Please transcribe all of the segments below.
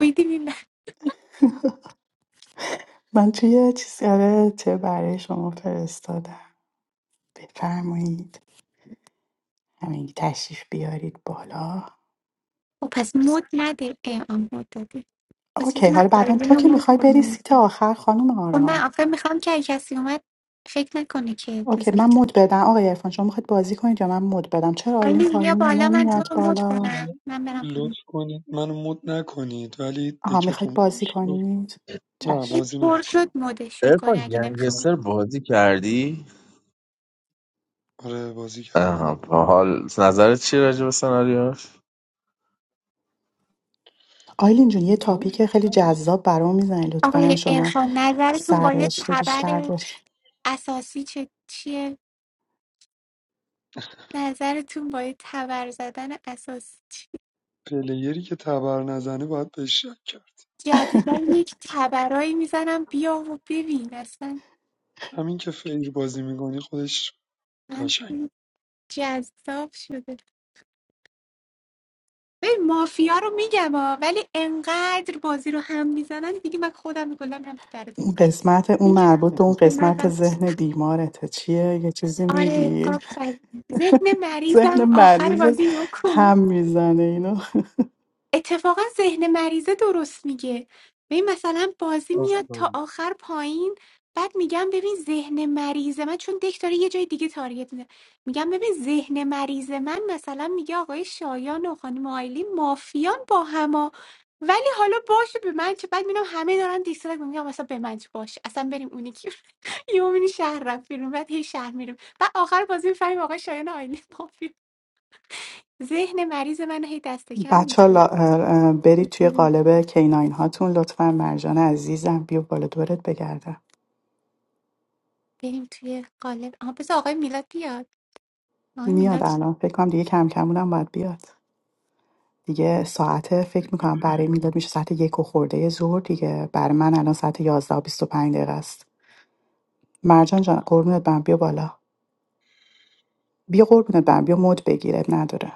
میدونی نه من توی یه چیز آره برای شما فرستادم بفرمایید همین تشریف بیارید بالا خب پس مود نده اه آه، مود دادی پس اوکی چیزی من حالا بعدا آیلین تو رو که مود میخوای بری کنم سیت آخر خانم خب من آرام آخه میخوام که اگه کسی اومد فکر نکنه که اوکی مثلا من مد بدم آقای ارفان شما میخواید بازی کنید یا من مد بدم چرا آیلین آیلین بیا پایینه بالا من تو نمیاد رو مود بالا کنم من برم پایین لطف کنید منو مود نکنید ولی آها میخواید دکتون پوش بازی شد کنید نه چشم این بازی پر شد نمیکنم مودش میکنه ارفان اگه نمیخوام گنگستر بازی کردی؟ آره بازی کرد آها با حال نظرت چی راجع به سناریوش؟ آیلین جون یه تاپیک خیلی جذاب برام میزنی لطفا آقای شما ارفان نظرتون با یه سررشته بیشتر تبر داری اساسی چه چیه نظرتون با یه تبر زدن اساسی چیه پلیری که تبر نزنه باید بهش شک کرد جدیدا یک تبرایی میزنم بیا و ببین اصلا همین که فیر بازی میکنی خودش من قشنگ جذاب شده ببین مافیا رو میگم ها ولی انقدر بازی رو هم میزنن دیگه من خودم کلا هم کردیم اون قسمت اون دیگه مربوط به اون به من قسمت بس ذهن بیمارته چیه یه چیزی آره میگی آفرین ذهن ذهن مریضم آخر مریضت بازی رو کلا هم میزنه اینو اتفاقا ذهن مریضه درست میگه ببین مثلا بازی میاد تا آفرین آخر پایین بعد میگم ببین ذهن مریض من چون دک داره یه جای دیگه تارگت میده میگم ببین ذهن مریض من مثلا میگه آقای شایان و خانم آیلی مافیان با هما ولی حالا باشه به من چه بعد میبینم همه دارن دیسلایک میگم مثلا به من چه باشه اصلا بریم اونی که یومینی شهر رفت بیرون بعد هی شهر میریم بعد آخر بازی میفهمیم آقای شایان و آیلی مافیا ذهن مریض من رو هی دست کم بچه میگیره ها برید توی قالب کیناین هاتون لطفا مرجان عزیزم بیا بالا دورت بگردم بریم توی قالب آها بذار آقای میلاد بیاد آقای میاد میلاد الان فکر کنم دیگه کم کمونم باید بیاد دیگه ساعت فکر میکنم برای میلاد میشه ساعت یک و خورده ظهر دیگه برای من الان ساعت یازده و بیست و پنج دقیقه است مرجان جان قربونت برم بیا بالا بیا قربونت برم بیا مد بگیر نداره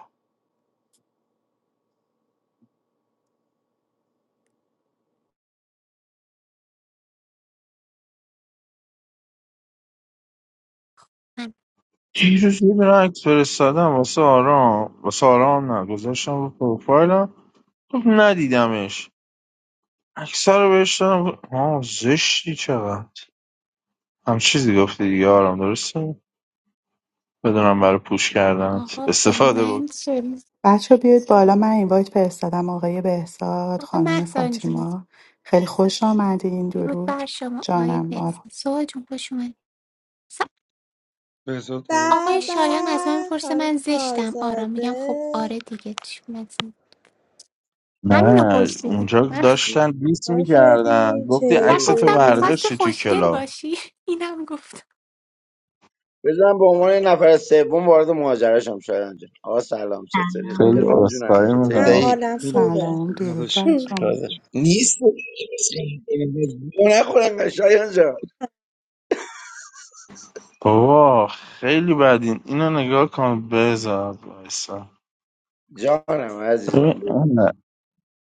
من دیروز یه دونه عکس فرستادم واسه آرام واسه آرام نه گذاشتم رو پروفایلم خب ندیدمش عکس رو بهش دادم گفت، آه زشتی چقدر هم چیزی گفتی دیگه آرام درسته؟ بدونم برای پوش کردنت آقا به استفاده من بکن چه بچه بیاید بالا من اینوایت فرستادم آقای بهزاد آقا خانم محسن جون فاطیما خیلی خوش آمدین درود درود بر شما آقای جانم بارو بهسن سوال جون خوش اومد س- بهزاد داداش به آقای به شایان از من پرسه خانم من زشتم آرام میگم خب آزاده آره دیگه چی مثلا همینو نه پرسیدی اونجا من داشتن دیس ما میکردن شدیم گفتی و عکس وای. تو گفتم چطوری میخواست برداشتی تو خوشگل کلاب باشی اینم گفت بزنم به عنوان یه نفر سوم وارد مهاجره شم شایان جان آقا سلام چطوری خیلی سلام عرفان جونم اسخایی چطوری من میکنم دایی حالم خیلی خوبه سلام مخلصم درود داداش بر شما مو نخورم شایان جان بابا خیلی بدین اینو نگاه کن بذار وایسا جانم ببین عزیزم اینقدر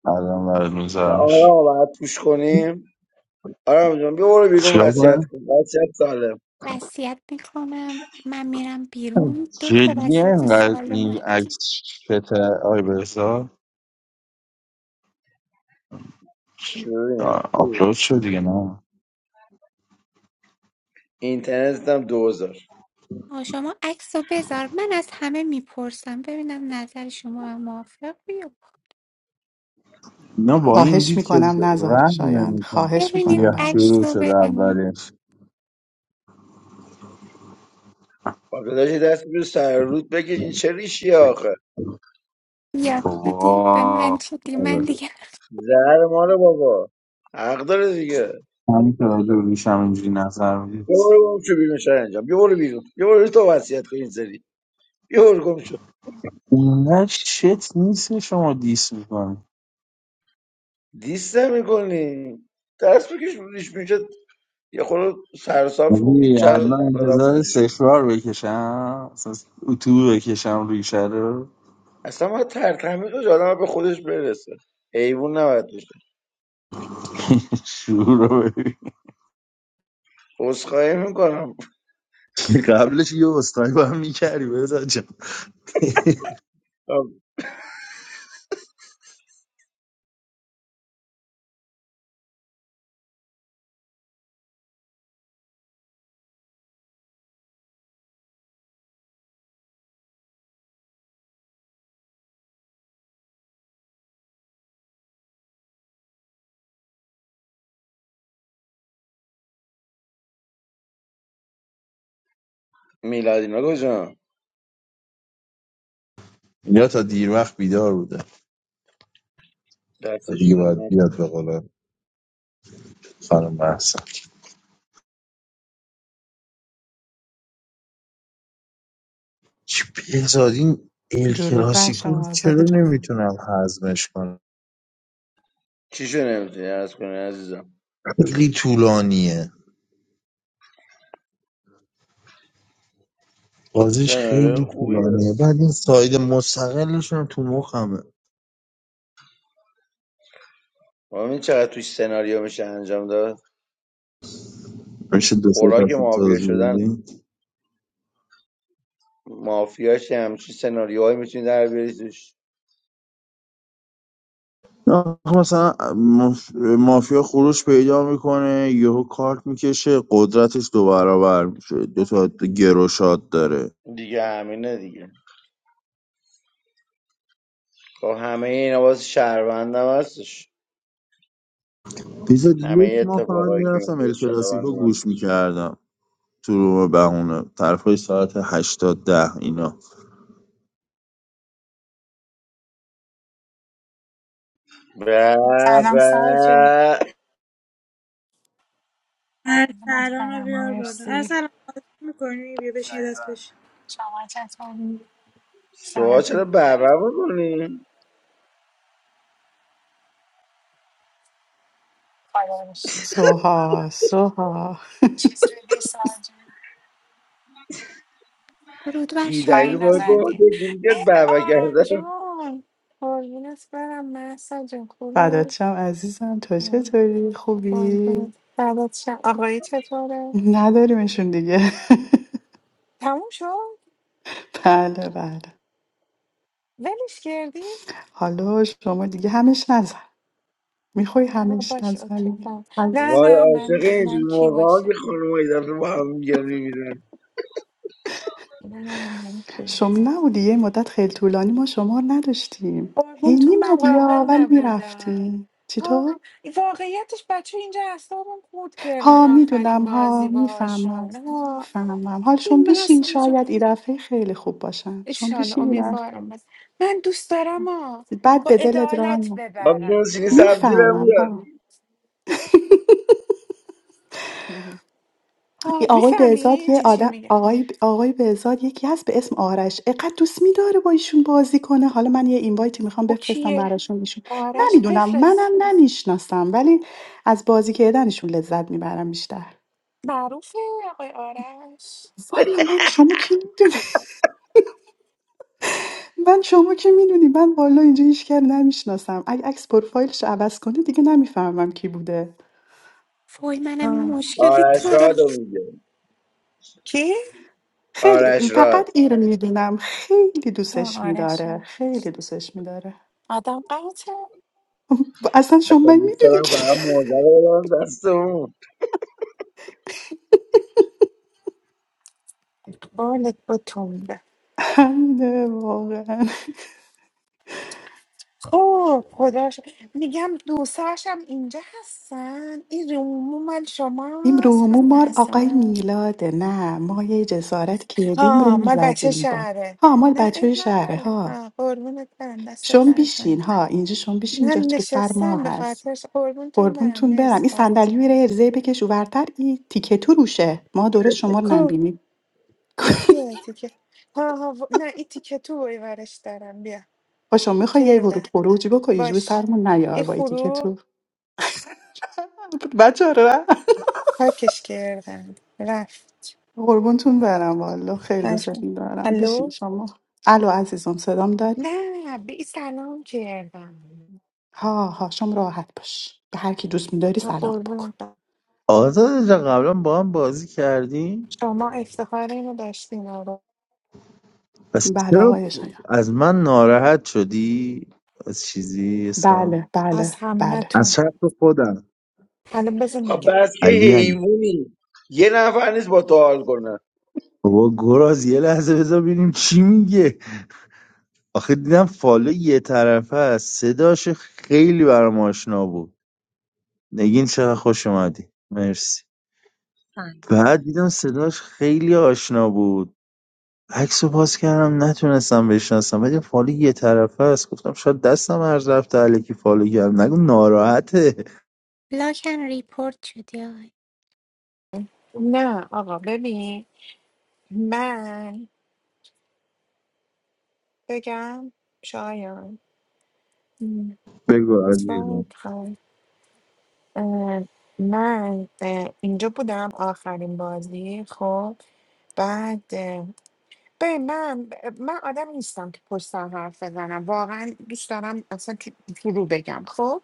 الان برات میذارمش آرام باید توش کنیم آرام جان بیا برو بیرون چیکار وصیت کنم کن وصیت سالم وصیت میکنم من میرم بیرون دو تا جدی وصیت اینقدر این سالم عکس شت آی بذار چی ببینم خوب آپلود شد دیگه نه اینترنت هم دوزار آه، شما عکس رو بذار من از همه میپرسم ببینم نظر شما هم موافق یا نه با این خواهش دید که میکنم نزار رحم شایان نمیکنم خواهش ببینید میکنم بیا برش عکس شروع دار. رو شده ببینید اولش آقا داشتی دست بیرو سر رود بگیر این چه ریشی آخه یا دیدی به من بابا شدی من دیگه زهر مال بابا حق داره دیگه همین که راجع به ریشم اینجوری نظر میدید بیا برو گم شو بیرون شایان جان بیا برو بیرون بیا برو بیرون، تو وصیت کن این سری یه گم شد اونقدر شت نیست که شما دیس دیست میکنی دست بکش ریش میشه یه خورده سرصاف کن ولی شاید الان آدم انتظار خوشش بیاد. سفرار بکشم اصلا اتو بکشم ریشه رو اصلا باید ترتمیز باشه آدم باید به خودش برسه حیوان نباید باشه شروع رو ببین. عذرخواهی میکنم قبلش یه اسکای با هم میکردی بزن جان میلادینا کجا یا تا دیر وقت بیدار بوده تا دستش دیگه باید نمیاد. بیاد به قول خانم محسن چی بهزاد این ال درود بر کلاسیکو رو شما آزاد چرا جانم نمیتونم هضمش کنم چی شو نمیتونی عرض کنی عزیزم خیلی طولانیه بازیش سناریو خیلی طولانیه خوبیه بعد این ساید مستقلش هم تو مخمه این چقدر توی سناریو میشه انجام داد میشه دو سه خوراک تا سیب مافیا بودیم شدن مافیاش همچین سناریوهایی میتونی در بیاری توش آخه مثلا ماف- مافیا خروش پیدا میکنه یهو کارت میکشه قدرتش دو برابر میشه دو تا گروشات داره دیگه همینه دیگه خب همه اینا باز شهروندم هستش پیزا همه یک ماه فقط اتفاقایی که میرفتم میفته ال کلاسیکو شهروندم هست گوش میکردم تو روم بهونه طرفای ساعت هشتاد ده اینا به سلام به سارا جون قربونت ارسلان رو برم بیار بالا مرسی ارسلان بازی میکنی بیا بشین دست بشین شما چطوری سارا سوها چرا جون بابا بکنی؟ خدا باشی سوها سوها چیز دیدی سارا جون رود بر بی وای دلیل شما باید زدی گفت نزدی میگه ای بابا آرام کردم جون قربونت برم محسا جون فدات خوبی شم عزیزم تو ام، چطوری خوبی قربونت فردات شم آقایی چطوره نداریمشون دیگه تموم شد بله بله ولش کردی حالا شما دیگه همش نظر میخوای آه، همش باشه نظر اوکی فهم. نه می‌خوای. وای نه عاشق من من اینجور کی موقع ها که باشم خانم های دفعه با هم میگن میبینن نه نه من کی شما باشم؟ نبودی یه مدت خیلی طولانی ما شما رو نداشتیم هی قربونتون من میمدی قابل یا ولی نبودم میرفتی چطور؟ آه واقعیتش بچه اینجا اعصابم خورد کردن ها آخرین میدونم ها بازی میفهمم باهاشون آه میفهمم حال شما این من بیشین اصلا جو شاید این دفعه خیلی خوب باشن شما اشال بیشین این دفعه. امیدوارم بس من دوست دارم آه بعد با به دلت عدالت ران آب جون ببرم سینی ها سبزی این رو میفهمم ها میگن ها این آقای بهزاد میفهمی یه چی چی آدم میگه آقای آقای بهزاد یکی هست به اسم آرش اقد دوست می‌داره با ایشون بازی کنه حالا من یه اینوایتی میخوام او بفرستم کیه براشون ایشون آرش نمیدونم بفرست منم نمیشناسم ولی از بازی کردنشون لذت میبرم بیشتر معروفه آقای آرش والا من شما کی میدونی من شما کی میدونی من والا اینجا هیچ کرد نمیشناسم اگه عکس پروفایلش عوض کنه دیگه نمیفهمم کی بوده فوی منم این آه. مشکل آرش تو رو راد رو میگن کی خیلی آرش راد فقط این رو میدونم خیلی آه دوستش آرش میداره خیلی دوستش میداره آدم قاطع اصلا شما اصلا دوست دارم میدونی فقط موزه رو بدم دست اون بالت بتون همینه واقعا اوه خدا شد. میگم دوستاش اینجا هستن این رومو مال شما این هست هم رومو مار آقای مثلا میلاده نه ما یه جسارت کردیم ها روم مال بچه زدیم با شهره ها مال نه اب بچه شهره نداره ها ها قربونت برم دست شم درد نکنه. بیشین ها اینجا شم بیشین من جات رو سر ما نشستم به هست خاطرش قربونتون برم قربونتون برم مرسی این فراز صندلی رو ارزه بکش ورتر این تیکه تو روشه ما درست شما رو کو نمبینیم رو کیه تیکه ها ها و- نه این تیکه تو بای ورش دارم بیا با شما میخوای یه کردن ورود خروج بکنی جوی باش سرمون نیار این با این تیکه خروب تو بچه رو نه. پاکش کردن رفت قربونتون برم والا خیلی بش کن. دوستتون دارم بیشین الو شما الو عزیزم صدام داری نه بی سلام کردم ها هاشم راحت باش به هر کی دوست میداری ما سلام بکن قربونت برم. آزاد جا قبلا با هم بازی کردی؟ شما افتخار اینو داشتین آقا پس بله چرا آقای شایان از من ناراحت شدی؟ از چیزی حسام؟ بله از بله بله از همتون شرط خودم حالا بذار خب میگم بس که علی علی حیوانی یه نفر نیست با تو حال کنه بابا گراز یه لحظه بذار ببینیم چی میگه آخه دیدم فالو یه طرفه است صداش خیلی برام آشنا بود نگین چقدر خوش اومدی مرسی بعد دیدم صداش خیلی آشنا بود عکس رو پاس کردم نتونستم بشناسم ولی فالو یه طرفه است گفتم شاید دستم هر رفته علیکی فالو کردم نگو ناراحته لاکن ریپورت شدی آقای نه آقا ببین من بگم شایان م، بگو سوال عزیزم کن. اه، من اه، اینجا بودم آخرین بازی خب بعد اه، ببین من من آدم نیستم که پشت سر حرف بزنم واقعا دوست دارم اصلا تو تو رو بگم خب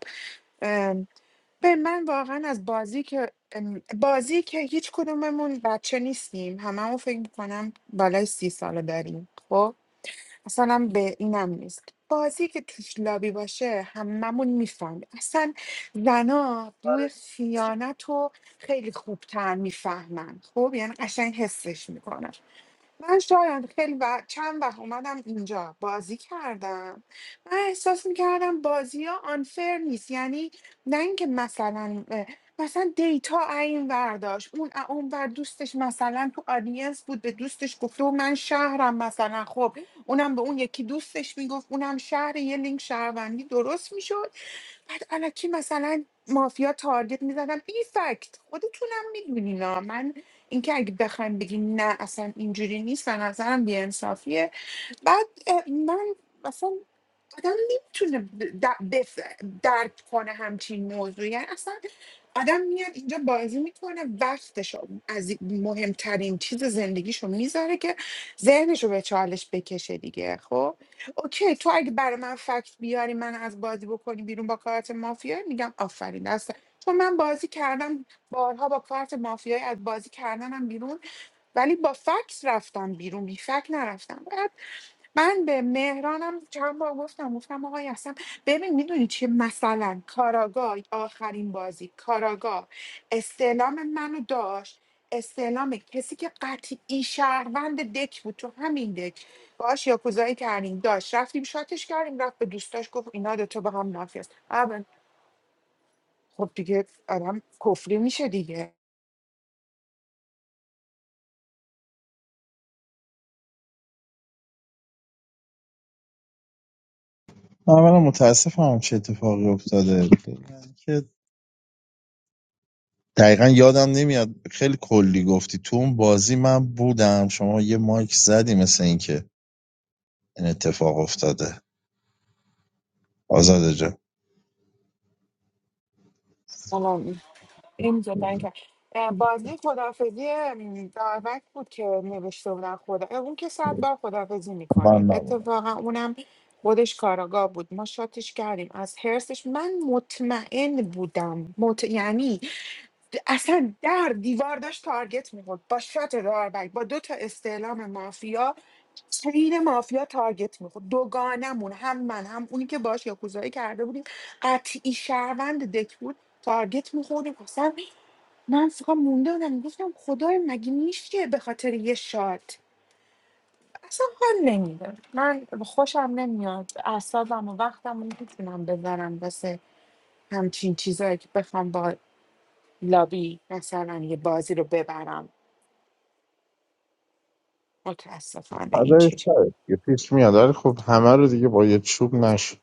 به من واقعا از بازی که ام، بازی که هیچ کدوممون بچه نیستیم هممون فکر میکنم بالای سی ساله داریم خب اصلا هم به اینم نیست بازی که توش لابی باشه هممون میفهمیم اصلا زنا بوی خیانت رو خیلی خوبتر میفهمن خب یعنی قشنگ حسش میکنن من شاید خیلی وقت چند وقت اومدم اینجا بازی کردم من احساس میکردم بازی ها آنفر نیست یعنی نه اینکه مثلا اه، مثلا دیتا این ورداشت اون ا- اون ور دوستش مثلا تو آدینس بود به دوستش گفته و من شهرم مثلا خب اونم به اون یکی دوستش میگفت اونم شهر یه لینک شهروندی درست میشد بعد الکی مثلا مافیا تارگت میزدم بی فکت خودتونم میدونینا من اینکه اگه بخوایم بگیم نه اصلا اینجوری نیست به نظرم بیانصافیه بعد اه، من اصلا آدم نمیتونه ب- د- بف... درک کنه همچین موضوعی یعنی اصلا آدم میاد اینجا بازی میکنه وقتشو از مهمترین چیز زندگیشو میذاره که ذهنشو به چالش بکشه دیگه خب اوکی تو اگه برای من فکت بیاری من از بازی بکنی بیرون با کارت مافیایی میگم آفرین دست چون من بازی کردم بارها با کارت مافیایی از بازی کردنم بیرون ولی با فکس رفتم بیرون بی فکت نرفتم باید من به مهرانم چند بار گفتم گفتم آقای اصلا ببین میدونی چیه مثلا کاراگاه آخرین بازی کاراگاه استعلام منو داشت استعلام کسی که قطعی شهروند دک بود تو همین دک باش یاکوزایی کردیم داشت رفتیم شاتش کردیم رفت به دوستاش گفت اینا دوتا با هم مافیاست اول خب دیگه آدم کفری میشه دیگه من اولا متاسفم چه اتفاقی افتاده که دقیقا یادم نمیاد خیلی کلی گفتی تو اون بازی من بودم شما یه مایک زدی مثل اینکه این اتفاق افتاده آزاده جان اینجا تنگ کرد. اه، بازی خدافزی داروک بود که نوشته بودن خدا اون که صد بار خدافزی من میکنه نبودم اتفاقا اونم خودش کاراگاه بود ما شاتش کردیم از هرسش من مطمئن بودم مط... یعنی د- اصلا در دیوار داشت تارگت میخورد با شات داروک با دو تا استعلام مافیا چین مافیا تارگت میخورد دوگانمون هم من هم اونی که باش یاکوزایی کرده بودیم قطعی شهروند دک بود تارگت میخوردیم اصلا من فقط مونده بودم گفتم خدای مگه میشه به خاطر یه شارت اصلا حال نمیده من خوشم نمیاد اعصابم و وقتم رو میتونم بذارم واسه همچین چیزایی که بخوام با لابی مثلا یه بازی رو ببرم متاسفانه فدای اینجوری سرت یه پیش میاد ولی خب همه رو دیگه با یه چوب نشد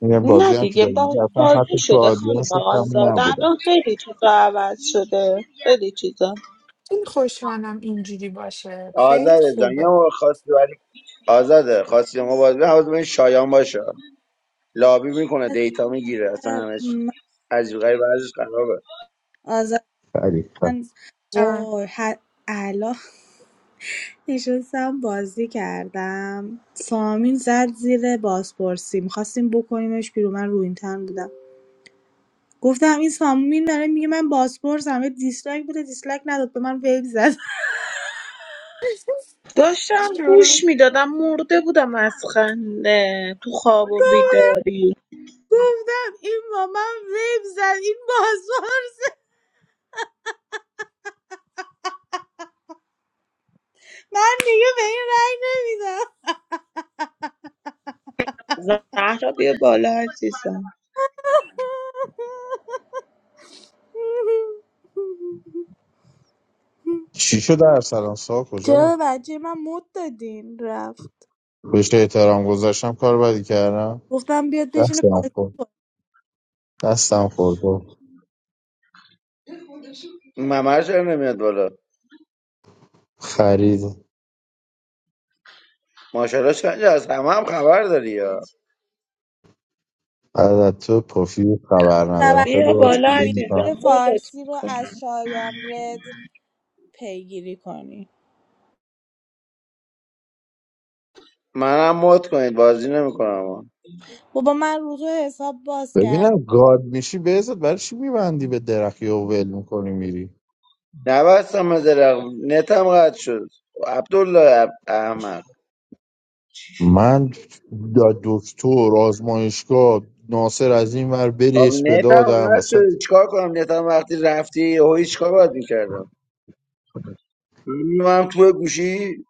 این یه نه بازی هم که دیگه داریم اصلا بازسازی حتی تو شده خانم آدینس هم آزاد نبودم الان خیلی چیزا عوض شده خیلی چیزا این خوشحالم اینجوری باشه خیلی آزاده جان یه خوبه موقع خواستی برای آزاده خواستی مبادله حواظ به این شایان باشه لابی میکنه دیتا میگیره اصلا همش عجیب غریب ازش خرابه آزاده فریقا من آه. وای ه- الان نشستم بازی کردم سامین زد زیر بازپرسی میخواستیم بکنیمش بیرون من رو این تن بودم گفتم این سامین داره میگه من بازپرسم یه دیسلایک بوده دیسلایک نداد به من ویب زد داشتم چرا گوش میدادم مرده بودم از خنده تو خواب و بیداری گفتم این با من ویب زد این بازپرسه من دیگه به این رأی نمیدم زهرا بیا بالا عزیزم چی شد ارسلان سا کجا رو چرا به بچه من مد دادین رفت بهش احترام گذاشتم کار بدی کردم گفتم بیاد بشینه دستم پایین. خورد دستم خورد بابا. ممر چرا نمیاد بالا خرید ماشاءالله شنجه از همه هم خبر داری یا بعد از تو پفی خبر ندارم خیلی بیا شبکه باز بالا بی خرید بی عزیزم میکنم سی مودت فارسی رو از میکنم شایان رد پیگیری کنی منم مد کنید بازی نمیکنم بابا من روزو حساب باز کردم ببینم گاد میشی بهزت برای چی میبندی به درخی و ول میکنی میری نبستم مزرق نتم قطع شد عبدالله عب- احمد من دا دکتر آزمایشگاه ناصر از این ور خب برس به نتم دادم قطع وسط شد چیکار کنم نتم وقتی رفتی هوی چیکار باید میکردم من تو گوشی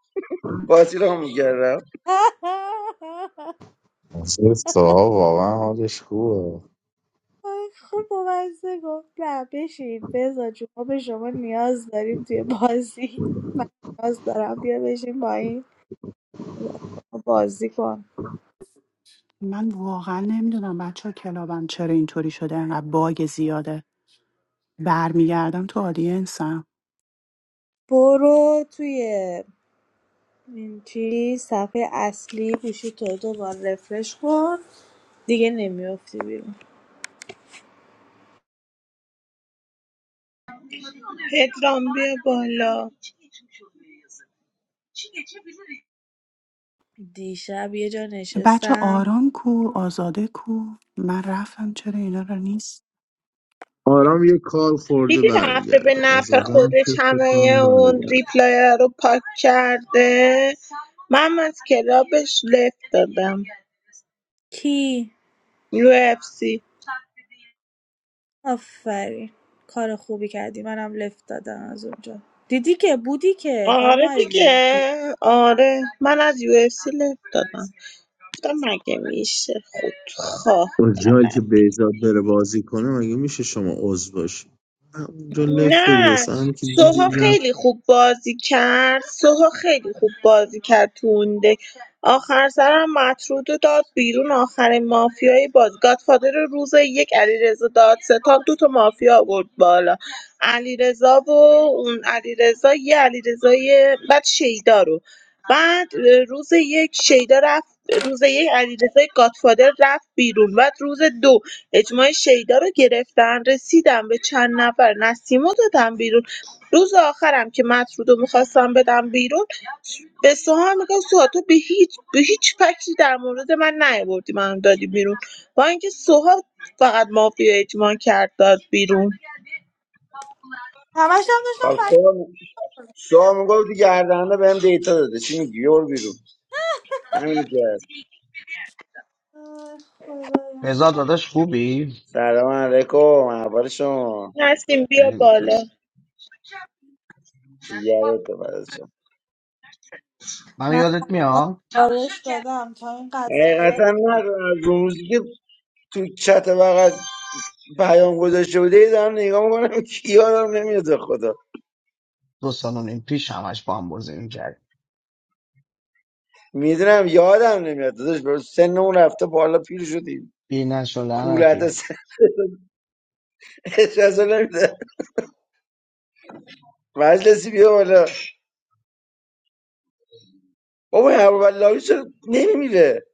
بازی رو میکردم ناصر صاحب واقعا حالش خوبه خب بامزه گفت نه بشین بزا جون ما به شما نیاز داریم توی بازی من نیاز دارم بیا بشین با این بازی کن من واقعا نمیدونم بچه ها کلابم چرا اینطوری شده انقدر باگ زیاده برمیگردم تو آدینسم برو توی این چی صفحه اصلی گوشی تو دوبار رفرش کن دیگه نمیافتی بیرون پدرام بیا بالا دیشب یه جا بچه نشستم آرام کو آزاده کو من رفتم چرا اینا رو نیست آرام یه کار خورده دیدی رفته به برمیگرده نفع آزادم که خودش فکر همه کنم اون برگرده ریپلای رو پاک کرده من از کلابش لفت دادم کی UFC آفرین کار خوبی کردی منم لفت دادم از اونجا دیدی که بودی که خانم آره آیلین دیگه آره من از UFC لذت دادم گفتم مگه میشه خودخواه اون جایی که طلبی بهزاد بره بازی کنه مگه میشه شما عضو باشی همونجا لف بدی نه اصلا هم که سوها دیدی زم خیلی خوب بازی کرد سوها خیلی خوب بازی کرد تو اون دک آخر سرم مطرود رو داد بیرون آخر مافیای باز گادفادر روز یک علیرضا دادستان دو تا مافیا آورد بالا علیرضا و اون علیرضا یه علیرضای بعد شیدا رو بعد اه، روز یک شیدا رفت روز یک علیرضا گادفادر رفت بیرون بعد روز دو اجماع شیدا رو گرفتن رسیدم به چند نفر نسیم رو دادم بیرون روز آخرم که مطرود رو میخواستم بدم بیرون به سوها میگم سوها تو به هیچ به هیچ فکری در مورد من نیاوردی منو دادی بیرون با اینکه سوها فقط مافیا اجماع کرد داد بیرون همش هم خب داشتم تو فکر سوها میگفت گردنده بهم دیتا داده چی میگی یور بیرون همین کرد آی خدایا رضا داداش خوبی؟ سلام علیکم احوال شما نسیم بیا خیلی بالا مخلصم دیگرت بپرشم من من یادت میاد بارش دادم تا این قضا بیاد حقیقتا نه از اون روزی که تو چت بغل پیام گذاشته بوده دارم نگاه میکنم کی یادم نمیاد به خدا دو سال و نیم پیش همش با هم بازی میکرد میدونم یادم نمیاد داداش بر سنمون رفته بالا پیر شدیم بینش و کولت لعنتی از سن اجازه نمیده مجلسی بیا بالا بابا این ابواللاوی چرا نمیمیره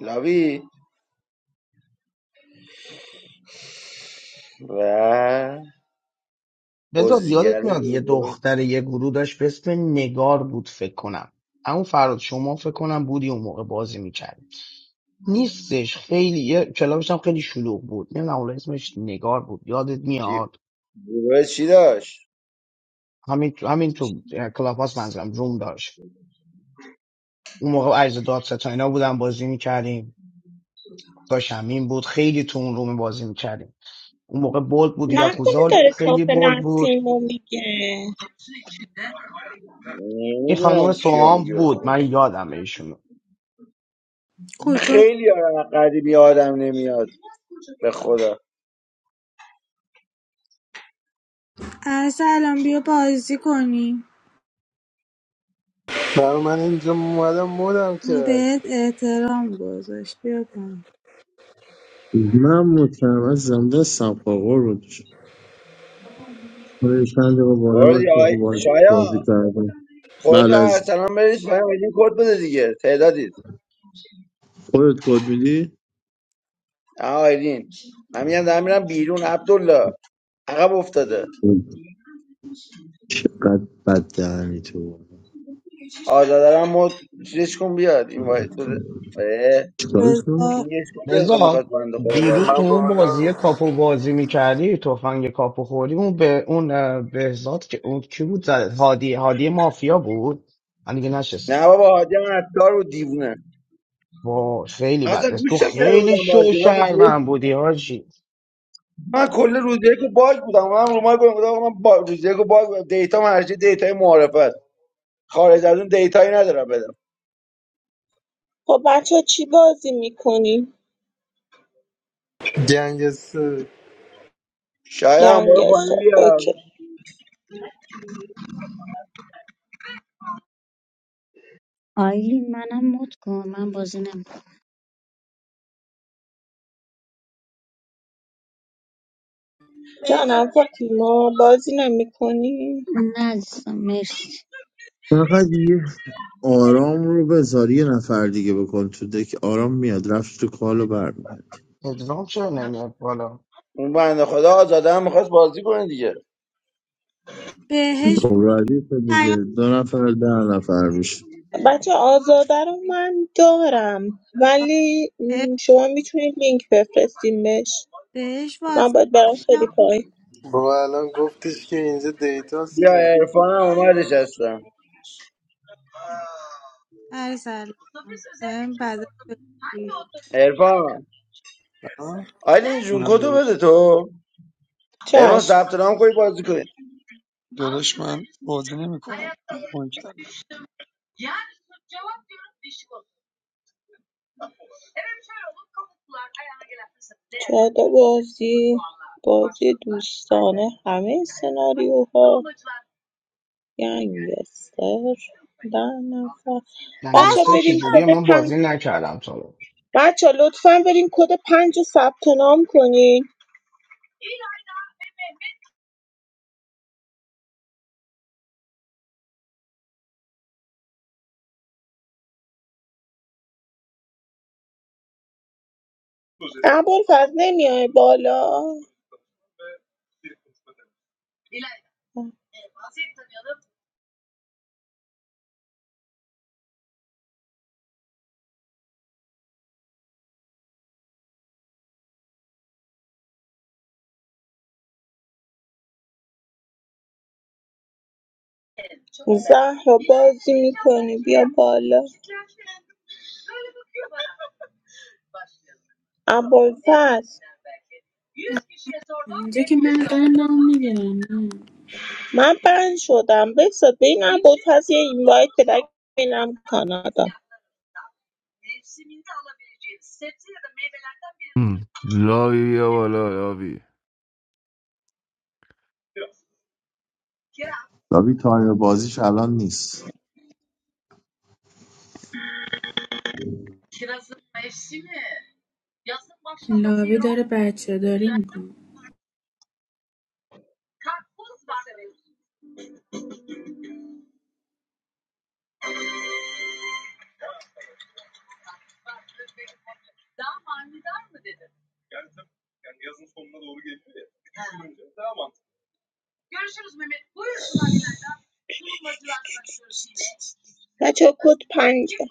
لاوی و رضا خوزگره یادت میاد یه گروه دختر یه گروه داشت به اسم نگار بود فکر کنم اما فراد شما فکر کنم بودی اون موقع بازی میکرد نیستش خیلی یه کلابش هم خیلی شلوغ بود نمیدونم حالا اسمش نگار بود یادت چی میاد گروه چی داشت همین تو همین تو کلاب هاست منظورم روم داشت اون موقع عرض دادستان اینا بودن بازی میکردیم داشت همین بود خیلی تو اون روم بازی میکردیم اون موقع بولد بود نکنه یاکوزا داره خیلی کافه بولد بود نسیمو میگه این نمیدونم خانم کیو میگی سوام به بود خدا من یادم ایشونو کجا ب- خیلی قدیمی آدم نمیاد به خدا ارسلان بیا بازی کنیم برای من اینجا اومدم مودم کرد بهت احترام گذاشت بیا کن من مطمئن از زنده سمقاقور رو دوشم چند دقیقه بالا برو باش یا موقع باز- بازی شایا کردم خودتو بله از ارسلان بریز پایین آیدین کد بده دیگه تعدادید خودت کد میدی؟ آه آیدین من میگم دارم میرم بیرون عبدالله عقب افتاده چقدر بد دهنی تو آزادرم مد چیزش کن بیاد این وای بده اه، چیکارش کنم؟ بذار پینگش کن بیاد خب لذا میخواد بنده خدا دیروز بازی تو من کنه اون بالا بازی کاپو بازی میکردی تفنگ کاپو خوری اون به اون اه، بهزاد که اون کی بود زد هادی هادی مافیا بود من دیگه نشستم نه بابا حاجی من عطار بود دیوونه با خیلی من بد اصلا است. تو گوش نکرده خیلی بودم شو بازی من روز شهروند یک بودی هاشی من کل روز یک رو باگ بودم من رو مایک گفتم آقا من با... روز یک رو باگ بودم دیتا مرجع دیتا معرفت خارج از اون دیتایی ندارم بدم خب بچه چی بازی میکنی؟ گنگسته شاید هم باید گنگستر پایین اوکی بیام آیلین منم مود کن من بازی نمیکنم جانم فاطیما بازی نمیکنی؟ نه عزیزم مرسی فقط یه آرام رو بذار یه نفر دیگه بکن تو دک آرام میاد رفت تو کال و برمیاد پدرام چرا نمیاد بالا اون بنده خدا آزاده هم میخواست بازی کنه دیگه بهش خب ردیف دیگه دو نفر ده نفر میشه بچه پیامه آزاده رو من دارم آه، ولی بهش م، شما میتونید لینک بفرستیم بهش بهش من واسه باید برم پیام خیلی بده. پای با الان گفتش که اینجا دیتاست بیا که عرفان هم اومدش هستم ارسلان بهم بدل بگی. عرفان آه؟ آیلین جون منم کدو داداش بده تو عرفان چشم ثبت نام کنی بازی کنی داداش من بازی نمیکنم من مایک دارم. چهارتا بازی بازی دوستانه همه سناریوها گنگستر در نفر بچه قضا گنگستر برین چجوریه کد من پنج بازی نکردم تا حالا. بچه لطفا برین کد پنج رو ثبت نام کنین ابوالفضل نمیای بالا زهرا بازی میکنی بیا بالا ابوالفضل اینجا که من قندم میگیرم نه من بند شدم بسا به این ابوالفضل یه اینوایت بده بینم کانادا هم. لاوی بیا بالا لاوی لابی تایم بازیش الان نیست لاوی داره بچه داری میکنم بچه کد پنجه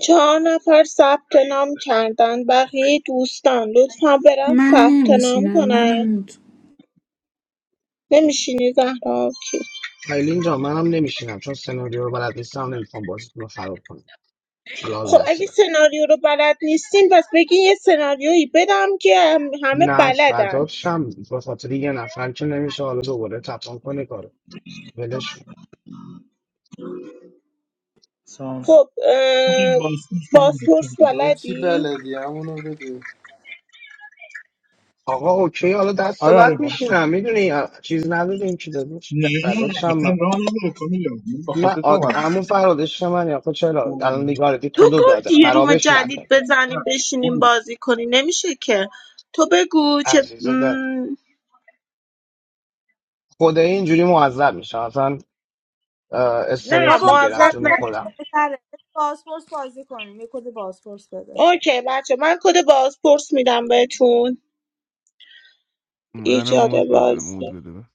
چهار نفر ثبت نام کردن بقیه دوستان لطفا برن من ثبت نام نمیشینم کنن منو مود کن نمیشینی زهرا آبجی؟ آیلین جان منم نمیشینم چون سناریو رو بلد نیستم نمیخوام بازیتون رو خراب کنم شلال خب دست اگه دارم سناریو رو بلد نیستین پس بگین یه سناریویی بدم که هم- همه نه بلدن فدات شم به خاطر یه نفر که نمیشه حالا دوباره تپان کنه کارو ولش کن. سلام خب آخه اه، بازپرس میگه بچه بازپرس میگه. آه، چی بلدی؟ بلدی همونو بده آقا اوکی حالا دست آره آره بعد بازپرس میشینم میدونی چیز نداریم که دادش نه نه فدات نه شم اصلا من راه نداره کامیلا من به نه خاطر تو آد... اومدم امو فرادش من یا خود چرا الان نگارتی تو کدو داده گفتی یه روم خرابش جدید نکن بزنیم بشینیم بازی کنی نمیشه که تو بگو چه عزیز دل م، خدای اینجوری معذب میشه اصلا اه، نه استرس بابا میگیرم معذب چون پاسپورت خودم نشین بهتره بذار پاسپورت بازی کنیم یه کد پاسپورت بده اوکی بچه من کد بازپرس میدم بهتون منو ایجاد مود بده بازی مود بده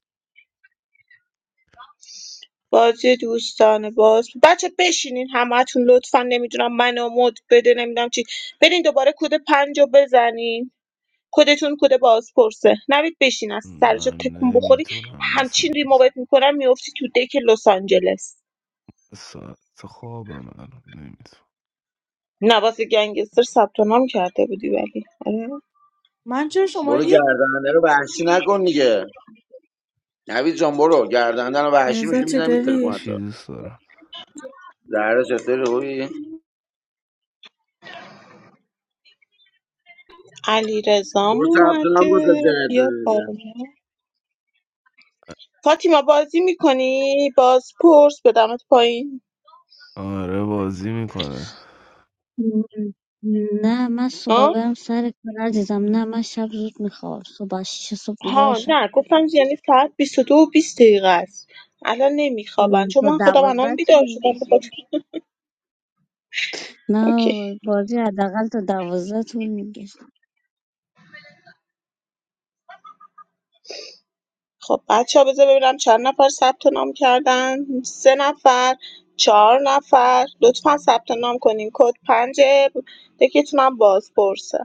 بازی دوستانه باز بچه بشینین همتون لطفا نمیدونم منو مد بده نمیدونم چی برین دوباره کد پنج رو بزنین کدتون کد بازپرسه نوید بشین از سر جا من تکون بخوری نمیتونم مثلا همچین ریمووت میکنم میفتی تو دک لس آنجلس ساعت خوابم الان نمیتونم نواز گنگستر ثبت نام کرده بودی ولی آره. من چرا شما برو یک گردنده رو وحشی نکن دیگه نوید جان برو گردنده رو وحشی رضا میشه چه میزنی میتره کنه داری؟ چی تو دوست دارم زهرا چطوری خوبی علی برو رزام ثبت نام بود تا اومده جهت بیا بالا بده. فاطیما بازی میکنی بازپرس بدمت پایین آره بازی میکنه نه من صبح آه؟ برم سر کار عزیزم نه من شب زود میخوام صبح شیش صبح ها بیدارشم نه گفتم یعنی ساعت 22 و 20 دقیقه است الان نمیخوابن م، چون تا من خودم الان دوازده طول بیدار شدم می‌کشه. بخاطر نه اوکی بازی حداقل تا دوازده طول میکشه خب بچه ها بذار ببینم چند نفر ثبت نام کردن سه نفر چهار نفر لطفا ثبت نام کنین کد پنج دکتونم باز پرسه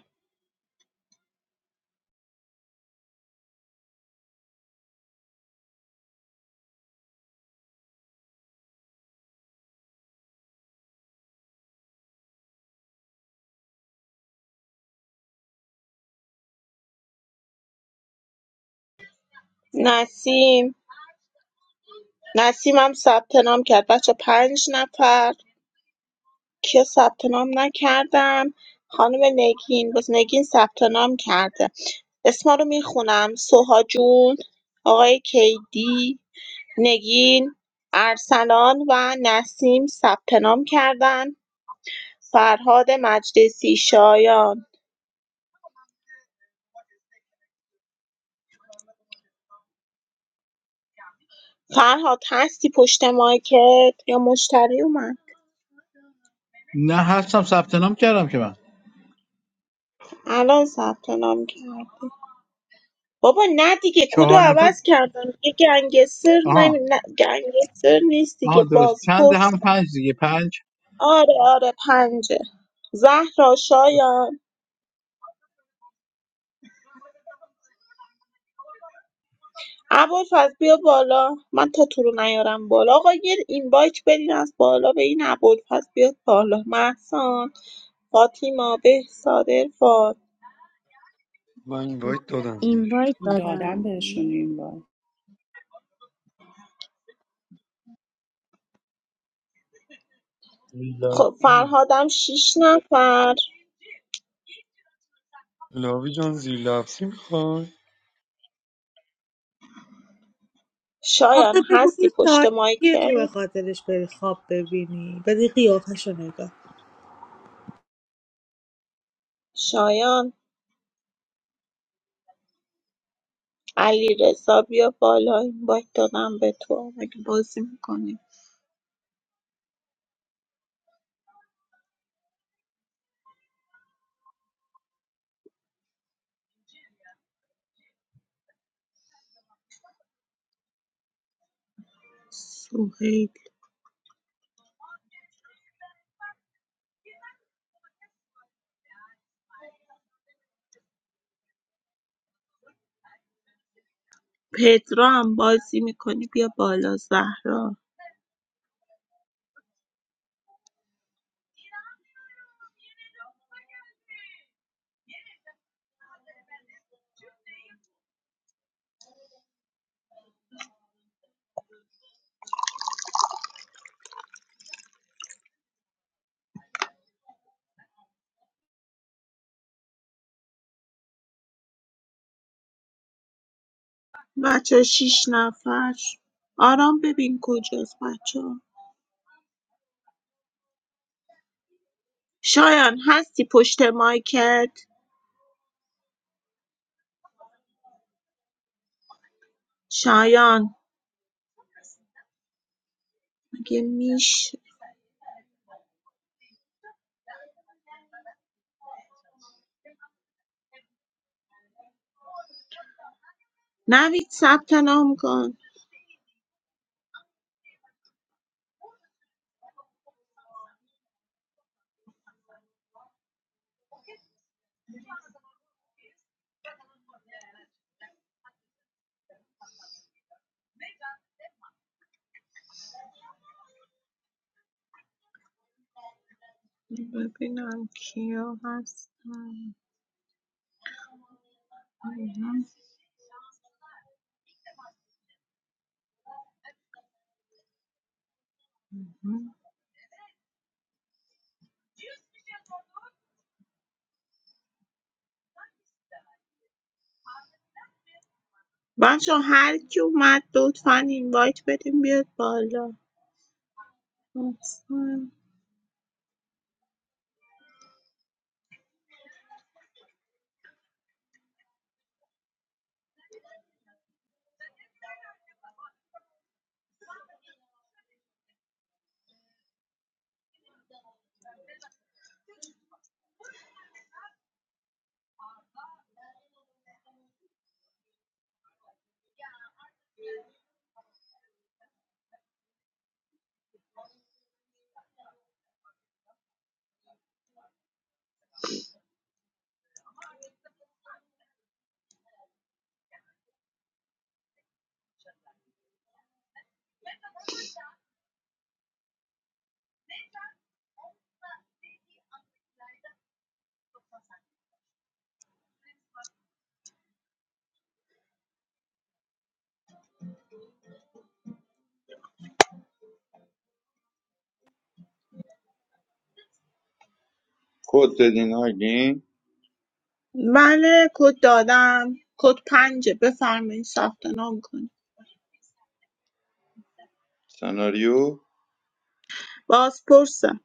نسیم نسیم هم ثبت نام کرد بچه پنج نفر کیا ثبت نام نکردم خانم نگین باز نگین ثبت نام کرده اسما رو میخونم سوها جون آقای کیدی نگین ارسلان و نسیم ثبت نام کردن فرهاد مجلسی شایان فرهاد هستی پشت مایکت یا مشتری اومد نه هستم ثبت نام کردم که من الان ثبت نام کرد بابا نه دیگه کدو چهار نفر عوض کردن دیگه گنگستر نمی... آها نه گنگستر نیست دیگه آها درست چند هم بازپرسه پنج دیگه پنج آره آره پنجه زهرا شایان ابوالفضل بیا بالا من تا تو رو نیارم بالا آقا یه اینوایت بدین از بالا به این ابوالفضل بیاد بالا محسان فاطیما بهزاد ارفان من این وایت دادم بهش اینوایت دادم دادم بهشون این بار خب لاوی فرهادم شیش نفر لاوی جان زیر لفظی میخوای آخه شایان بگو این هستی پشت ساعتیه تو به مایکت خاطرش بری خواب ببینی بدی قیافش رو نگاه شایان علی رضا بیا بالا اینوایت دادم به تو اگه بازی میکنی سوهیل پدرام بازی میکنی بیا بالا زهرا بچه ۶ نفر آرام ببین کجاست بچه‌ها شایان هستی پشت مایکت شایان مگه میشه نوید ثبت نام کن ببینم کیا هستن آیلین. بچه ها، هر کی اومد لطفا اینوایت بدیم بیاد بالا احسن. کد دادین آگین بله کد دادم کد پنجه بفرمایید ثبت نام کنید سناریو بازپرسم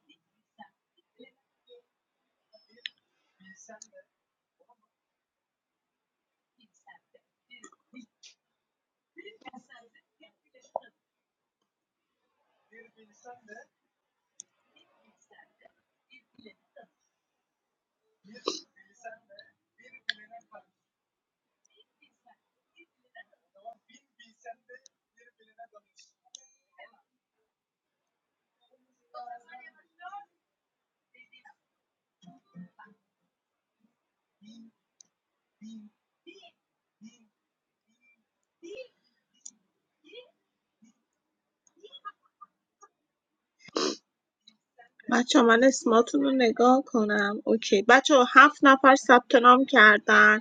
بچه من اسماتون رو نگاه کنم اوکی بچه ها، هفت نفر ثبت نام کردن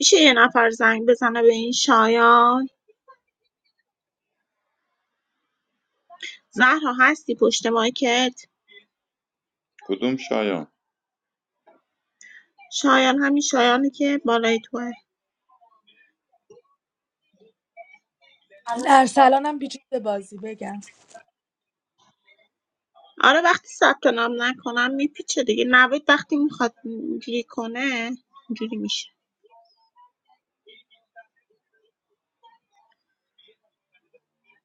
میشه یه نفر زنگ بزنه به این شایان زهرا هستی پشت مایکت کدوم شایان شایان همین شایانی که بالای توه ارسلانم پیچید به بازی بگم آره وقتی ثبت نام نکنم میپیچه دیگه نوید وقتی میخواد اینجوری کنه اینجوری میشه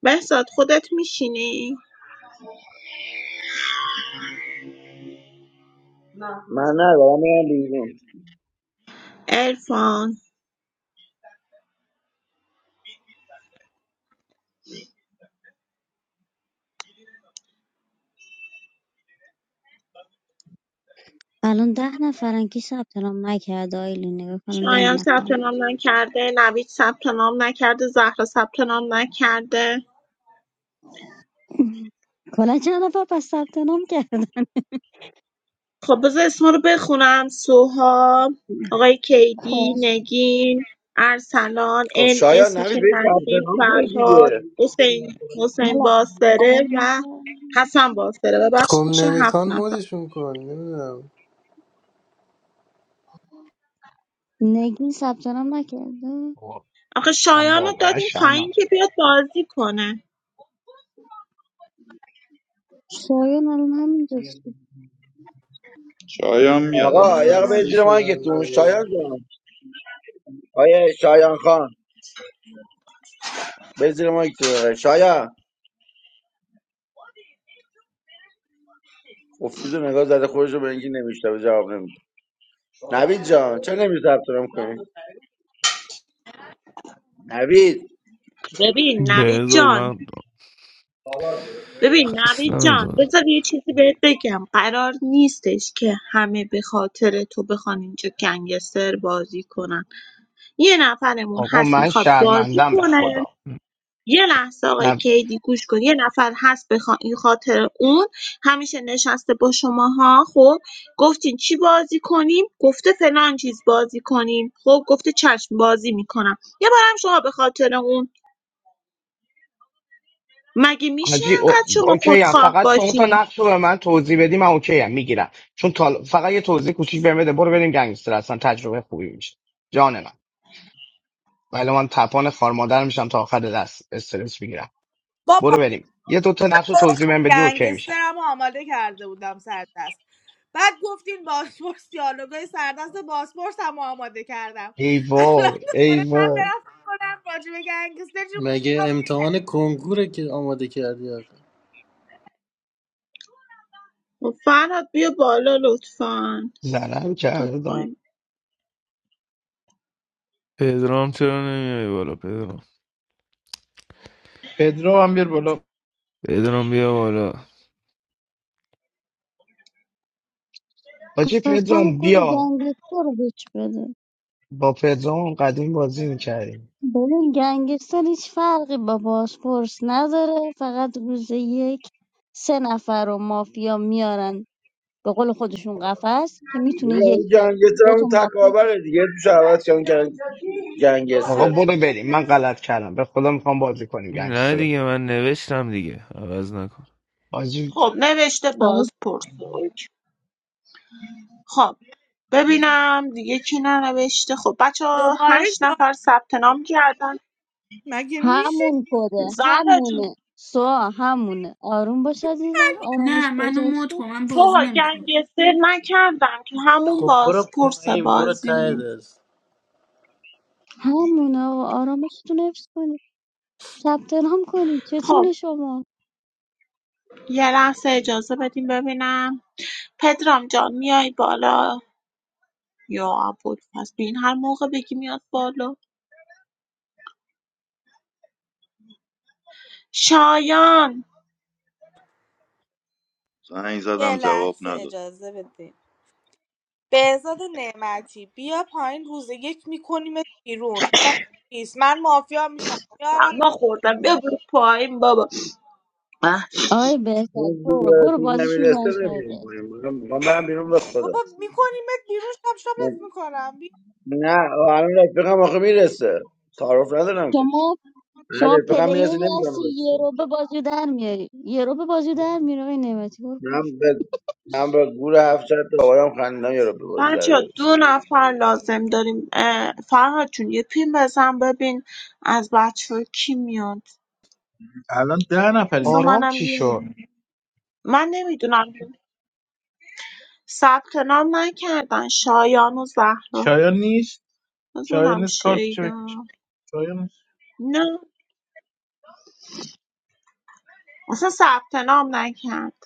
بهزاد خودت میشینی من نه دارم میرم بیرون ارفان الان ده نفرن کی ثبت نام نکرده آیلین نگاه کن ده شایان ثبت نفرن نام نکرده نوید ثبت نام نکرده زهرا ثبت نام نکرده کلا چند نفر پس ثبت نام کرده خب بذار اسما رو بخونم سوها آقای کیدی خب نگین ارسلان خب ان شایان اس نوید میشه به ثبت نسیم نام کنید فرهاد دیگه حسین حسین حالا باسره و آره. حسن باسره خب ببخشید میشه هفت نمیخوان نفر مودشون کن نمیدونم نگین ثبت نام نکرده آقا، آخه من شایان رو واقعا دادیم پایین شرمم که بیاد بازی کنه شایان الان همینجاست که شایان میاد آه، حالا آقا یه من دقیقه برید خسته زیر زنگش شدم مایکتون دیگه شایان جان آیه شایان خان برید زیر مایکتون شایان افیزو نگاه زده خودش رو به اینکه نمیشته به جواب نمیده نوید جان چه نمی ثبت نام کنی نوید ببین نوید بهزاد جان من ببین نوید خستم جان داد بذار یه چیزی بهت بگم قرار نیستش که همه به خاطر تو بخوان اینجا گنگستر بازی کنن یه نفرمون آقا هست من میخواد بازی شرمندم به کنه خدا یه لحظه آقای کیدی گوش کن یه نفر هست به خا- این خاطر اون همیشه نشسته با شماها خب گفتین چی بازی کنیم گفته فلان چیز بازی کنیم خب گفته چشم بازی میکنم یه بارم شما به خاطر اون مگه میشه حاجی او... انقدر شما اوکی هم. خودخواه فقط شما تا باشین نقش رو به من توضیح بدی من اوکی هم میگیرم چون تا... فقط یه توضیح کوچیک بهم بده برو بریم گنگستر اصلا تجربه خوبی میشه جان من ولی من تپان خار مادر میشم تا آخر دست استرس میگیرم برو بابا بریم یه دو تا نقش رو توضیح بهم بدی اوکی میشم گنگسترم رو آماده کرده بودم سردست بعد گفتین باسپورس دیالوگای سردست باسپورس هم آماده کردم ای الان وای دوباره ای من وای برم فکر کنم راجب گنگستر چی مگه بگم. امتحان کنکوره که آماده کردی آخه خب، فرهاد بیا بالا لطفا زنم تا کردم پایین. پدرام چرا نمیای بالا پدرام پدرو هم بیار بالا پدرام بیا بالا خب حاجی پس همون پدرام کد بیا گنگستر رو بهش بده با پدرام قدیم بازی میکردیم ببین گنگستر هیچ فرقی با بازپرس نداره فقط روز یک سه نفر رو مافیا میارن به قول خودشون قفس که میتونه یک نوید یا جان یه سر دو تا اون مافیا تکابره دیگه تو شعبت کردن کردن آقا گنگستر برو بریم من غلط کردم به خدا میخوام بازی کنیم نه گنگستر رو دیگه من نوشتم دیگه عوض نکن حاجی خب نوشته آره باز پرس. خب ببینم دیگه کی ننوشته خب بچه ها دوباره هشت جالب نفر ثبت نام کردن مگه میشه همون کده زهرا جون همونه سوا همونه آروم باش عزیزم آرامش نه خودت منو حفظ مود کن کن من تو بازی نمیکنم گنگستر نکردم که همون خب برو بازپرس پایین برو ته بازیمون دست همونه آقا آرامشتون رو حفظ کنید ثبت نام کنید خب چتونه شما یه لحظه اجازه بدیم ببینم پدرام جان میای بالا یا عبود پس بین هر موقع بگی میاد بالا شایان زنگ یه زدم جواب لحظه نداد اجازه بده بهزاد نعمتی بیا پایین روز یک میکنیم بیرون نیست من مافیا میشم میارم اما خوردم بیا برو پایین بابا آقای بهزاد اون برو برو دورتون بازیشون ران نمیرسه شده نمیریم بهزاد. کنیم من برم بیرون به بابا خدا میکنیمت بیرون شب شبت میکنم نه الان رفیقم آخه میرسه تعارف ندارم که شما نه شما رفیقم پلیری میرسه نمیدونم هستی یه رو به بازی در میاری یه رو به بازی در میاری آقای نعمتی برو من به من به گور هفت شد دوباره هم خندیدم یارو به بازی در بچه بیارش. دو نفر لازم داریم اه، فرهاد جون یه پین بزن ببین از بچه کی میاد الان ده نفریم بذار که آرام منم چی یه شد من نمیدونم ثبت نام نکردن شایان و زهرا شایان نیست بذار شایان ببینم نیست کارتشو بکش شیدا شایان نیست نه اصلا ثبت نام نکرد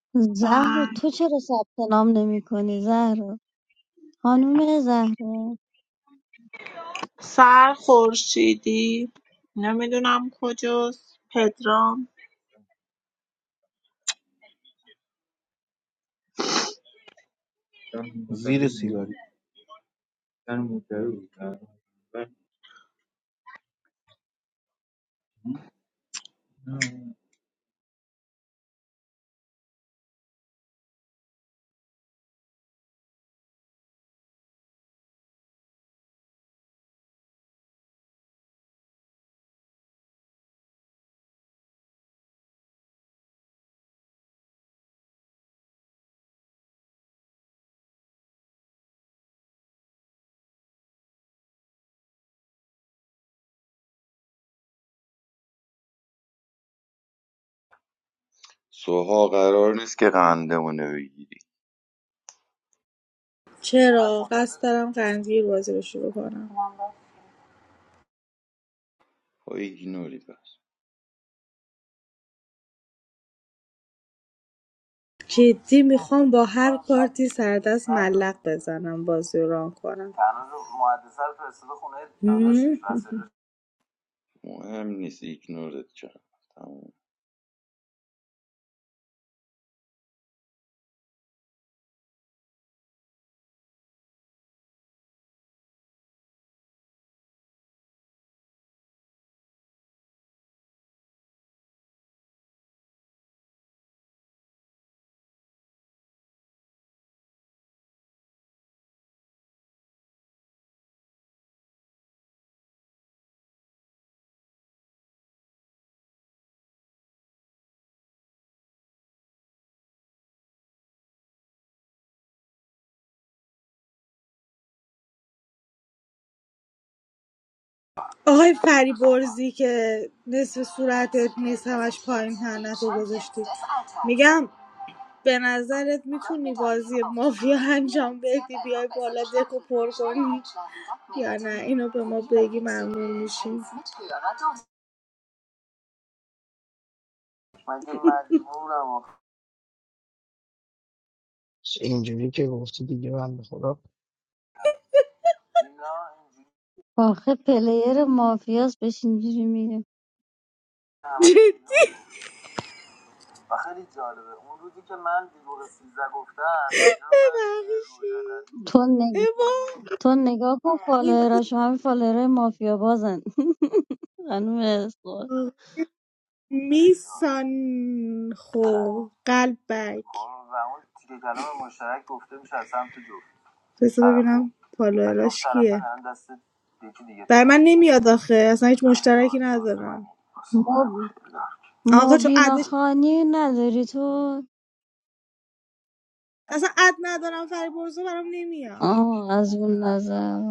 پایین. زهر بله. تو چرا ثبت نام نمی کنی زهر خانوم زهر سر خورشیدی نمیدونم کجاست پدرام زیر سیگاری سوها قرار نیست که قندمونه بگیری چرا قصد دارم قندگیر بازی رو شروع کنم با ایگنوری بس جدی میخوام با هر کارتی سردست ملق بزنم بازی رو ران کنم هم. مهم نیست ایگنورت کرد تموم آقای فریبرزی که نصف صورتت نیست همش پایین هنت رو گذاشتی میگم به نظرت میتونی بازی مافیا انجام بدی بیای بالا دکو پر کنی یا نه اینو به ما بگی ممنون میشیم اینجوری که گفتی دیگه من به خدا آخه پلیر مافیاس بهش اینجوری میگه تو نگ... ببخشید تو نگاه کن فالووراش همه فالوورای مافیا بازن خانوم اسقر اوا این میسان خو قلبک بذار ببینم و فالووراش کیه بر من نمیاد آخه اصلا هیچ من مشترکی باز ندارم مب... آقا چون عدد مبینا خانی نداری تو اصلا اد ندارم فریبرزو برام نمیاد آه از اون نظر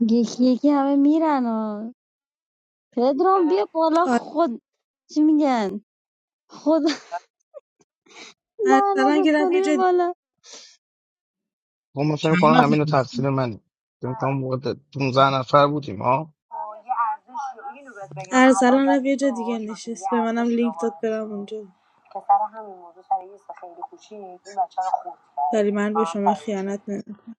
یکی یکی همه میرن ها پدرام بیا بالا آره خود چی میگن خود ارسلان که لعنتت رفت کنه یه بیا جا دیگه بالا ما من فکر چند کنم همینو نفر تقصیر منه فکر کنم موقع 15 نفر بودیم ها ارسلان رفت یه جا دیگه نشست به منم لینک داد برم اونجا ولی من به شما خیانت نمیکنم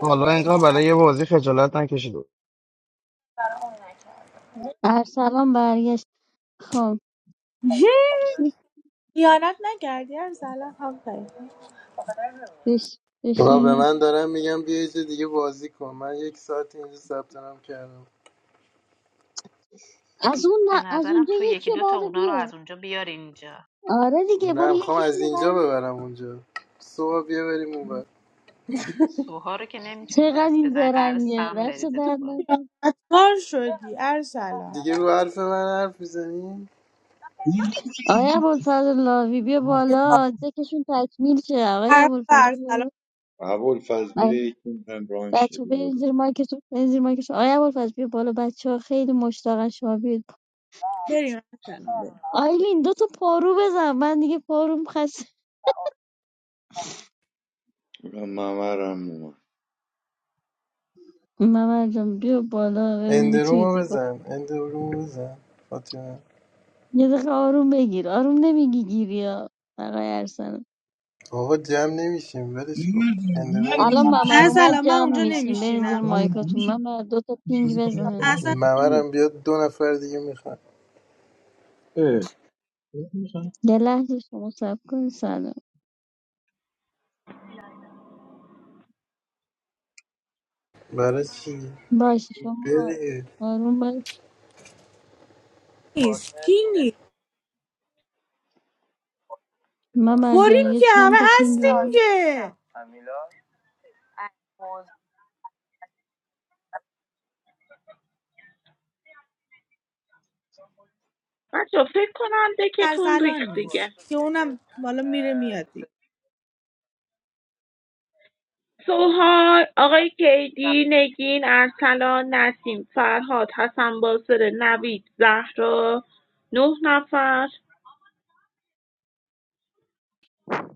حالا اینقدر برای یه بازی خجالت نکشید ارسلان برگشت خب کی خیانت نکردی ارسلان آفرین بش آقا به بشینه من دارم میگم بیا یه جا دیگه بازی کن من یک ساعت اینجا ثبت نام کردم از اون به نه- از نظرم اونجا تو یکی یکی رو دو تا بعد اونا رو بیا از اونجا بیار اینجا آره دیگه برو نه میخوام از یکیشونو اینجا بعد ببرم اونجا صبح بیا بریم اونور سوها رو که نمیتونی چقدر دست این بزنی قرار زرنگه سم دست بریزه تو درد بازی نکنه عطار شدی ارسلان دیگه رو حرف من حرف میزنی این آیا خیلی ابوالفضل لاوی بیا مردم بالا دکشون تکمیل شه آقای حرف ابوالفضل بیا ارسلان بالا قبول فضل بیا یکی مهم ران شه بچه ها برین بود زیر مایکتون برین زیر مایکتون آقای ابوالفضل بیا بالا بچه ها خیلی مشتاقن شما بیاید بریم ارسلان بریم آیلین دو تا پارو بزن من دیگه پاروم خسته ممرم اومد ممر جان بیا بالا ببین میتونی اندرومو دکو بزن اندرومو بزن فاطمه یه دقیقه آروم بگیر آروم نمیگی گیری ها آقای ارسلان آقا جمع نمیشیم ولش کن اندرومو الان بزن مرگمون میشه ممر اومد ارسلان من جمع اونجا میشیم برین زیر نمیشینم مایکاتون میشه ممر دو تا پینگ بازی بزن اصلا این کنیم ممرم بیاد دو نفر دیگه میخوان اه، می‌خوام. یه لحظه شما سب کن سلام برای چی باشه بیا شما دیگه آروم باش نیست کی نیست ممر جان پریم یه که همه چند تا پینگ هستیم بزن که بچه فکرم دکتون ارسلان ریخت دیگه. نیست که اونم بالا میره میاد دیگه سوهان، آقای کیدی، نگین، ارسلان، نسیم، فرهاد، حسن باسر، نوید، زهرا نه نفر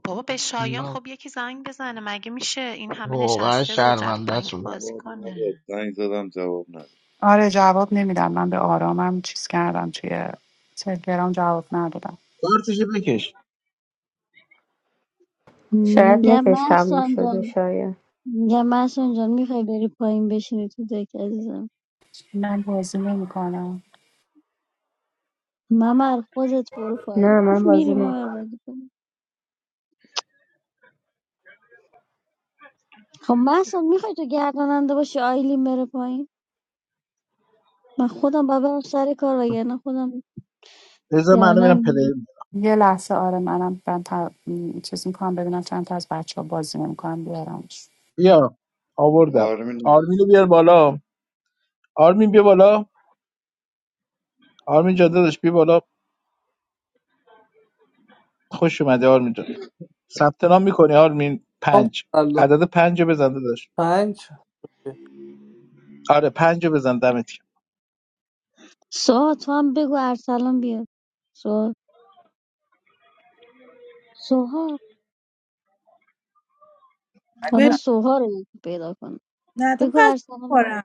بابا به شایان من خب یکی زنگ بزنه مگه میشه این همه واقعا نشسته بود رفت پایین که شرمندهتون بازی جواب نداد کنه زنگ زدم جواب نداد آره جواب نمیدم من به آرامم چیز کردم توی تلگرام جواب ندادم کارتشو بکش شاید میگم نتش تموم محسان جان شده شاید میگم محسان جان میخوای بری پایین بشینی تو دک عزیزم من بازی نمیکنم ممر خودت برو پایین نه من میری بازی نه ممر بازی کنی خب محسن میخوای تو گرداننده باشی آیلین بره پایین من خودم باید برم سر کار وگرنه خودم بذار من الان گردن میرم می‌گیرم. پلیر یه لحظه آره منم من تا... م، چیز میکنم ببینم چند تا از بچه ها بازی نمیکنم بیارمش بیا آوردم آرمین نبود آرمین بیار بالا آرمین بیا بالا آرمین جان داداش بیا بالا خوش اومده آرمین جان ثبت نام میکنی آرمین خانم پنج سلام عدد پنج رو بزن داداش پنج آره پنج رو بزن دمت گرم. سوها تو هم بگو ارسلان بیاد سوها سوها حالا ول- سوها رو یکی پیدا کنم نه تو بگو پس ارسلان بیاد خورم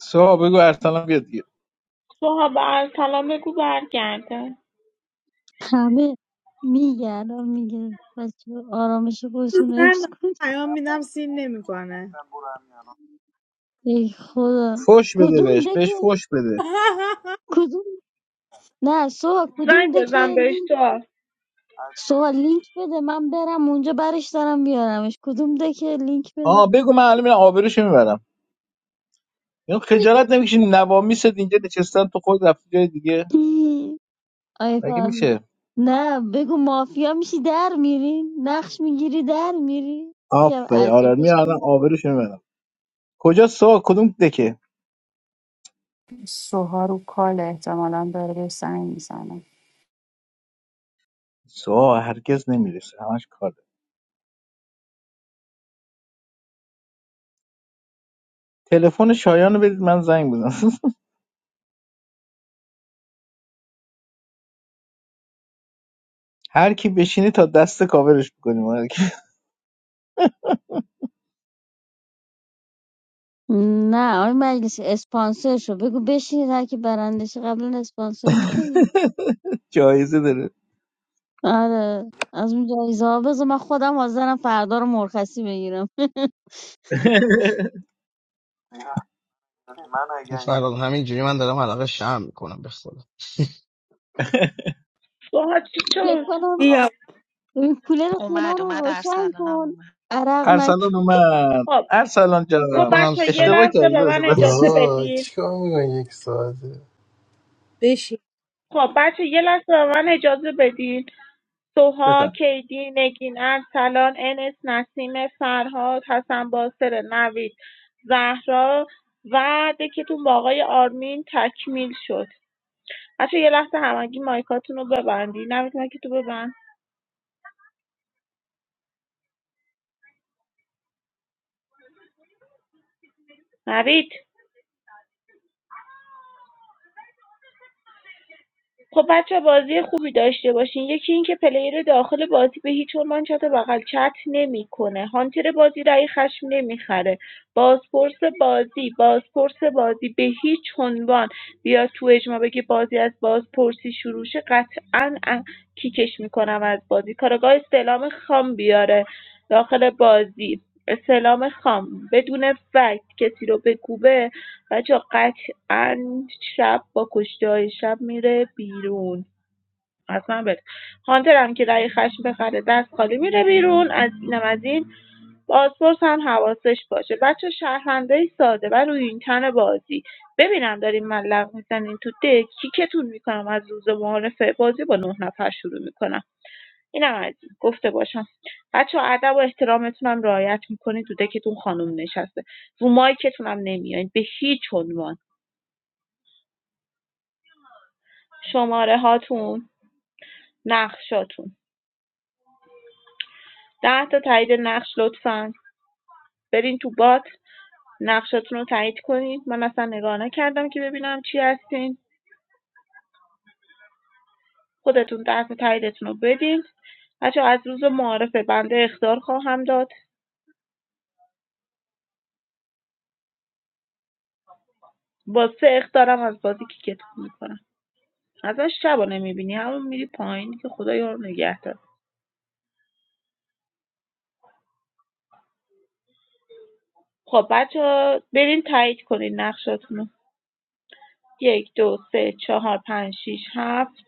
سوها بگو ارسلان بیاد دیگه سوها به ارسلان بگو برگرده همه میگردم میگه بچه آرامش خودتون رو حفظ من کن پیام میدم سین نمیکنه ای خدا فوش بده کدوم بهش بهش دکه فوش بده کدوم نه سوها کدوم دکه سوال لینک بده من برم اونجا برش دارم بیارمش کدوم دکه لینک بده آه بگو من الان میرم آبروشو میبرم یا خجالت نمیکشین نوامیست اینجا نشستن تو خود رفتی جای دیگه آی مگه فهم میشه نه بگو مافیا میشی در میری نقش میگیری در میری یکم آفه آره اذیتش میارم کن آبروش میبرم کجا سوا کدوم دکه سوها رو کال احتمالا داره بهش زنگ میزنه سوا هرگز نمیرسه همش کار داره. تلفن شایان رو بدید من زنگ بزنم هر کی بشینه تا دست کاورش میکنیم هر کی نه آقای مجلسی اسپانسر شو بگو بشینید هر کی برنده شه قبلا اسپانسر میشدی جایزه داره آره از اون جایزه ها بذار من خودم حاضرم فردا رو مرخصی بگیرم این فراد همینجوری من دارم علاقه شرم میکنم به خدا سوها چی فکر شد؟ کنم بیا ببین، کولر خونه اومد رو اومد روشن ارسلانم کن اومد عرق نکن ارسلان اومد خب ارسلان فکر خب جانم کنم بچه یه سر اشتباه لحظه کردی به داشت من اجازه آه بدین چیکار میکنی یک ساعته بشین خب بچه یه لحظه به من اجازه بدین سوها، بفهم کیدی، نگین، ارسلان، انس، نسیم، فرهاد، حسن باسر، نوید، زهرا و دکتون با آقای آرمین تکمیل شد بچه‌ها یه لحظه همگی مایکاتونو ببندی نوید مایک تو ببند نوید خب بچه‌ها بازی خوبی داشته باشین یکی اینکه پلیر داخل بازی به هیچ عنوان چت بغل چت نمیکنه هانتر بازی رای خشم نمیخره بازپرس بازی بازپرس بازی به هیچ عنوان بیا تو اجما بگه بازی از بازپرسی شروع شه قطعا ا- کیکش میکنم از بازی کارگاه استعلام خام بیاره داخل بازی استعلام خام بدون فکت کسی رو به کوبه بچه ان شب با کشتیهای شب میره بیرون اصلا بده هانتر هم که رای خشم بخره دست خالی میره بیرون از اینم از این بازپرس هم حواسش باشه بچه شهروندای ساده و روی این تن بازی ببینم داریم ملق میزنین تو دک کیکتون میکنم از روز معارفه بازی با نه نفر شروع میکنم اینم از این گفته باشم بچه ادب و احترامتون هم رعایت میکنین تو دکتون خانم نشسته رو مایکتون هم نمیاین به هیچ عنوان شماره هاتون نقشاتون 10 تا تایید نقش لطفا برین تو بات نقشاتون رو تایید کنید من اصلا نگاه نکردم که ببینم چی هستین خودتون 10 تا تاییدتون رو بدین بچه از روز معارفه بنده اختار خواهم داد با سه اختارم از بازی کیکتون میکنم ازش شبا نمیبینی همون میری پایین که خدا یارو نگه دار خب بچه برین تایید کنین نقشاتون رو یک دو سه چهار پنج شیش هفت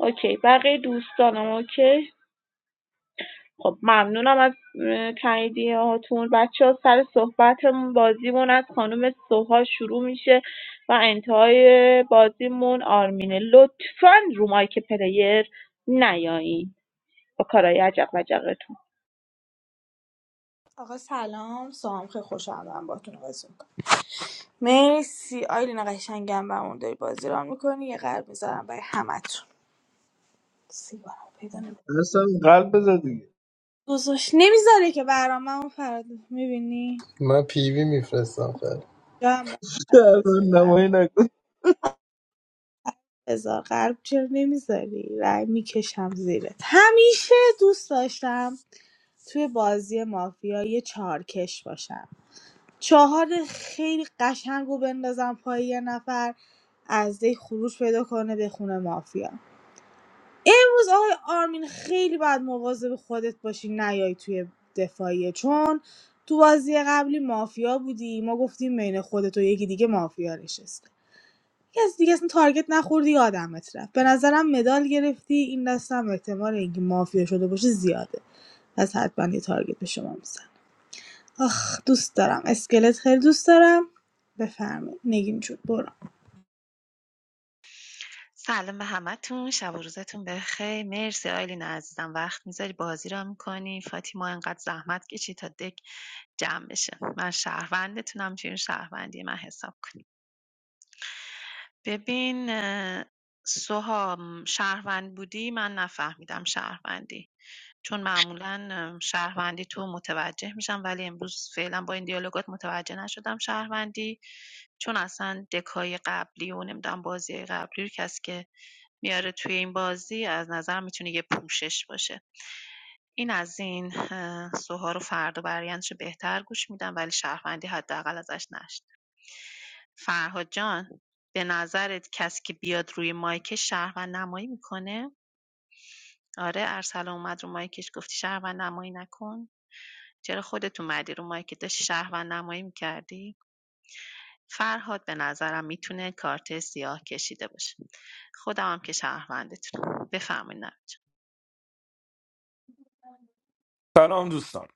اوکی بقیه دوستانم اوکی خب ممنونم از اه، تاییدیه هاتون بچه ها سر صحبتمون بازیمون از خانم سوها شروع میشه و انتهای بازیمون آرمینه لطفا رو مایک پلیر نیایین با کارهای عجب وجبتون آقا سلام سلام خیلی خوشحالم دارم باهاتون بازی میکنم مرسی آیلین قشنگم برامون داری بازی ران میکنی یه قلب میذارم برای همتون سیگارم پیدا نمی‌کنم. ارسلان قلب بذار دیگه گذاشت نمیذاره که برام من اون فراد میبینی من پیوی میفرستم خیلی جام قلب ارسلان بذاری قلب نمایی نکن بذار قلب چرا نمیذاری رای میکشم زیرت همیشه دوست داشتم توی بازی مافیا یه چارکش باشم چهار خیلی قشنگ و بندازن پای یه نفر از دی خروج پیدا کنه به خونه مافیا امروز آقای آرمین خیلی باید مواظب خودت باشی نیای توی دفاعیه چون تو بازی قبلی مافیا بودی ما گفتیم بین خودت و یکی دیگه مافیا نشسته کسی دیگه اصلا تارگت نخوردی یادمت رفت به نظرم مدال گرفتی این دستم احتمال اینکه مافیا شده باشه زیاده پس حتما یه تارگت به شما می‌زنم. آخ دوست دارم اسکلت خیلی دوست دارم بفرمایید نگین جون برو سلام به همتون شب و روزتون بخیر مرسی آیلین عزیزم وقت میذاری بازی را میکنی فاطیما انقدر زحمت کشی تا دک جمع بشه من شهروندتونم چون شهروندی من حساب کن ببین اه، سهام شهروند بودی من نفهمیدم شهروندی چون معمولا اه، شهروندی تو متوجه میشم ولی امروز فعلا با این دیالوگات متوجه نشدم شهروندی چون اصلا دکای قبلی و نمیدونم بازی قبلی رو کسی که میاره توی این بازی از نظر میتونه یه پوشش باشه این از این اه، سوها رو فردا برایندش رو بهتر گوش میدم ولی شهروندی حداقل ازش نشد فرهاد جان به نظرت کسی که بیاد روی مایکش شهروند نمایی میکنه آره ارسلان اومد رو مایکش گفتی شهروند نمایی نکن چرا خودت اومدی رو مایکت داشتی شهروند نمایی میکردی فرهاد به نظرم میتونه کارت سیاه کشیده باشه خودم هم که شهروندتونم بفرمایید نمید جان. سلام دوستان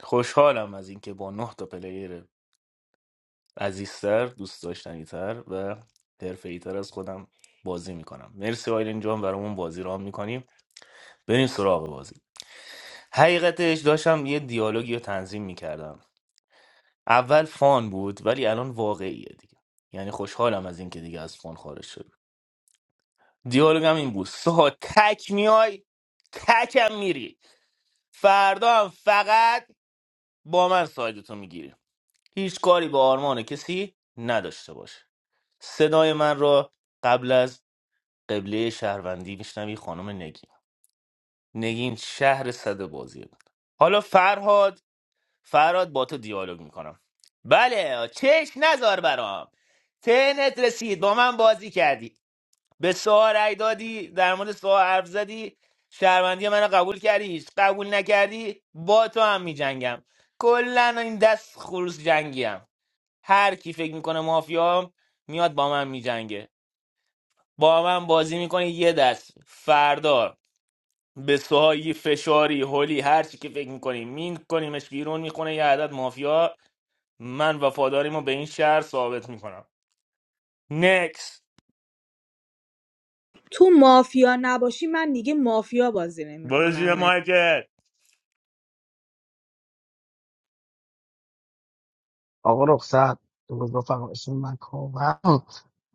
خوشحالم از اینکه با نه تا پلیر عزیزتر دوست داشتنیتر و حرفه‌ای‌تر از خودم بازی میکنم مرسی آیلین جان برامون بازی رام میکنیم بریم سراغ بازی حقیقتش داشتم یه دیالوگی رو تنظیم میکردم اول فان بود ولی الان واقعیه دیگه یعنی خوشحالم از اینکه دیگه از فان خارج شد دیالوگم این بود سا تک میای تکم میری فردا هم فقط با من سایدتو میگیری هیچ کاری به آرمان کسی نداشته باشه صدای من را قبل از قبله شهروندی میشنوی خانم نگین نگین شهر صد بازی بود حالا فرهاد فرهاد با تو دیالوگ میکنم بله چش نزار برام تنت رسید با من بازی کردی به سوال رأی دادی در مورد سوال حرف زدی شهروندی منو قبول کردی هیچ قبول نکردی با تو هم میجنگم کلا این دست خروس جنگیم هر کی فکر میکنه مافیام میاد با من میجنگه با من بازی میکنه یه دست فردا به سوهایی فشاری هولی هر چی که فکر میکنیم مین کنیمش بیرون میخونه یه عدد مافیا من وفاداریمو به این شهر ثابت میکنم نکس تو مافیا نباشی من دیگه مافیا بازی برو نمیکنم زیر نه مایکل آقا رخصت درود رفقا اسم من کاوه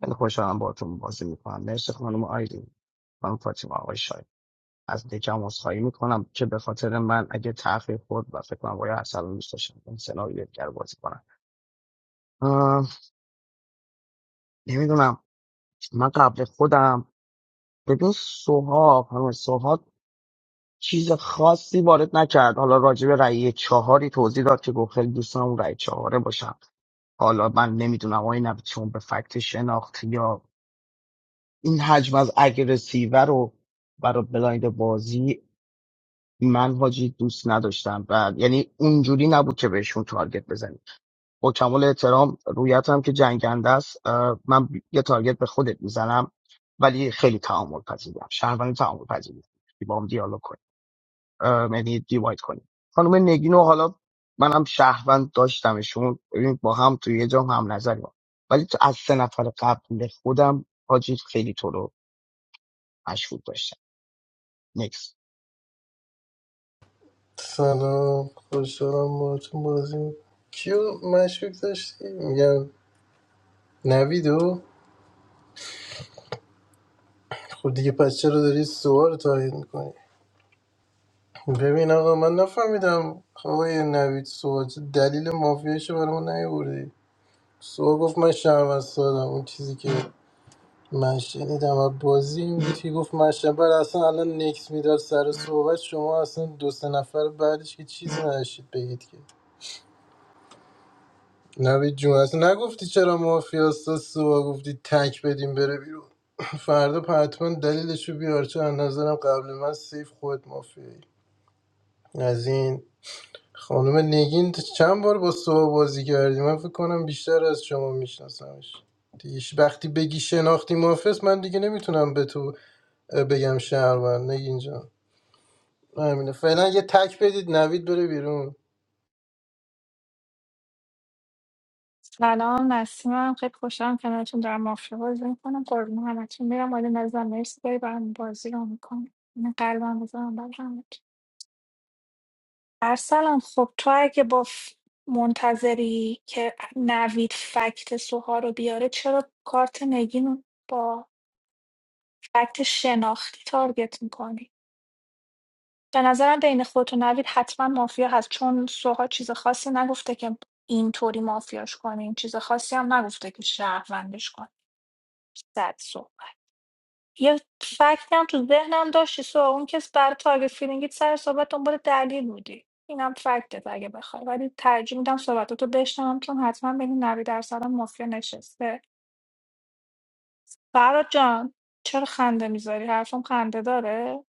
خیلی خوشحالم باهاتون بازی میکنم مرسی خانم آیدین خانم فاطمه آقای شایان. از دکم عذرخواهی میکنم که به خاطر من اگه تاخیر خورد و فکر کنم باید ارسلان دوست داشتم این سناریو دیگر بازی کنم آه، نمیدونم من قبل خودم ببین سوهاگ خانم سوهاگ چیز خاصی وارد نکرد حالا راجع به رأی چهاری توضیح داد که گفت خیلی دوست دارم اون رأی چهاره باشم حالا من نمیدونم آیا نه چون به فکت شناخت یا این حجم از اگرسیوه رو برای بلایند بازی من حاجی دوست نداشتم و یعنی اونجوری نبود که بهشون تارگت بزنی با کمال احترام رویتم که جنگنده است اه، من یه تارگت به خودت میزنم ولی خیلی تعامل پذیرم شهروند تعامل پذیرم که با هم دیالوگ کنیم اه، یعنی دیواید کنیم خانم نگینو حالا منم شهروند داشتمشون ببین با هم توی یه جام هم نظریم ولی تو از سه نفر قبل خودم حاجی خیلی تو رو مشهود داشتم نکس سلام خوشحالم باهاتون بازی می‌کنم. کیو مشکوک داشتی میگم نویدو خب دیگه پس چرا داری سوال تایید میکنی ببین آقا من نفهمیدم خب آقای نوید سوال چه دلیل مافیاشو برای ما نیاوردی سوال گفت من شرم سادم اون چیزی که من شنیدم و بازی این بود که گفت من شرم. بعد اصلا الان نکس میداد سر صحبت شما اصلا دو سه نفر بعدش که چیزی نداشتید بگید که نوید جون اصلا نگفتی چرا مافیا هستا، سوال گفتی تک بدیم بره بیرون فردا حتما دلیلشو بیار چون از نظرم قبل من سیف خود مافیایی از این خانم نگین چند بار با سوا بازی کردی من فکر کنم بیشتر از شما میشناسمش دیگه ش- وقتی بگی شناختی محافظ من دیگه نمیتونم به تو اه، بگم شهروند نگین جان همینه فعلا یه تک بدید نوید بره بیرون سلام نسیمم خیلی خوشحالم کنارتون دارم مافیا بازی میکنم قربون همتون میرم ولی نظرم مرسی داری برام بازی رو میکنم این قلبم بذارم برای همتون ارسلان خب تو اگه با ف- منتظری که نوید فکت سوها رو بیاره چرا کارت نگین رو با فکت شناختی تارگت میکنی به نظرم بین خودت و نوید حتما مافیا هست چون سوها چیز خاصی نگفته که اینطوری مافیاش کنین چیز خاصی هم نگفته که شهروندش کنین زد سو یه فکتی هم تو ذهنم داشتی سو اون کس برای تارگت فیلینگیت سر صحبت دنبال دلیل بودی اینم فکتت اگه بخوای ولی ترجیح میدم صحبتاتو بشنوم چون حتما بین 90 درصد هم مافیا نشسته فراد جان چرا خنده میذاری حرفم خنده داره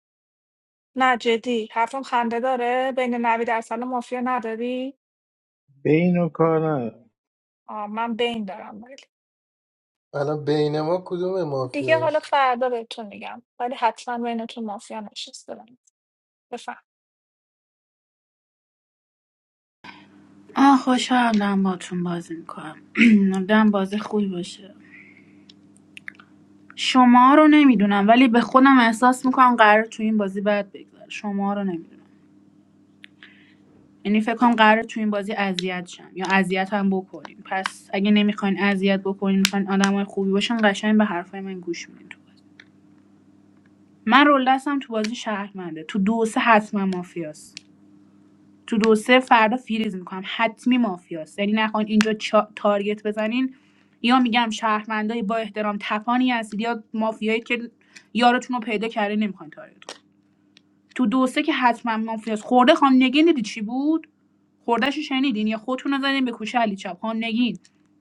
نه جدی حرفم خنده داره بین 90 درصد هم مافیا نداری بین و کار ندارم. آه من بین دارم ولی الان بین ما کدوم دیگه حالا مافیاست فردا بهتون میگم ولی حتما بینتون مافیا نشسته بفهم آه خوشحالم دارم باتون بازی میکنم دارم بازی خوبی باشه شما رو نمیدونم ولی به خودم احساس میکنم قرار تو این بازی بد بگذره شما رو نمیدونم یعنی فکر کنم قرار تو این بازی اذیت شم یا اذیت هم بکنین پس اگه نمیخواین اذیت بکنین میخواین آدمای خوبی باشن قشنگ به حرفای من گوش میدین من رول دستم تو بازی شهرمنده تو دو و سه حتما مافیاست تو دو و سه فردا فریز میکنم حتمی مافیاست یعنی نخواین اینجا چا- تارگت بزنین یا میگم شهرمندای با احترام تپانی هستید یا مافیایی که یارتون رو پیدا کرده نمیخواین تارگت تو دو سه که حتما مافیاس خورده خان نگین دیدی چی بود خوردهشو شنیدین یا خودتون رو زدین به کوچه علی چپ خان نگین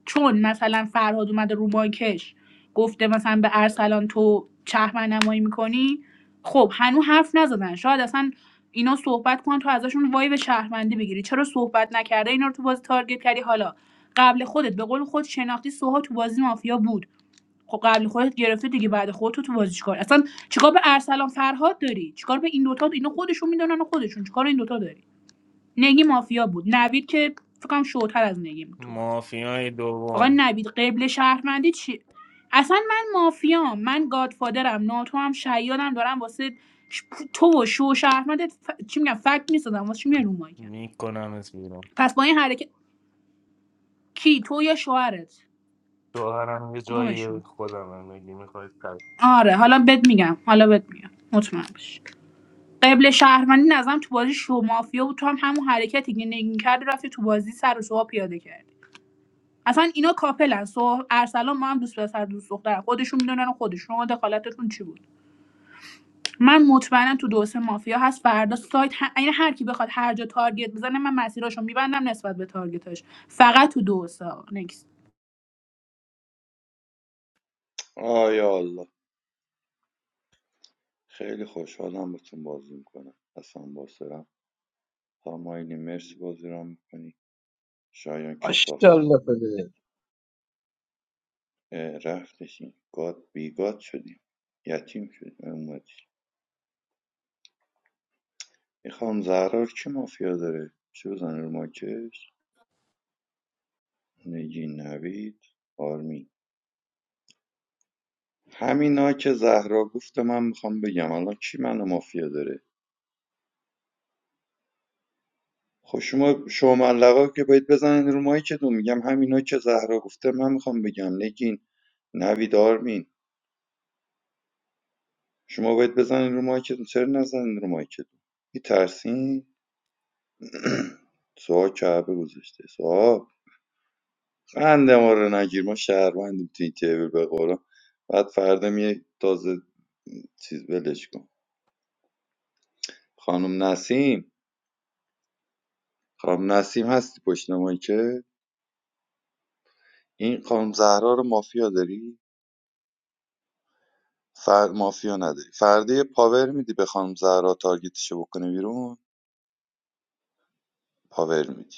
چون مثلا فرهاد اومده رو مایکش گفته مثلا به ارسلان تو چهمن نمایی میکنی خب هنوز حرف نزدن شاید اصلا اینا صحبت کنن تو ازشون وای به شهروندی بگیری چرا صحبت نکرده اینا رو تو بازی تارگت کردی حالا قبل خودت به قول خود شناختی سوها تو بازی مافیا بود خب قبل خودت گرفته دیگه بعد خودت تو بازی چیکار اصلا چیکار به ارسلان فرهاد داری چیکار به این دوتا اینو خودشون میدونن و خودشون چیکار این دوتا داری نگی مافیا بود نوید که فکر کنم شوتر از نگی بود تو بازی مافیای آقا دوم نوید قبل شهرمندی چی اصلا من مافیام من گادفادرم ناتو هم شیادم دارم واسه ش- تو و شو شهرمندت ف... چی میگم فکت میسازم واسه چی میای رو مایکم میکنم از بیرون پس با این حرکت کی تو یا شوهرت شوهرم یه جایی کدومشون خودم میگی میخواید آره حالا بد میگم حالا بد میگم مطمئن باش قبل شهروندی نظرم تو بازی شو مافیا بود تو هم همون حرکتی که نگین کرد رفتی تو بازی سر و سوها پیاده کردی اصلا اینا کاپلن سو ارسلان ما هم دوست پسر دوست دختر خودشون میدونن خودشون شما دخالتتون چی بود من مطمئنم تو دو سه مافیا هست فردا سایت ه... یعنی هر کی بخواد هر جا تارگت بزنه من مسیراشو میبندم نسبت به تارگتاش فقط تو دو سه نکست آیا الله خیلی خوشحالم باتون بازی میکنم اصلا باسرم خانم آیلین مرسی بازی رو میکنی شایان کثافت ماشاءالله اه، رفتشیم گاد بیگاد شدیم یتیم شدیم امتی این خانم زهرا رو کی مافیا داره چه بزنه رو ماکش نگین نوید آرمی همینا که زهرا گفته من میخوام بگم الان کی منو مافیا داره خب شما شما که باید بزنین رو مایکتون میگم همینا که زهرا گفته من میخوام بگم نگین نوید آرمین شما باید بزنین رو مایکتون چرا نزنین رو مایکتون میترسین سوها کعبه گذاشته سوها قند ما رو نگیر ما شهروندیم تو این تیبل به قولا بعد فردا میای تازه چیز بلش کن خانم نسیم خانم نسیم هستی پشت نمایی که این خانم زهرا رو مافیا داری فر مافیا نداری فردا یه پاور میدی به خانم زهرا تارگتشو بکنه بیرون پاور میدی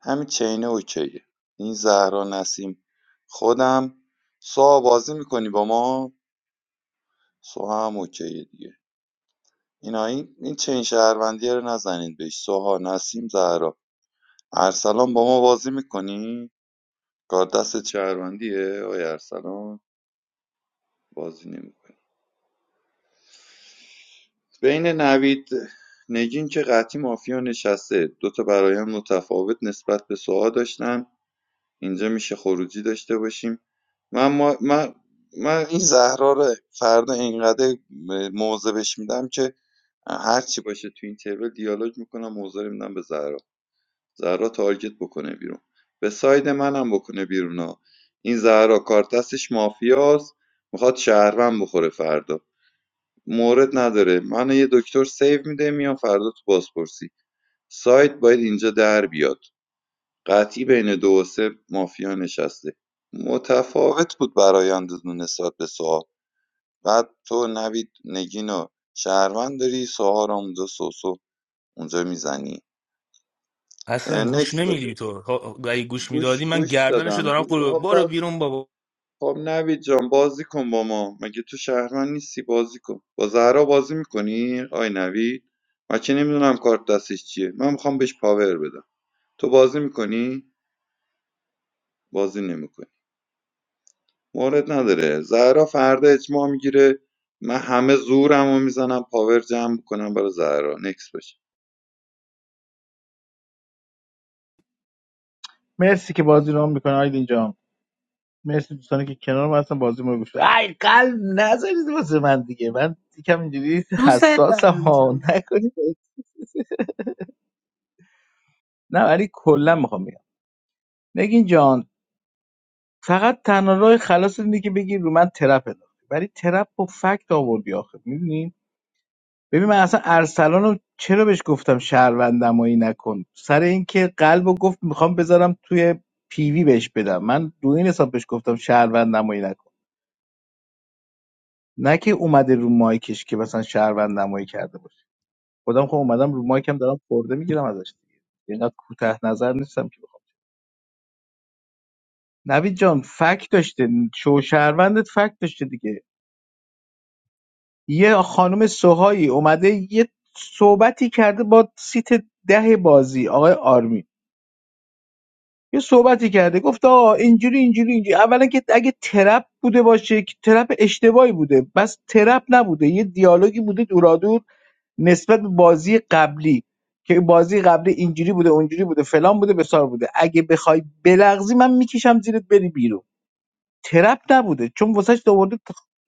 همین چینه اوکیه این زهرا نسیم خودم سوها بازی میکنی با ما سوها هم اوکیه دیگه اینا این این چین شهروندی رو نزنید بهش سوها نسیم زهرا ارسلان با ما بازی میکنی کار دست شهروندیه آی ارسلان بازی نمیکنی بین نوید نگین که قطعی مافیا نشسته دوتا برایم متفاوت نسبت به سوها داشتن اینجا میشه خروجی داشته باشیم من, ما... من... من این زهرا رو فردا اینقدر موضع بهش میدم که هرچی باشه تو این تیبل دیالوگ میکنم موضع رو میدم به زهرا زهرا تارگت بکنه بیرون به ساید منم بکنه بیرون ها این زهرا کار دستش مافیاست میخواد شهروند بخوره فردا مورد نداره من یه دکتر سیو میده میام فردا تو بازپرسی سایت باید اینجا در بیاد قطعی بین دو و سه مافیا نشسته متفاوت بود برایندتون نسبت به سوال بعد تو نوید نگین و شهروند داری سوال اونجا سوسو اونجا میزنی اصلا گوش نکس باشه نمیدی تو ها- اگه گوش گوش میدادی من گوش گردنشو دادم دارم گوش خود آها، برو بیرون بابا خب نوید جان بازی کن با ما مگه تو شهرمند نیستی بازی کن با زهرا بازی میکنی آی نوید من که نمیدونم کارت دستش چیه من میخوام بهش پاور بدم تو بازی میکنی بازی نمیکنی مورد نداره زهرا فردا اجماع میگیره من همه زورمو میزنم پاور جمع کنم برای زهرا نکس باشه مرسی که بازی رو هم میکنه آیدین جان مرسی دوستانی که کنار من هستن بازی ما رو گوش بدن. ای قلب نذارید واسه من دیگه من یکم اینجوری دوستت حساسم دارم ها جون نکنید نه ولی کلا میخوام بگم نگین جان فقط تنها راه خلاص اینه که بگی رو من ترپ انداختی ولی ترپ و فکت آوردی آخه میدونی ببین من اصلا ارسلان رو چرا بهش گفتم شهروندمایی نکن سر اینکه قلب و گفت میخوام بذارم توی پیوی بهش بدم من دو این حساب بهش گفتم شهروندمایی نکن نه که اومده رو مایکش که مثلا شهروند نمایی کرده باشه خودم خب اومدم رو مایکم دارم خورده میگیرم ازش دیگه اینقدر کوتاه نظر نیستم که بخوام نوید جان فکت داشته شو شهروندت فکت داشته دیگه یه خانم سوهایی اومده یه صحبتی کرده با سیت ده بازی آقای آرمی یه صحبتی کرده گفت آقا اینجوری اینجوری اینجوری اولا که اگه ترپ بوده باشه که ترپ اشتباهی بوده بس ترپ نبوده یه دیالوگی بوده دورادور نسبت به بازی قبلی که بازی قبلی اینجوری بوده اونجوری بوده فلان بوده بسار بوده اگه بخوای بلغزی من میکشم زیرت بری بیرون ترپ نبوده چون واسش آورده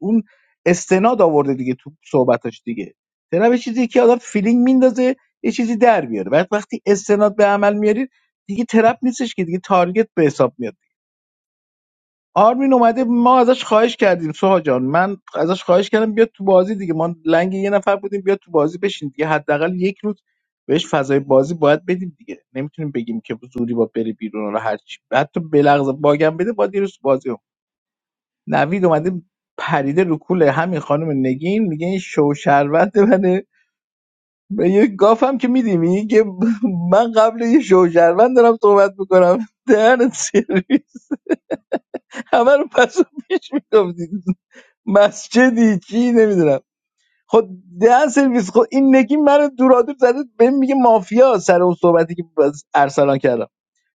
اون استناد آورده دیگه تو صحبتاش دیگه ترپ یه چیزی که آدم فیلینگ میندازه یه چیزی در بیاره بعد وقتی استناد به عمل میارید دیگه ترپ نیستش که دیگه تارگت به حساب میاد آرمین اومده ما ازش خواهش کردیم سوها جان من ازش خواهش کردم بیاد تو بازی دیگه ما لنگ یه نفر بودیم بیاد تو بازی بشین دیگه حداقل یک روز بهش فضای بازی باید بدیم دیگه نمیتونیم بگیم که زوری با بره بیرون حالا هر چی حتی بلغز باگم بده با دیروز بازی رو نوید اومده پریده رو کوله همین خانم نگین میگه این شو شربت منه به یه گافم که میدیم میگه که من قبل یه شو شربت دارم صحبت میکنم دهنت سرویس همه رو پس و پیش می‌گفتی. مسجدی چی نمیدونم خود ده سرویس خود این نگی منو دورادور زده بهم میگه مافیا سر اون صحبتی که باز ارسلان کردم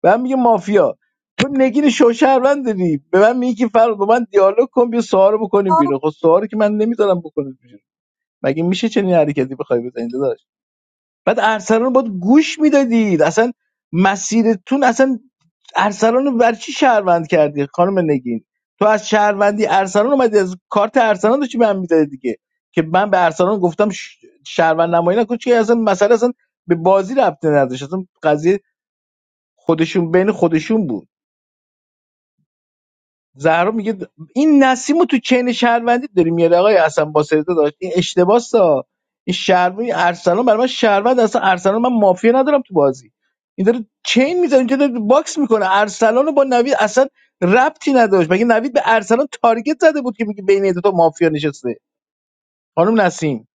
به من میگه مافیا تو نگین شوشهروند داری به من میگی که فرق با من دیالوگ کن بیا سوال رو بکنیم بیرون خب سوالی که من نمیذارم بکنید بیرون مگه میشه چنین حرکتی بخوای بزنید بعد ارسلان باید گوش میدادید اصلا مسیرتون اصلا ارسلان رو بر چی شهروند کردی خانم نگین تو از شهروندی ارسلان اومدی از کارت ارسلان داشتی به من میدادی دیگه که من به ارسلان گفتم ش- شهروند نمایی نکن چون اصلا مسئله اصلا به بازی ربطی نداشت اصلا قضیه خودشون بین خودشون بود زهرا میگه این نسیم رو تو چین شهروندی داری میاره آقای حسن بصری داشت این اشتباس ها این شهروندی ارسلان برای من شهروند اصلا ارسلان من مافیا ندارم تو بازی این داره چین میزنه اینجا داره باکس میکنه ارسلان رو با نوید اصلا ربطی نداشت مگه نوید به ارسلان تارگت زده بود که میگه بین این دو تا مافیا نشسته خانم نسیم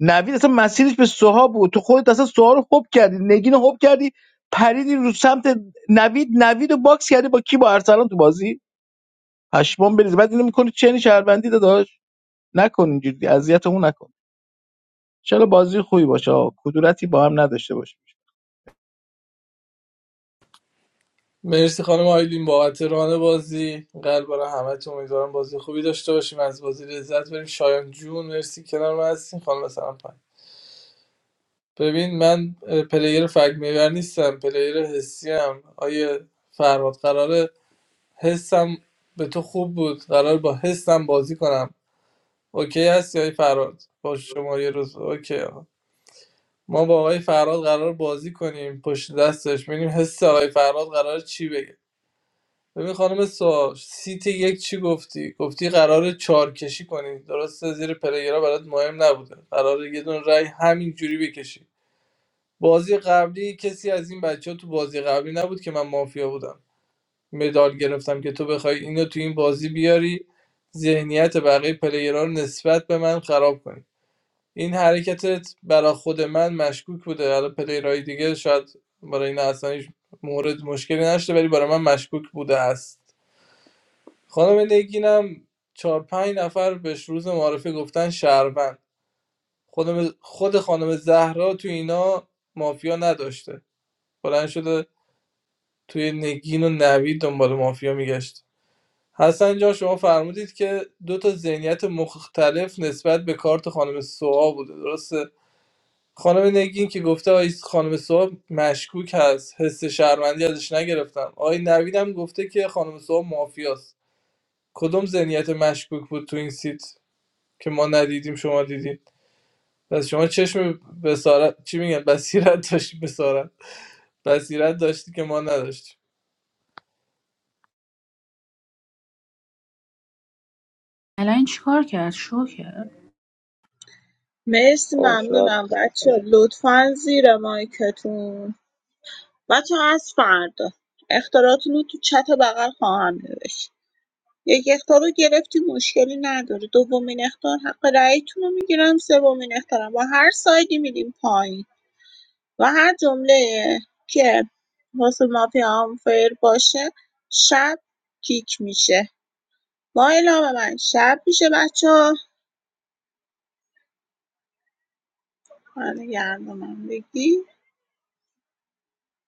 نوید اصلا مسیرش به سوها بود تو خودت اصلا سوها رو خوب کردی نگین رو خوب کردی پریدی رو سمت نوید نوید رو باکس کردی با کی با ارسلان تو بازی پشمام بریزه بعد اینو میکنی چنی شهروندی داداش نکن اینجوری اذیتمون نکن چرا بازی خوبی باشه آقا. کدورتی با هم نداشته باشه مرسی خانم آیلین بابت ران بازی قلب برای همه تو امیدوارم بازی خوبی داشته باشیم از بازی لذت بریم شایان جون مرسی کنار ما هستین خانم سلام پنج ببین من اه، پلیر فگ میور نیستم پلیر حسی ام آیه فرهاد قراره حسم به تو خوب بود قرار با حسم بازی کنم اوکی هستی آیه فرهاد با شما یه روز اوکی آقا. ما با آقای فرهاد قرار بازی کنیم پشت دستش ببینیم حس آقای فرهاد قرار چی بگه ببین خانم سا سیت یک چی گفتی گفتی قرار چار کشی کنی درسته زیر پلیرها برات مهم نبوده قرار یه دون رای همین جوری بکشی بازی قبلی کسی از این بچه ها تو بازی قبلی نبود که من مافیا بودم مدال گرفتم که تو بخوای اینو تو این بازی بیاری ذهنیت بقیه پلیرها رو نسبت به من خراب کنی این حرکتت برا خود من مشکوک بوده حالا پلیرهای دیگه شاید برای این اصلا هیچ مورد مشکلی نشده ولی برای من مشکوک بوده است خانم نگینم چهار پنج نفر بهش روز معرفه گفتن شهروند خودم خود خانم زهرا تو اینا مافیا نداشته بلند شده توی نگین و نوید دنبال مافیا میگشت حسن جان شما فرمودید که دو تا ذهنیت مختلف نسبت به کارت خانم سوها بوده درسته خانم نگین که گفته آی خانم سوها مشکوک هست حس شهروندی ازش نگرفتم آقای نوید هم گفته که خانم سوها مافیاست کدوم ذهنیت مشکوک بود تو این سیت که ما ندیدیم شما دیدید پس شما چشم بصارت چی میگن بصیرت داشتی بصارت بصیرت داشتی که ما نداشتیم الان چیکار کرد شو کرد مرسی آه شب ممنونم بچه ها لطفا زیر مایکتون بچه ها از فردا اختاراتون رو تو چت بغل خواهم نوشت یک اختار رو گرفتی مشکلی نداره دومین اختار حق رأیتون رو میگیرم سومین اختارم با هر سایدی میدیم پایین و هر جمله که واسه مافیا آنفیر باشه شب کیک میشه با اعلام من شب میشه بچه ها من گرم من بگی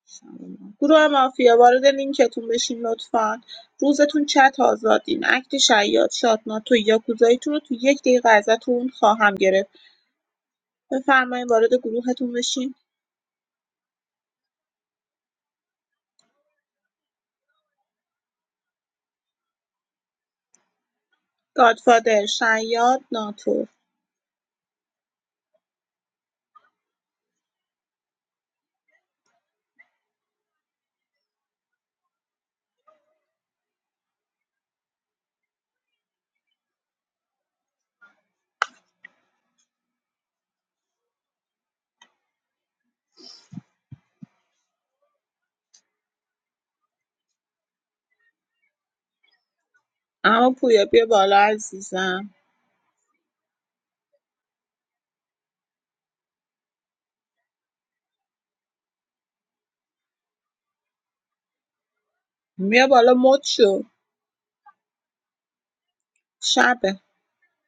شب ما. گروه مافیا وارد لینکتون بشین لطفا روزتون چت آزادین اکت شیاد شاد ناتو یاکوزاییتون رو تو یک دقیقه ازتون خواهم گرفت بفرمایین وارد گروهتون بشین گادفادر شیاد ناتو اما پویا بیا بالا عزیزم بیا بالا مد شو شبه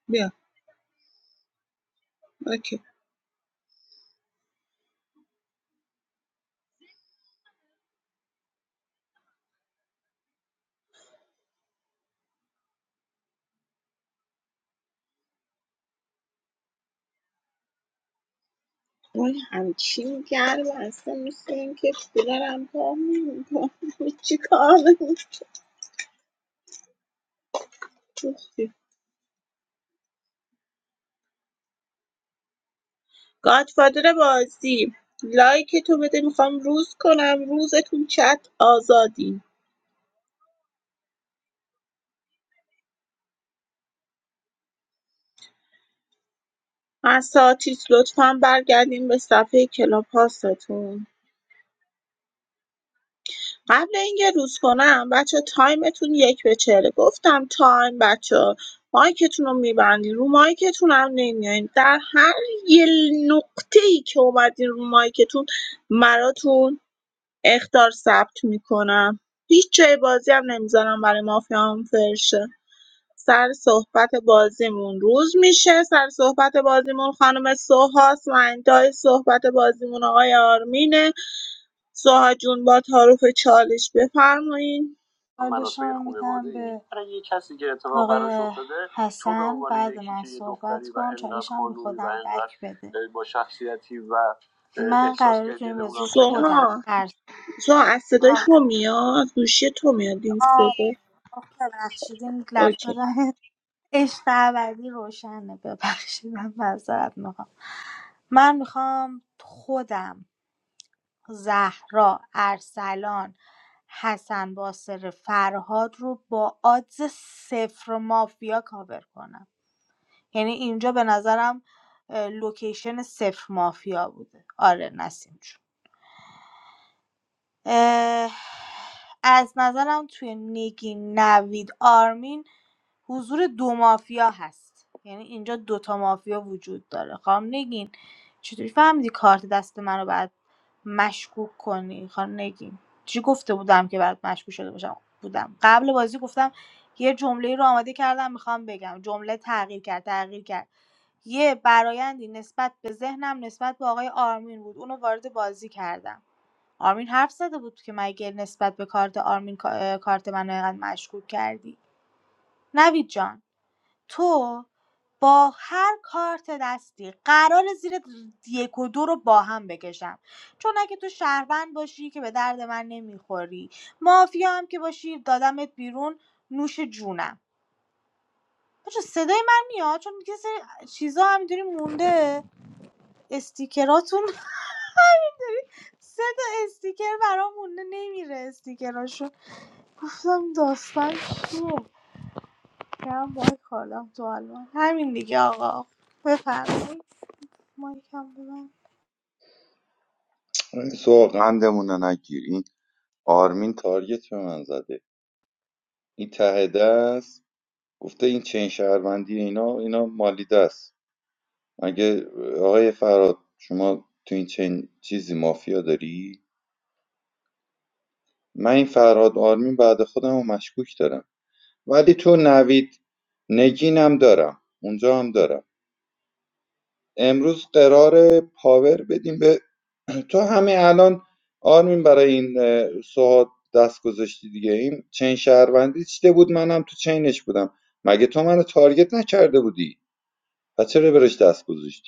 بیا اوکی اون همچین گرم اصلا مثل اینکه کولرم پا میمونم چی کار میمونم. گادفادر بازی لایک تو بده میخوام روز کنم روزتون چت آزادی اساتید لطفا برگردین به صفحه کلاب هاستون قبل اینکه روز کنم بچه تایمتون یک به چهره گفتم تایم بچه مایکتون رو میبندین رو مایکتون هم نمیاین در هر یه نقطه ای که اومدین رو مایکتون مراتون اختار ثبت میکنم هیچ جای بازی هم نمیذارم برای مافیا هم فرشه سر صحبت بازیمون روز میشه سر صحبت بازیمون خانم سوهاست و انتهای صحبت بازیمون آقای آرمینه سوها جون با تعارف چالش بفرمایین بده سوها ترس سوها از صدای آه تو میاد گوشی تو میاد این آه، صدا ببخشید این لپتاپ اوکی عشق ابدی روشنه ببخشید من معذرت میخوام من میخوام خودم زهرا ارسلان حسن باسر فرهاد رو با آدز صفر مافیا کاور کنم یعنی اینجا به نظرم اه، لوکیشن صفر مافیا بوده آره نسیم جون از نظرم توی نگین نوید آرمین حضور دو مافیا هست یعنی اینجا دوتا مافیا وجود داره خانم نگین چطوری فهمیدی کارت دست من رو باید مشکوک کنی خانم نگین چی گفته بودم که برات مشکوک شده باشم بودم قبل بازی گفتم یه جمله رو آماده کردم میخوام بگم جمله تغییر کرد تغییر کرد یه برایندی نسبت به ذهنم نسبت به آقای آرمین بود اونو وارد بازی کردم آرمین حرف زده بود که مگه نسبت به کارت آرمین کا- اه، کارت منو اینقدر مشکوک کردی نوید جان تو با هر کارت دستی قرار زیر یک و دو رو با هم بکشم چون اگه تو شهروند باشی که به درد من نمیخوری مافیا هم که باشی دادمت بیرون نوش جونم بچه صدای من میاد چون یه سری چیزا همینطوری مونده استیکراتون سه تا استیکر برام مونده نمیره استیکراشو گفتم داستان چیه کم باید کالا تو آلمان همین دیگه آقا بفرمایید مایکم ببند سوال قندمون رو نگیر این آرمین تارگت به من زده این ته دست گفته این چین شهروندی اینا اینا مالیده است اگه آقای فراد شما تو این چنین چیزی مافیا داری من این فراد آرمین بعد خودم رو مشکوک دارم ولی تو نوید نگینم دارم اونجا هم دارم امروز قرار پاور بدیم به تو همین الان آرمین برای این اه، سوهاد دست گذاشتی دیگه این چین شهروندی چیده بود منم تو چینش بودم مگه تو منو تارگت نکرده بودی و چرا برش دست گذاشتی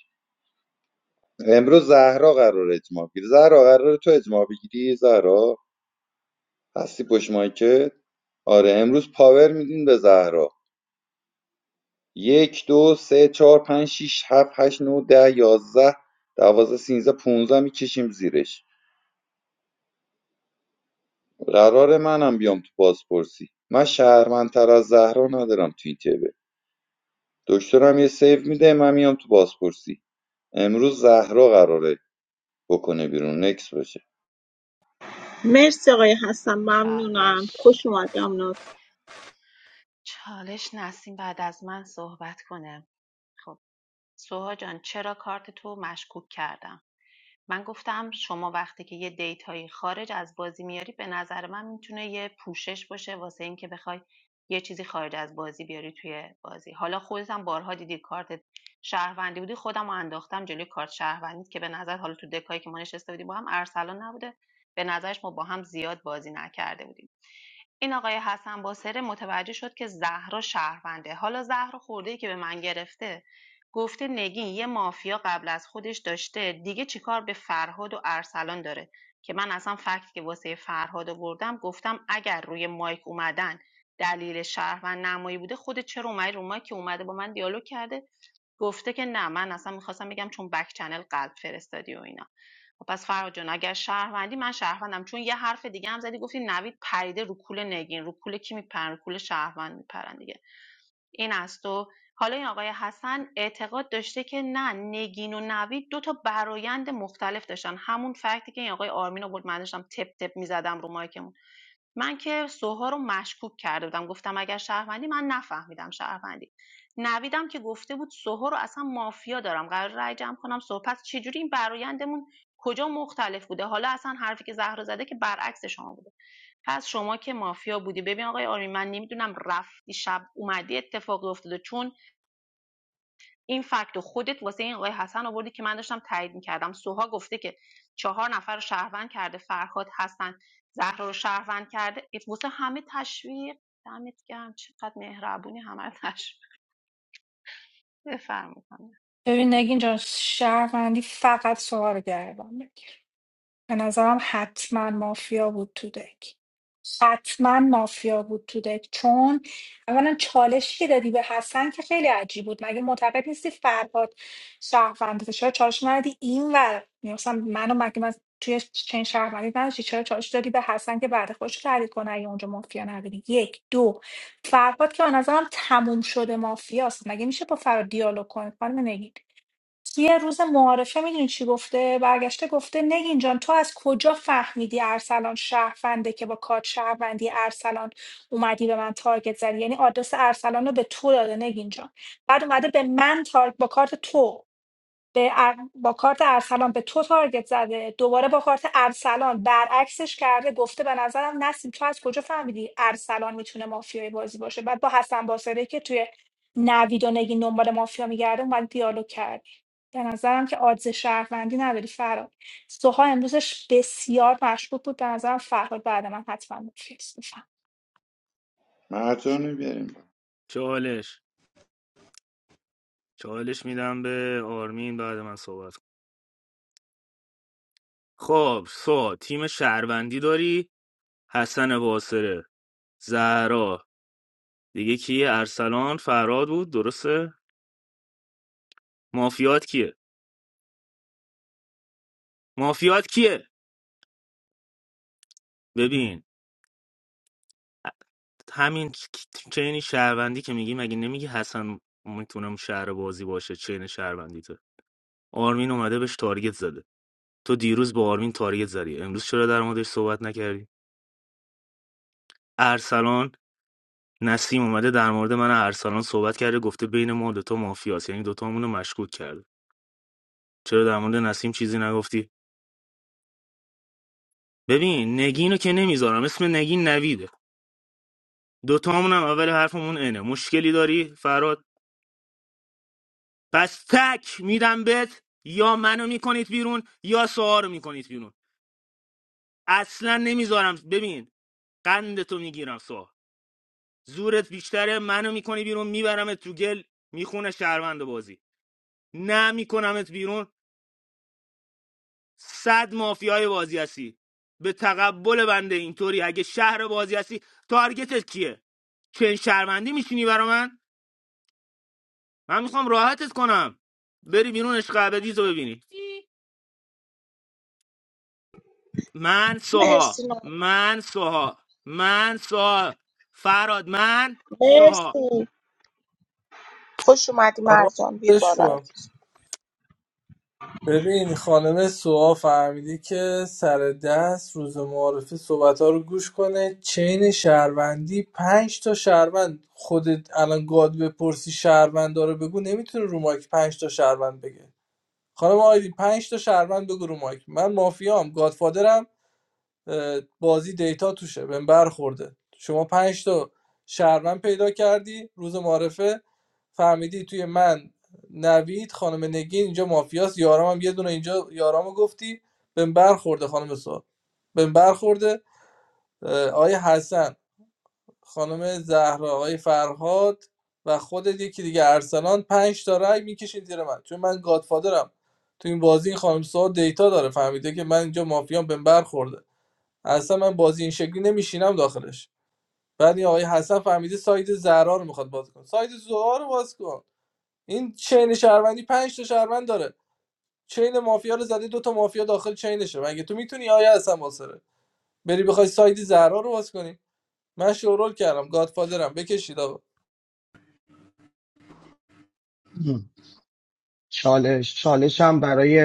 امروز زهرا قراره اجماع بگیره زهرا قراره تو اجماع بگیری زهرا هستی پشت مایکت آره امروز پاور میدین به زهرا یک دو سه چهار پنج شیش هفت هشت نو ده یازده دوازده سینزده پونزده میکشیم زیرش قرار منم بیام تو بازپرسی من شهرمندتر از زهرا ندارم تو این تیبه دکترم یه سیو میده من میام تو بازپرسی امروز زهرا قراره بکنه بیرون نکس باشه مرسی آقای حسن ممنونم چالش خوش اومدم ناز چالش نسیم بعد از من صحبت کنه خب سوها جان چرا کارت تو مشکوک کردم من گفتم شما وقتی که یه دیتایی خارج از بازی میاری به نظر من میتونه یه پوشش باشه واسه این که بخوای یه چیزی خارج از بازی بیاری توی بازی حالا خودت هم بارها دیدی کارت شهروندی بودی خودم رو انداختم جلوی کارت شهروندی که به نظر حالا تو دکایی که ما نشسته بودیم با هم ارسلان نبوده به نظرش ما با هم زیاد بازی نکرده بودیم این آقای حسن باسره متوجه شد که زهرا شهرونده حالا زهرا خورده که به من گرفته گفته نگین یه مافیا قبل از خودش داشته دیگه چیکار به فرهاد و ارسلان داره که من اصلا فکت که واسه فرهاد آوردم گفتم اگر روی مایک اومدن دلیل شهروند نمایی بوده خودت چرا اومدی رو مایک که اومده با من دیالوگ کرده گفته که نه من اصلا میخواستم بگم چون بک چنل قلب فرستادی و اینا خب پس فرهاد جان اگر شهروندی من شهروندم چون یه حرف دیگه هم زدی گفتی نوید پریده رو کول نگین رو کول کی میپرن رو کول شهروند میپرن این است و حالا این آقای حسن اعتقاد داشته که نه نگین و نوید دو تا برایند مختلف داشتن همون فکتی که این آقای آرمین آورد من داشتم تپ تپ میزدم رو مایک من که سوها رو مشکوک کرده بودم گفتم اگر شهروندی من نفهمیدم شهروندی نویدم که گفته بود سوها رو اصلا مافیا دارم قرار رای جمع کنم سوها پس چجوری این برایندمون کجا مختلف بوده حالا اصلا حرفی که زهرا زده که برعکس شما بوده پس شما که مافیا بودی ببین آقای آرمین من نمیدونم رفتی شب اومدی اتفاقی افتاده چون این فکت و خودت واسه این آقای حسن آوردی که من داشتم تایید میکردم سوها گفته که چهار نفر رو شهروند کرده فرهاد حسن زهرا رو شهروند کرده واسه همه تشویق دمت گرم چقدر مهربونی همه رو تشویق بفرمایید ببین نگین جان شهروندی فقط سوال گردم به نظرم حتما مافیا بود تو دک حتما مافیا بود تو دک چون اولا چالشی که دادی به حسن که خیلی عجیب بود مگه معتقد نیستی فرهاد شهروند چرا چالش ندادی این ور مثلا منو مگه من توی چین شهروندی نداشتی چرا چالش دادی به حسن که بعد خودش رو تحریک کنه اگه اونجا مافیا نداری یک دو فرهاد که به نظرم تموم شده مافیاست مگه میشه با فرهاد دیالوگ کنه خانم نگین یه روز معارفه میدونی چی گفته برگشته گفته نگین جان تو از کجا فهمیدی ارسلان شهرونده که با کارت شهروندی ارسلان اومدی به من تارگت زدی یعنی آدرس ارسلان رو به تو داده نگین جان بعد اومده به من تارگ با کارت تو به ار- با کارت ارسلان به تو تارگت زده دوباره با کارت ارسلان برعکسش کرده گفته به نظرم نسیم تو از کجا فهمیدی ارسلان میتونه مافیای بازی باشه بعد با حسن باسره که توی نوید و نگین دنبال مافیا میگرده اومد دیالوگ کرد به نظرم که آدز شهروندی نداری فراد سوها امروزش بسیار مشکوک بود به نظرم فرهاد بعد من حتما مافیاست بفهم مرجانو بیاریم چالش چالش میدم به آرمین بعد من صحبت کن. خب سو تیم شهروندی داری حسن باصره زهرا دیگه کیه ارسلان فراد بود درسته مافیات کیه مافیات کیه ببین همین چین شهروندی که میگی مگه نمیگی حسن میتونم شهر بازی باشه چین شهروندیته آرمین اومده بهش تارگت زده تو دیروز با آرمین تارگت زدی امروز چرا در موردش صحبت نکردی ارسلان نسیم اومده در مورد من و ارسلان صحبت کرده گفته بین ما دوتا مافیاست یعنی دوتامون رو مشکوک کرده چرا در مورد نسیم چیزی نگفتی ببین نگینو که نمیذارم اسم نگین نویده دوتامون هم اول حرفمون اینه مشکلی داری فراد پس تک میدم بهت یا منو میکنید بیرون یا سوها رو میکنید بیرون اصلا نمیذارم ببین قندتو میگیرم سوها زورت بیشتره منو میکنی بیرون میبرمت تو گل میخونه شهروند بازی نه میکنمت بیرون صد مافیای بازی هستی به تقبل بنده اینطوری اگه شهر بازی هستی تارگتت کیه چه شهروندی میشینی برا من من میخوام راحتت کنم بری بیرون عشق ابدیتو ببینی من سوها مرسی ناز من سوها من سوها فراد من سوها مرسی خوش اومدی آقا مرجان بیا ولش بالا کن. عزیز. ببین خانم سوا فهمیدی که سر دست روز معارفه صحبت ها رو گوش کنه چین شهروندی پنج تا شهروند خودت الان گاد بپرسی شهروند داره بگو نمیتونه رو مایک پنج تا شهروند بگه خانم آیدی پنج تا شهروند بگو رو مایک من مافیام گادفادرم بازی دیتا توشه بهم برخورده شما پنج تا شهروند پیدا کردی روز معرفه فهمیدی توی من نوید خانم نگین اینجا مافیاست یارام هم یه دونه اینجا یارامو گفتی بهم برخورده خانم سوال بهم برخورده آیه حسن خانم زهرا آیه فرهاد و خودت یکی دیگه ارسلان پنج تا رای میکشین زیر من چون من گادفادرم تو این بازی این خانم سوال دیتا داره فهمیده که من اینجا مافیام بهم برخورده اصلا من بازی این شکلی نمیشینم داخلش بعد این آقای حسن فهمیده ساید زهرا رو میخواد باز کنه. ساید زهرا رو باز کن این چین شهروندی پنج تا شهروند داره چین مافیا رو زده دو تا مافیا داخل چینشه مگه تو میتونی آیا حسن واسره بری بخوای ساید زهرا رو باز کنی من شورول کردم گادفادرم بکشید آقا چالش چالش هم برای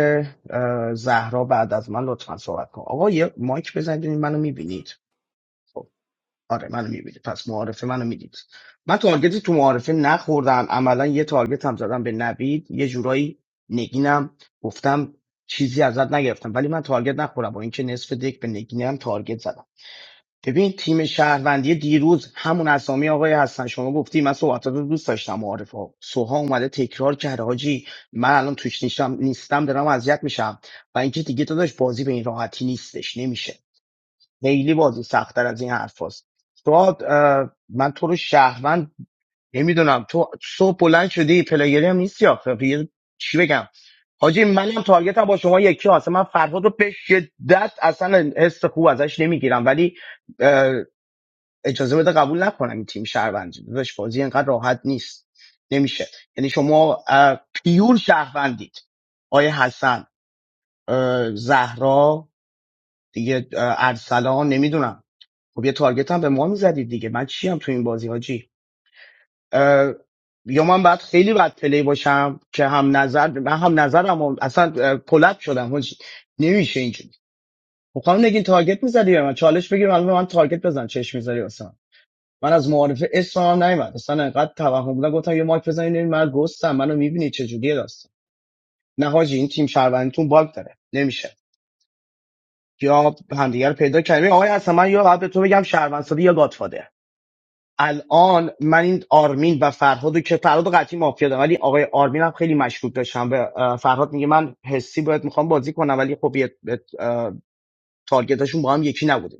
اه، زهرا بعد از من لطفا صحبت کن آقا یه مایک بزنید منو میبینید آره منو میبینید پس معارفه منو میدید من تارگتی تو معارفه نخوردم عملا یه تارگت هم زدم به نوید یه جورایی نگینم گفتم چیزی ازت نگرفتم ولی من تارگت نخورم با اینکه نصف دک به نگینم تارگت زدم ببین تیم شهروندی دیروز همون اسامی آقای هستن شما گفتی من صحبتات رو دوست داشتم معارفه ها سوها اومده تکرار کرده حاجی من الان توش نیستم نیستم دارم اذیت میشم و اینکه دیگه داداش بازی به این راحتی نیستش نمیشه خیلی بازی سختتر از این حرف هست. تو اه، من تو رو شهروند نمیدونم تو صبح بلند شدی پلاگری هم نیستی آخه خب یه- چی بگم حاجی منم تارگت هم با شما یکی هست من فرهاد رو به شدت اصلا حس خوب ازش نمیگیرم ولی اه، اجازه بده قبول نکنم این تیم شهروندی داداش بازی اینقدر راحت نیست نمیشه یعنی شما اه، پیور شهروندید آیه حسن اه، زهرا دیگه اه، ارسلان نمیدونم خب یه تارگت هم به ما میزدید دیگه من چی هم تو این بازی حاجی اه، یا من باید خیلی بد پلی باشم که هم نظر من هم نظرم و اصلا اه، کلپ شدم حاجی نمیشه اینجوری خب خانم نگین تارگت میزدی به من چالش بگیر الان به من تارگت بزن چش میذاری واسه من من از معارف اسم هم نیومد اصلا انقدر توهم بودن گفتم یه مایک بزنین این من گستم منو میبینی چه جوریه داستان نه حاجی این تیم شهروندیتون باگ داره نمیشه یا همدیگه رو پیدا کردیم آقای حسن من یا باید تو بگم شهروندسادی یا گادفادر الان من این آرمین و فرهاد که فرهاد قطعی مافیا دارم ولی آقای آرمین هم خیلی مشکوک داشتم به اه، فرهاد میگه من حسی باید میخوام بازی کنم ولی خب یه- یه، اه، تارگتاشون با هم یکی نبوده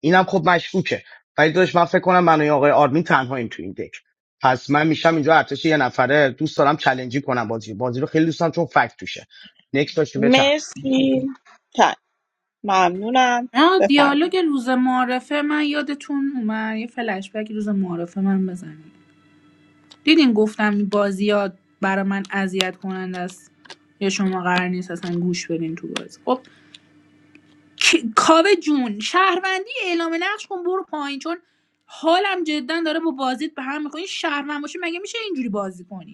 اینم خب مشکوکه ولی داشت من فکر کنم من و آقای آرمین تنهاییم تو این دک پس من میشم اینجا ارتش یه نفره دوست دارم چلنجی کنم بازی بازی رو خیلی دوست دارم چون فکت توشه نکس داشته بچن مرسی تا ممنونم آه، بفرم دیالوگ روز معرفه من یادتون اومد یه فلش بک روز معرفه من بزنم دیدین گفتم این بازیات برای من اذیت کننده است یا شما قرار نیست اصلا گوش بدین تو بازی خب کی- کاوه جون شهروندی اعلام نقش کن برو پایین چون حالم جدا داره با بازیت به هم می‌خوره. این شهروند باشه مگه میشه اینجوری بازی کنی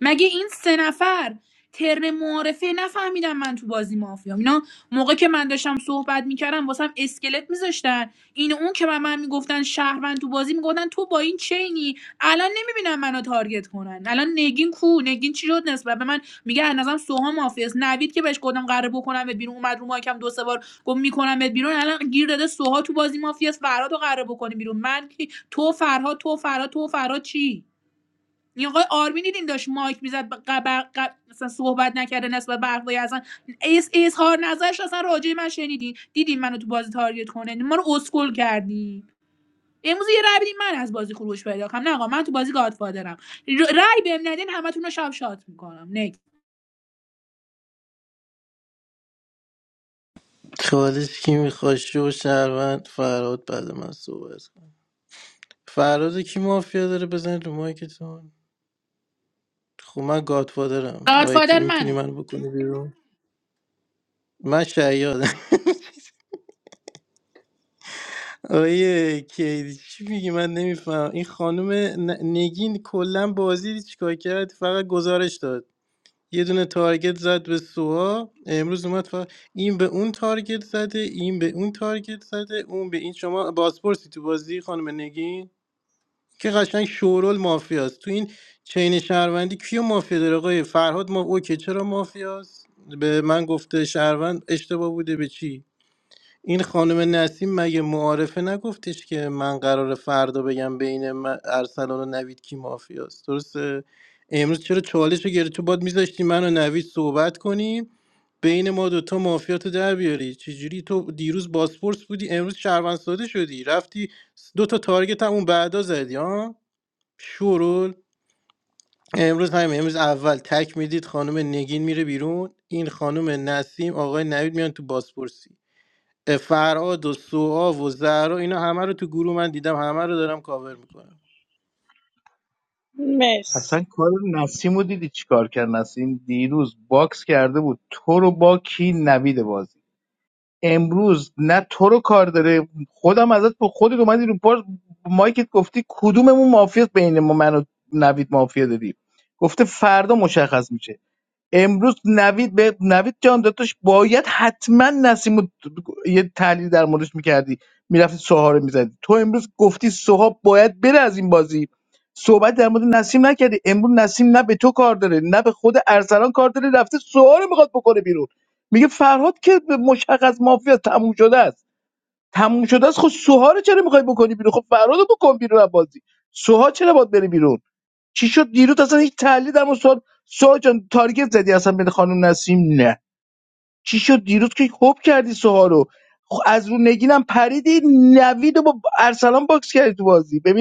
مگه این سه نفر ترن معارفه نفهمیدم من تو بازی مافیام اینا موقع که من داشتم صحبت میکردم واسم اسکلت میذاشتن این و اون که به من میگفتن شهروند تو بازی میگفتن تو با این چینی الان نمیبینم منو تارگت کنن الان نگین کو نگین چی شد نسبت به من میگه از نظرم سوها مافیاست نوید که بهش گفتم قراره بکنمت بیرون اومد رو ماکم دو سه بار گفت میکنمت بیرون الان گیر داده سوها تو بازی مافیاست فرهاد رو قراره بکنی بیرون من کی تو فرهاد تو فرهاد تو فرهاد چی یه آقای آرمین دیدین داشت مایک میزد قبر قب... مثلا صحبت نکرده نسبت به حرفای اصلا اس اظهار نظرش اصلا راجع به من شنیدین دیدین منو تو بازی تارگت کنه ما رو اسکل کردین امروز یه رای بدین من از بازی خروج پیدا کنم نه آقا من تو بازی گادفادرم ر- رای بهم ندین همتون رو شب شات میکنم نک چالش کی میخواد شو شهروند فراد بعد من صحبت کنم فراد کی مافیا داره بزنید رو مایکتون خب من گادفادرم آیا که گادفادر میتونی منم من بکنی بیرون من شیادم آیه کیدی چی میگی من نمیفهم این خانم ن- نگین کلا بازی دید چیکار کرد فقط گزارش داد یه دونه تارگت زد به سوها امروز اومد فقط این به اون تارگت زده این به اون تارگت زده اون به این شما بازپرسی تو بازی خانم نگین که قشنگ شورول مافیاست تو این چین شهروندی کیو مافیا داره آقای فرهاد ما اوکی چرا مافیاست به من گفته شهروند اشتباه بوده به چی این خانم نسیم مگه معارفه نگفتش که من قرار فردا بگم بین من- ارسلان و نوید کی مافیاست درسته امروز چرا چالش رو گرفتی؟ تو باد میذاشتی من و نوید صحبت کنیم بین ما دوتا مافیا تو در بیاری چجوری تو دیروز باسپورس بودی امروز شهروند ساده شدی رفتی دوتا تارگت هم اون بعدا زدی ها شورول امروز همین امروز اول تک میدید خانم نگین میره بیرون این خانم نسیم آقای نوید میان تو بازپرسی فرهاد و سوها و زهرا اینا همه رو تو گروه من دیدم همه رو دارم کاور میکنم مرسی اصلا کار نسیمو دیدی چیکار کرد نسیم دیروز باکس کرده بود تو رو با کی نوید بازی امروز نه تو رو کار داره خودم ازت به خودت اومدی رو پار مایکت گفتی کدوممون مافیاست بین ما من و نوید مافیا داری گفته فردا مشخص میشه امروز نوید به نوید جان داداش باید حتما نسیم رو یه تحلیل در موردش میکردی میرفتی سوها رو میزدی تو امروز گفتی سوها باید بره از این بازی صحبت در مورد نسیم نکردی امروز نسیم نه به تو کار داره نه به خود ارسلان کار داره رفته سوها رو میخواد بکنه بیرون میگه فرهاد که به مشخص مافیا تموم شده است تموم شده است خب سوها رو چرا میخوای بکنی بیرون خب فرهاد رو بکن بیرون از بازی سوها چرا باید بره بیرون چی شد دیروز اصلا هیچ تحلیل هم سوال سوها سوها جان تارگت زدی اصلا به خانم نسیم نه چی شد دیروز که خوب کردی سوها رو خب از رو نگینم پریدی نوید رو با ارسلان باکس کردی تو بازی ببین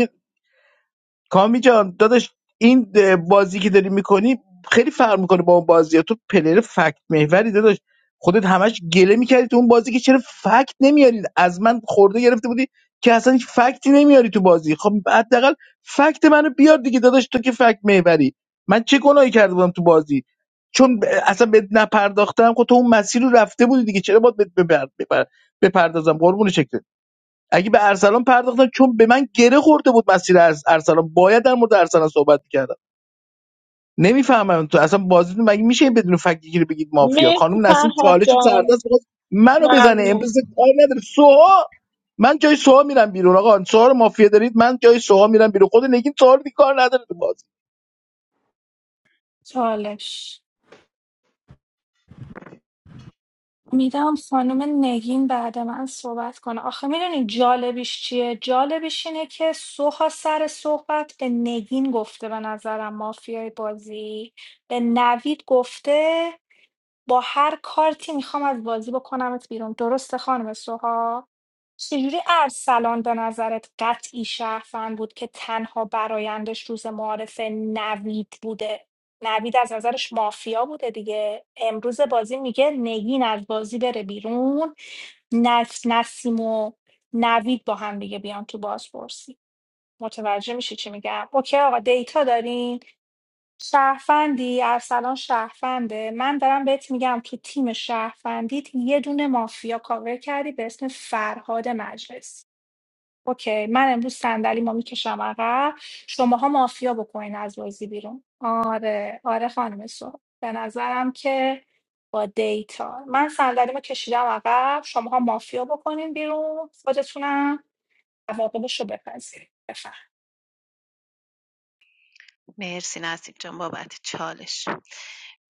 کامی جان داداش این بازی که داری میکنی خیلی فرق میکنه با اون بازی ها. تو پلیر فکت محوری داداش خودت همش گله میکردی تو اون بازی که چرا فکت نمیارید از من خورده گرفته بودی که اصلا هیچ فکتی نمیاری تو بازی خب حداقل فکت منو بیار دیگه داداش تو که فکت محوری من چه گناهی کرده بودم تو بازی چون ب- اصلا بهت نپرداختم خب تو اون مسیر رو رفته بودی دیگه چرا باید بهت بپر- بپر- بپردازم قربون شکلت اگه به ارسلان پرداختم چون به من گره خورده بود مسیر ارس- ارسلان باید در مورد ارسلان صحبت میکردم نمیفهمم تو اصلا بازیتون مگه میشه بدون فکر رو بگید مافیا مرسی خانم نسیم فرهاد چالش جان سردست میخواست منو بزنه ممنون امروز کار نداره سوها من جای سوها میرم بیرون آقا سوها رو مافیا دارید من جای سوها میرم بیرون خود نگین سوها رو دیگه کار نداره تو بازی چالش میدم خانم نگین بعد من صحبت کنه آخه میدونی جالبیش چیه جالبش اینه که سوها سر صحبت به نگین گفته به نظرم مافیای بازی به نوید گفته با هر کارتی میخوام از بازی بکنمت بیرون درسته خانم سوها چجوری ارسلان به نظرت قطعی شهروند بود که تنها برایندش روز معارف نوید بوده نوید از نظرش مافیا بوده دیگه امروز بازی میگه نگین از بازی بره بیرون نس نسیم و نوید با هم دیگه بیان تو بازپرسی متوجه میشی چی میگم اوکی آقا دیتا داریم شهروندی ارسلان شهرونده من دارم بهت میگم تو تیم شهروندیت یه دونه مافیا کاور کردی به اسم فرهاد مجلس اوکی من امروز صندلی ما میکشم عقب شماها مافیا بکنین از بازی بیرون آره آره خانم سو به نظرم که با دیتا من صندلیمو کشیدم عقب شماها مافیا بکنین بیرون خودتونم عواقبش رو بپذیرید بفهم مرسی نصیب جان بابت چالش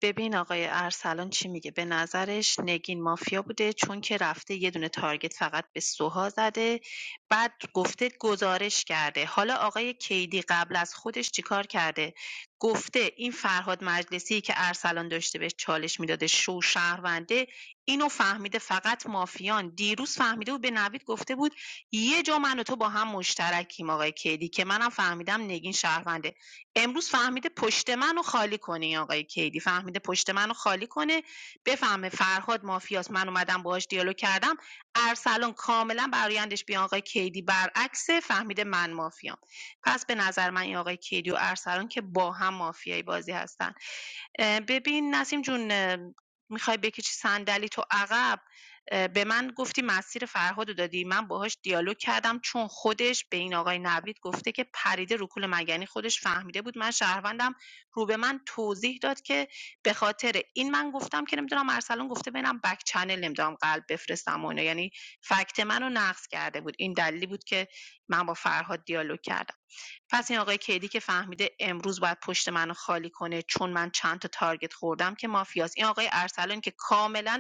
ببین آقای ارسلان چی میگه به نظرش نگین مافیا بوده چون که رفته یه دونه تارگت فقط به سوها زده بعد گفته گزارش کرده حالا آقای کیدی قبل از خودش چیکار کرده گفته این فرهاد مجلسی که ارسلان داشته بهش چالش میداده شو شهرونده اینو فهمیده فقط مافیان دیروز فهمیده بود به نوید گفته بود یه جا من و تو با هم مشترکیم آقای کیدی که منم فهمیدم نگین شهرونده امروز فهمیده پشت منو خالی کنه آقای کیدی فهمیده پشت منو خالی کنه بفهمه فرهاد مافیاست من اومدم باهاش دیالوگ کردم ارسلان کاملا برایندش بی آقای کیدی برعکسه فهمیده من مافیام پس به نظر من این آقای کیدی و ارسلان که با هم مافیای بازی هستن اه، ببین نسیم جون اه، میخوای بکشی صندلی تو عقب به من گفتی مسیر فرهادو دادی من باهاش دیالوگ کردم چون خودش به این آقای نوید گفته که پریده رو کول من یعنی خودش فهمیده بود من شهروندم رو به من توضیح داد که به خاطر این من گفتم که نمیدونم ارسلان گفته بینم بک چنل نمیدونم قلب بفرستم و اینا. یعنی فکت منو نقض کرده بود این دلیلی بود که من با فرهاد دیالوگ کردم پس این آقای کیدی که فهمیده امروز باید پشت منو خالی کنه چون من چند تا تارگت خوردم که مافیاست این آقای ارسلان که کاملا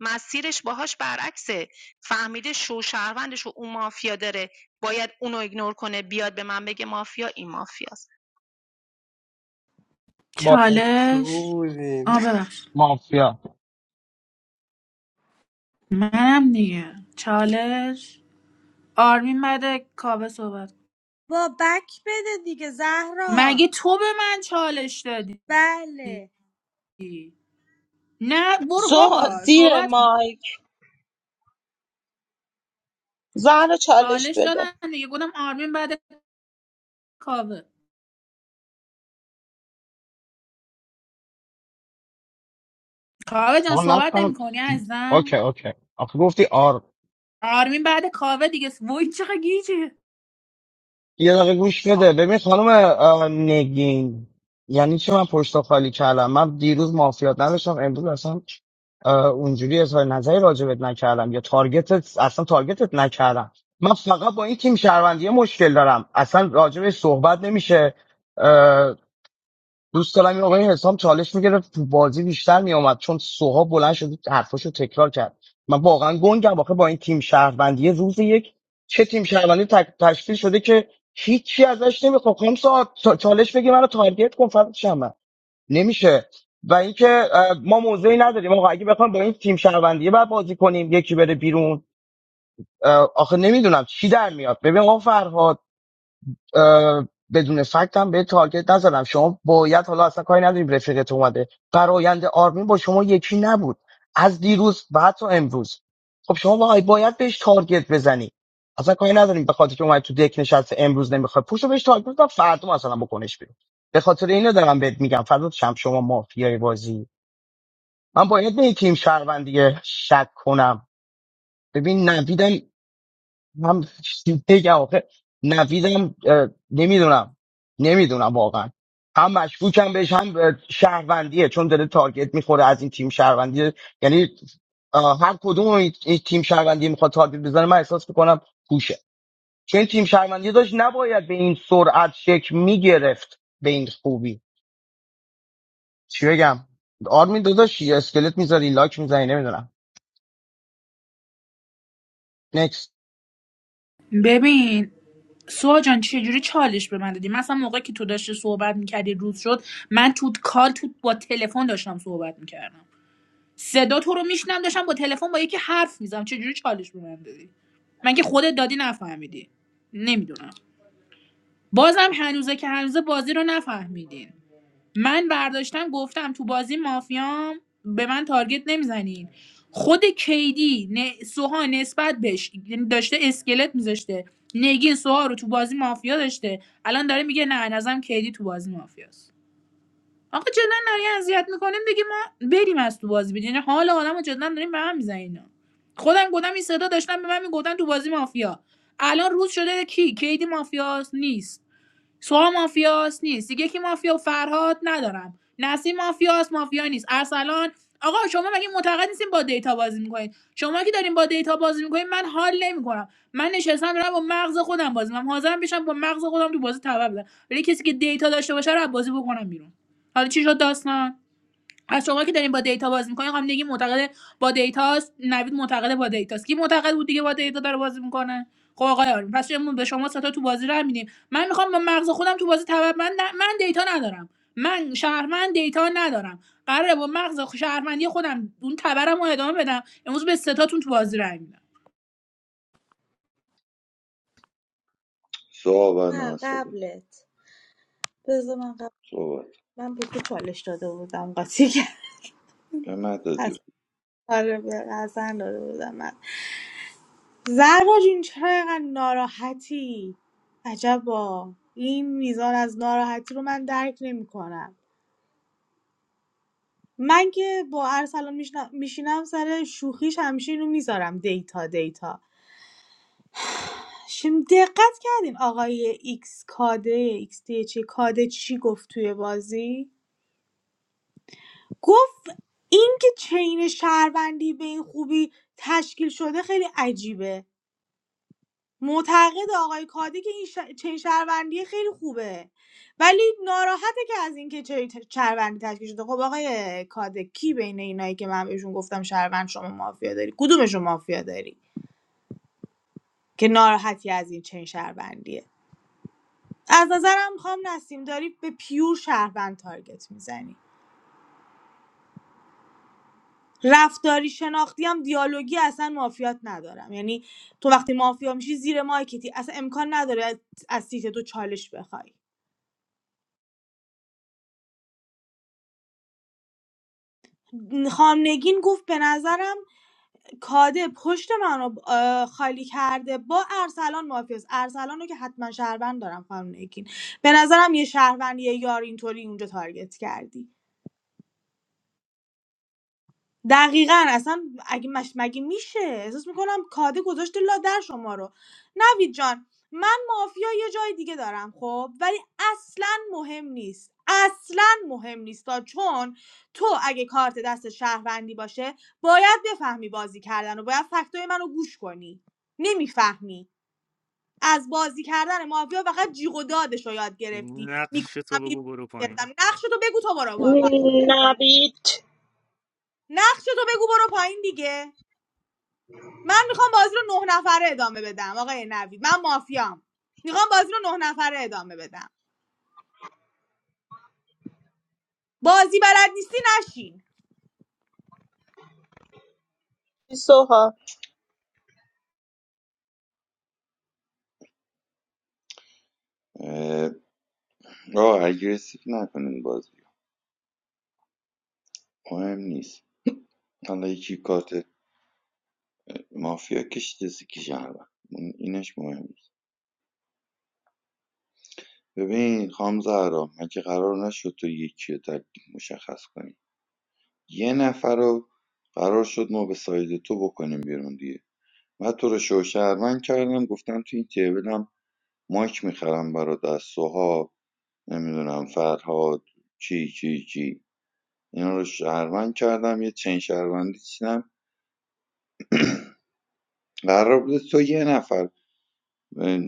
مسیرش باهاش برعکسه فهمیده شو شهروندش و اون مافیا داره باید اونو ایگنور کنه بیاد به من بگه مافیا این مافیاست بچه چالش بودین آ ببخش مافیا منم دیگه چالش آرمین مده کاوه صحبت با بک بده دیگه زهرا مگه تو به من چالش دادی بله نه برو سوها بابا زیر صحبت کن مایک زهر چالش چالش بده دادن دیگه گفتم آرمین بعد کاوه کاوه جان ما صحبت نمی نفهم کنی عزیزم اوکی اوکی آخه گفتی آر آرمین بعد کاوه دیگه وای چقدر گیجه یه دقیقه گوش بده ببین خانم اه، نگین یعنی چی من پشت خالی کردم من دیروز مافیات نداشتم امروز اصلا اه، اونجوری اظهار نظری راجبت نکردم یا تارگتت اصلا تارگتت نکردم من فقط با این تیم شهروندی مشکل دارم اصلا راجبش صحبت نمیشه دوست دارم این آقای حسام چالش میگرفت تو بازی بیشتر میومد چون سوها بلند شد حرفاشو تکرار کرد من واقعا گنگم آخه با این تیم شهروندی روز یک چه تیم شهروندی تک- تشکیل شده که هیچی ازش نمیخواد خم ساعت چالش بگی منو تارگت کن فرض شم نمیشه و اینکه اه، ما موضعی نداریم آقا اگه بخوام با این تیم شهروندی بعد بازی کنیم یکی بره بیرون اه، آخه نمیدونم چی در میاد ببین آقا فرهاد بدون فکت هم به تارگت نزدم شما باید حالا اصلا کاری نداریم رفیقت اومده برایند آرمین با شما یکی نبود از دیروز و حتی امروز خب شما باید باید بهش تارگت بزنی اصلا کاری نداریم به خاطر که اومد تو دک نشسته امروز نمیخواد پوشو بهش تارگت بزن فردا مثلا بکنش بیرون به خاطر اینو دارم بهت میگم فردا شم شما مافیای بازی من باید به یه تیم شهروندی شک کنم ببین نویدم من چی بگم آخه نویدم نمیدونم نمیدونم واقعا هم مشکوکم بهش هم اه، شهروندیه چون داره تارگت میخوره از این تیم شهروندی یعنی اه، هر کدوم این این تیم شهروندی میخواد تارگت بزنه من احساس میکنم پوشه چون این تیم شهروندی داشت نباید به این سرعت شک میگرفت به این خوبی چی بگم آرمین داداش یه اسکلت میذاری لاک میزنی نمیدونم نکس ببین سوها جان چجوری چالش به من دادی مثلا موقعی که تو داشتی صحبت میکردی روز شد من تو کال تو با تلفن داشتم صحبت میکردم صدا تو رو میشنم داشتم با تلفن با یکی حرف میزم چجوری چالش به من دادی من که خودت دادی نفهمیدی نمیدونم بازم هنوزه که هنوزه بازی رو نفهمیدین من برداشتم گفتم تو بازی مافیام به من تارگت نمیزنین خود کیدی ن... سوها نسبت بهش یعنی داشته اسکلت میذاشته نگین سوها رو تو بازی مافیا داشته الان داره میگه نه نظرم کیدی تو بازی مافیاست آقا جدا نری اذیت میکنیم دیگه ما بریم از تو بازی بدین یعنی حال آدمو جدا داریم به هم میزنین خودم گفتم این صدا داشتن به من میگفتن تو بازی مافیا الان روز شده کی کیدی مافیاست نیست سوها مافیاس نیست دیگه کی مافیا و فرهاد ندارم نسیم مافیاس مافیا نیست ارسلان آقا شما مگه معتقد نیستین با دیتا بازی میکنید شما که دارین با دیتا بازی میکنید من حال نمیکنم من نشستم دارم با مغز خودم بازی میکنم حاضرم بشم با مغز خودم تو بازی تبع بدم ولی کسی که دیتا داشته باشه رو از بازی بکنم بیرون حالا چی شد داستان از شما که دارین با دیتا بازی میکنین خانم نگی معتقد با دیتاست نوید معتقد با دیتاست کی معتقد بود دیگه با دیتا داره بازی میکنه خب آقای آرمین پس شما- به شما ستا تو بازی راه میدیم من میخوام با مغز خودم تو بازی تبع من من دیتا ندارم من شهرمند دیتا ندارم قراره با مغز شهرمندی خودم اون تبرم رو ادامه بدم امروز به ستاتون تو بازی راه میدم صحبت نه نه صحبت قبلت بذار من قبل صحبت من به تو چالش داده بودم قاطی کرد به من داده از بود آره به حسن داده بودم من زهرا جون چرا اینقدر ناراحتی عجبا این میزان از ناراحتی رو من درک نمیکنم من که با ارسلان میشن- میشینم سر شوخیش همیشه اینو میذارم دیتا دیتا شم دقت کردین آقای ایکس کاده ایکس دی چی کاده چی گفت توی بازی گفت اینکه چین شهروندی به این خوبی تشکیل شده خیلی عجیبه معتقده آقای کادی که این ش... چین شهروندی خیلی خوبه ولی ناراحته که از اینکه چین ت- شهروندی تشکیل شده خب آقای کاده کی بین اینایی که من بهشون گفتم شهروند شما مافیا داری کدومشون مافیا داری که ناراحتی از این چین شهروندیه از نظرم خام نسیم داری به پیور شهروند تارگت میزنی رفتاری شناختی هم دیالوگی اصلا مافیات ندارم یعنی تو وقتی مافیا میشی زیر مایکتی اصلا امکان نداره از از سیت دو چالش بخوای خانم نگین گفت به نظرم کاده پشت من رو خالی کرده با ارسلان مافیاس ارسلان رو که حتما شهروند دارم خانم نگین به نظرم یه شهروند یه یار اینطوری اونجا تارگت کردی دقیقاً اصلا اگه مش مگه میشه احساس میکنم کاده گذاشته لادر شما رو نوید جان من مافیا یه جای دیگه دارم خب ولی اصلا مهم نیست اصلا مهم نیست تا چون تو اگه کارت دست شهروندی باشه باید بفهمی بازی کردن و باید فکتای منو گوش کنی نمیفهمی از بازی کردن مافیا فقط جیغ و دادش رو یاد گرفتی نقش تو میکنم بگو بیرون برو پایین گرفتم نقشتو بگو تو برو با- پایین نبید نقشتو بگو برو پایین دیگه من میخوام بازی رو نه نفره ادامه بدم آقای نوید من مافیام میخوام بازی رو نه نفره ادامه بدم بازی بلد نیستی نشین سوها آه اگریسیو نکنین بازی مهم نیست حالا یکی کارت مافیا کشیده سیکی شهروند اون- اینش مهم نیست ببین خام زهرا مگه قرار نشد تو یکی رو تکلیف مشخص کنی یه نفر رو قرار شد ما به ساید تو بکنیم بیرون دیگه من تو رو شو شهروند کردم گفتم تو این تیبلم مایک میخرم برات از سوها نمیدونم فرهاد چی چی چی اینا رو شهروند کردم یه چین شهروندی چیدم قرار بوده تو یه نفر اه،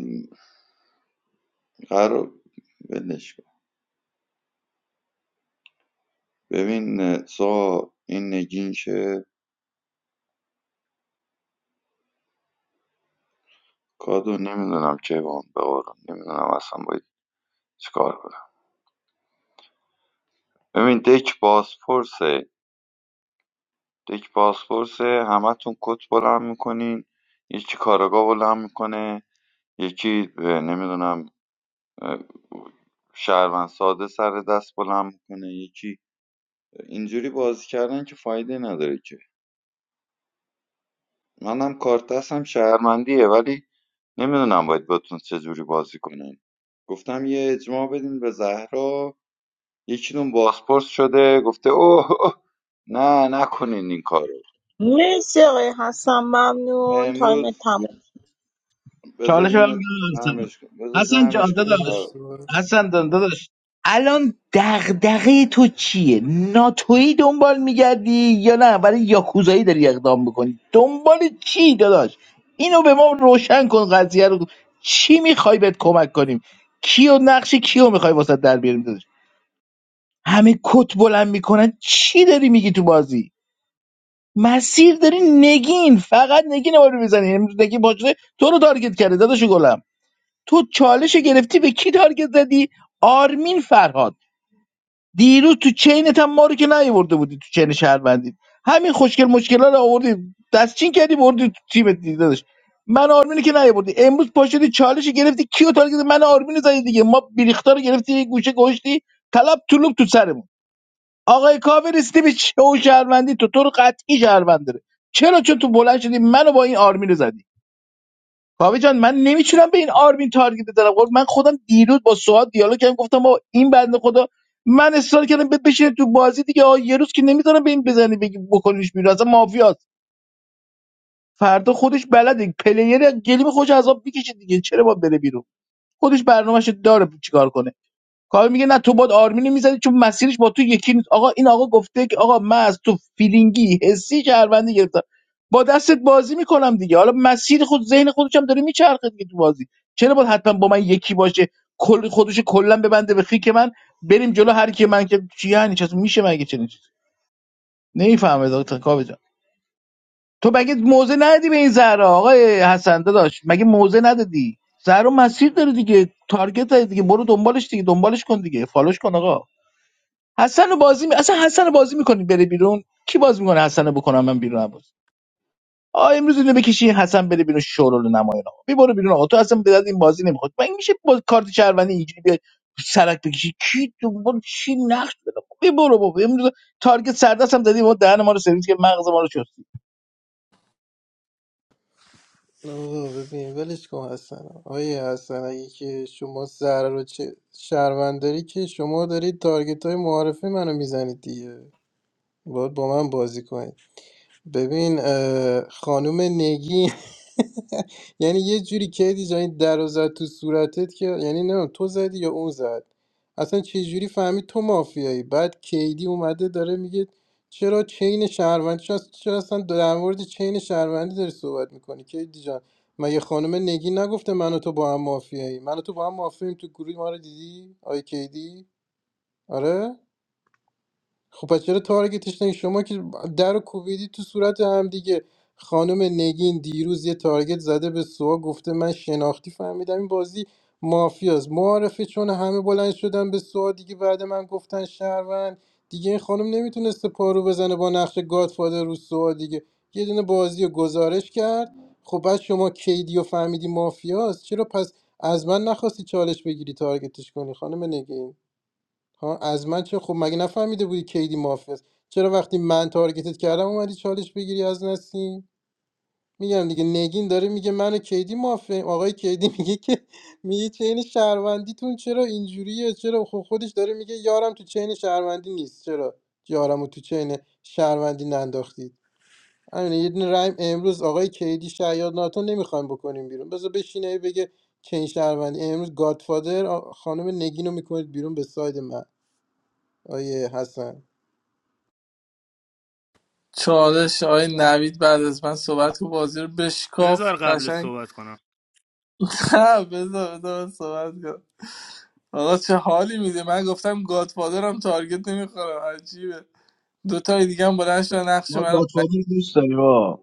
قرار ولش کن ببین اه، سا این نگین که کادو نمیدونم چه با به قولم نمیدونم اصلا باید چیکار کنم ببین دک بازپرسه دک بازپرسه همتون کت بلند میکنین یکی کارگاه بلند میکنه یکی اه، نمیدونم اه، شهروند ساده سر دست بلند میکنه یکی اینجوری بازی کردن که فایده نداره که. منم کارت دستم شهرمندیه ولی نمیدونم باید باتون چجوری بازی کنم گفتم یه اجماع بدین به زهرا یکیتون بازپرس شده گفته اوه اوه، نه نکنین این کارو مرسی آقای حسن ممنون تایم امروز تموم شد. بذار چالش رو اینو برمیگردم جمعش کن بذار حسن حسن جمعش جان کنم من داداش فراد سوها حسن جان داداش الان دغدغه تو چیه ناتویی دنبال میگردی یا نه برای یاکوزایی داری اقدام میکنی دنبال چی داداش اینو به ما روشن کن قضیه رو چی میخوای بهت کمک کنیم کیو نقش کیو میخوای واسه در بیاریم داداش همه کت بلند میکنن چی داری میگی تو بازی مسیر داری نگین فقط نگین رو میزنی امروز نگین باشه تو رو تارگت کرده داداش گلم تو چالش گرفتی به کی تارگت زدی آرمین فرهاد دیروز تو چینت هم ما رو که نیاورده بودی تو چین شهروندی همین خوشگل مشکلا رو آوردی دستچین کردی بردی تو تیمت دیگه داداش من آرمینو که نیاوردی امروز پاشدی چالش گرفتی کیو تارگت زدی؟ من آرمینو زدی دیگه ما بریختا رو گرفتی یه گوشه گوشتی طلب طلوب تو سرمون آقای کاوه رسیدی به شو شهروندی تو تو رو قطعی شهروند داره چرا چون تو بلند شدی منو با این آرمینو زدی کاوه جان من نمیتونم به این آرمین تارگت بزنم قربون. من خودم دیروز با سواد دیالوگ کردم گفتم با این بنده خدا من اصرار کردم به بشینه تو بازی دیگه آه، یه روز که نمیذارم به این بزنی بگی بکنیش بیرون اصلا مافیاست فردا خودش بلده پلیر گلیم خوش عذاب میکشه دیگه چرا با بره بیرون خودش برنامهش داره چیکار کنه کار میگه نه تو باد آرمینو میزدی چون مسیرش با تو یکی نیست آقا این آقا گفته که آقا من از تو فیلینگی حسی شهروندی گرفتم با دستت بازی میکنم دیگه حالا مسیر خود ذهن خودش هم داره میچرخه دیگه تو بازی چرا باید حتما با من یکی باشه کل خودش کلا ببنده به خیک من بریم جلو هر کی من که چی یعنی چی میشه مگه چنین چیزی نمیفهمه دکتر کاوه جان تو مگه موزه ندی به این زهرا آقای حسن داشت مگه موزه ندادی زهرا مسیر داره دیگه تارگت داره دیگه برو دنبالش دیگه دنبالش کن دیگه فالوش کن آقا حسن رو بازی می... اصلا حسن رو بازی میکنی بره بیرون کی باز میکنه حسن رو بکنم من بیرون بازی آ امروز اینو بکشی حسن بره بیرون شورول نمایان آقا بی بیرون آقا تو اصلا به درد این بازی نمیخواد من میشه با کارت شهروندی اینجوری بیای سرک بکشی کی تو برو چی نقش بده بی برو بابا امروز تارگت سردست هم زدی ما دهن ما رو سرویس که مغز ما رو چستی آقا ببین ولش کن حسن آیه حسن اگه که شما زهرا رو چه شهروند داری که شما دارید تارگت های معارفه منو میزنید دیگه باید با من بازی کنید ببین اه، خانم نگین یعنی یه جوری کردی جایی در رو زد تو صورتت که یعنی نه تو زدی یا اون زد اصلا چه جوری فهمید تو مافیایی بعد کیدی اومده داره میگه چرا چین شهروندی چرا چرا اصلا در مورد چین شهروندی داری صحبت میکنی کیدی جان مگه خانم نگین نگفته من و تو با هم مافیایی من و تو با هم مافیاییم تو گروه ما رو دیدی آی کیدی آره خب پس چرا تارگتش نگی شما که در و کوبیدی تو صورت هم دیگه خانم نگین دیروز یه تارگت زده به سوا گفته من شناختی فهمیدم این بازی مافیاست معارفه چون همه بلند شدن به سوا دیگه بعد من گفتن شهروند دیگه این خانم نمیتونسته پارو بزنه با نقش گادفادر رو سوا دیگه یه دونه بازی رو گزارش کرد خب بعد شما کیدی و فهمیدی مافیاست چرا پس از من نخواستی چالش بگیری تارگتش کنی خانم نگین ها از من چه خب مگه نفهمیده بودی کیدی مافیاست چرا وقتی من تارگتت کردم اومدی چالش بگیری از نسیم میگم دیگه نگین داره میگه منو کیدی مافیم آقای کیدی میگه که میگه چین شهروندیتون چرا اینجوریه چرا خب خودش داره میگه یارم تو چین شهروندی نیست چرا یارمو تو چین شهروندی ننداختید همین یه دونه ریم امروز آقای کیدی شیاد ناتو نمیخوایم بکنیم بیرون بذار بشینه بگه چین شهروندی امروز گادفادر آ- خانم نگینو میکنید بیرون به ساید من آیه حسن چالش آقای نوید بعد از من صحبت کن بازی رو بشکاف بذار قبل قشنگ صحبت کنم نه بذار بذار من صحبت کن آقا چه حالی میده من گفتم گادفادرم تارگت نمیخورم عجیبه دو تای دیگه هم بلند شدن نقش ما منو گاتفادی رو دوست داریم آقا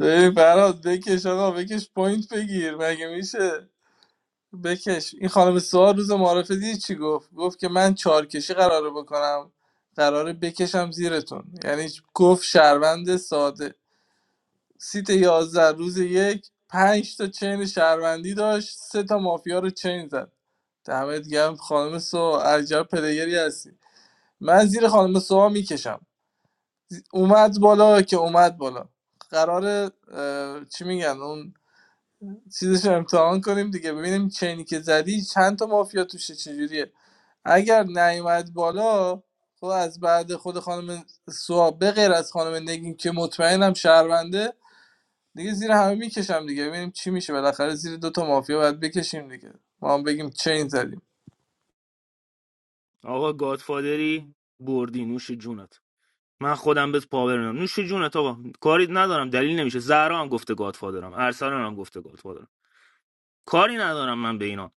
ببین فراد بکش آقا بکش پوینت بگیر مگه میشه بکش این خانم سوال روز معرفه دیدی چی گفت گفت که من چارکشی قراره بکنم قراره بکشم زیرتون یعنی گفت شهروند ساده سیت 11 روز یک پنج تا چین شهروندی داشت سه تا مافیا رو چین زد دمت گرم خانم سو عجب پلیگری هستی من زیر خانم سوها میکشم اومد بالا که اومد بالا قرار چی میگن اون چیزش رو امتحان کنیم دیگه ببینیم چینی که زدی چند تا مافیا توشه چجوریه اگر نیومد بالا خب از بعد خود خانم سوا به غیر از خانم نگین که مطمئنم شهرونده دیگه زیر همه میکشم دیگه ببینیم چی میشه بالاخره زیر دوتا مافیا باید بکشیم دیگه ما هم بگیم چین زدیم آقا گادفادری بردی نوش جونت من خودم بهت پاور میدم نوش جونت آقا کاری ندارم دلیل نمیشه زهرا هم گفته گادفادرم ارسلان هم گفته کاری ندارم من به اینا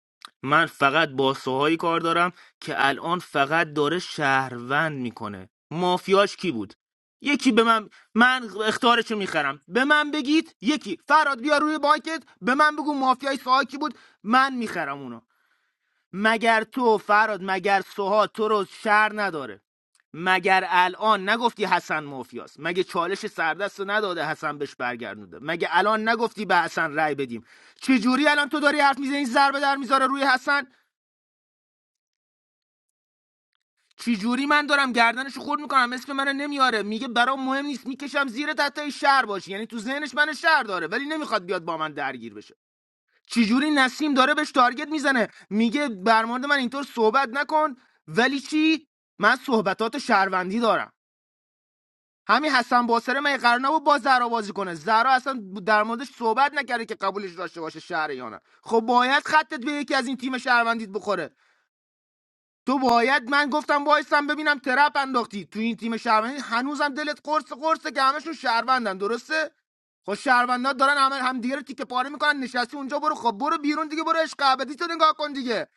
من فقط با سوهایی کار دارم که الان فقط داره شهروند میکنه مافیاش کی بود یکی به من من اختارشو میخرم به من بگید یکی فراد بیا روی بانکت به من بگو مافیای سوها کی بود من میخرم اونو. مگر تو فراد مگر سوها تو رو شر نداره مگر الان نگفتی حسن مافیاست مگه چالش سردست رو نداده حسن بهش برگردونده مگه الان نگفتی به حسن رأی بدیم چجوری الان تو داری حرف میزنی ضربه در میذاره روی حسن چجوری من دارم گردنش رو خورد میکنم اسم منو نمیاره میگه برام مهم نیست میکشم زیر تحتای شهر باشی یعنی تو ذهنش من شهر داره ولی نمیخواد بیاد با من درگیر بشه چجوری نسیم داره بهش تارگت میزنه میگه بر مورد من اینطور صحبت نکن ولی چی من صحبتات شهروندی دارم همین حسن باسره من قرار نبود با زهرا بازی کنه زهرا اصلا در موردش صحبت نکرده که قبولش داشته باشه شهر یا نه خب باید خطت به یکی از این تیم شهروندیت بخوره تو باید من گفتم وایسم ببینم ترپ انداختی تو این تیم شهروندی هنوزم دلت قرص قرصه که همشون شهروندن درسته خب شهروندا دارن همه هم دیگه رو تیکه پاره میکنن نشستی اونجا برو خب برو بیرون دیگه برو عشق ابدی تو نگاه کن دیگه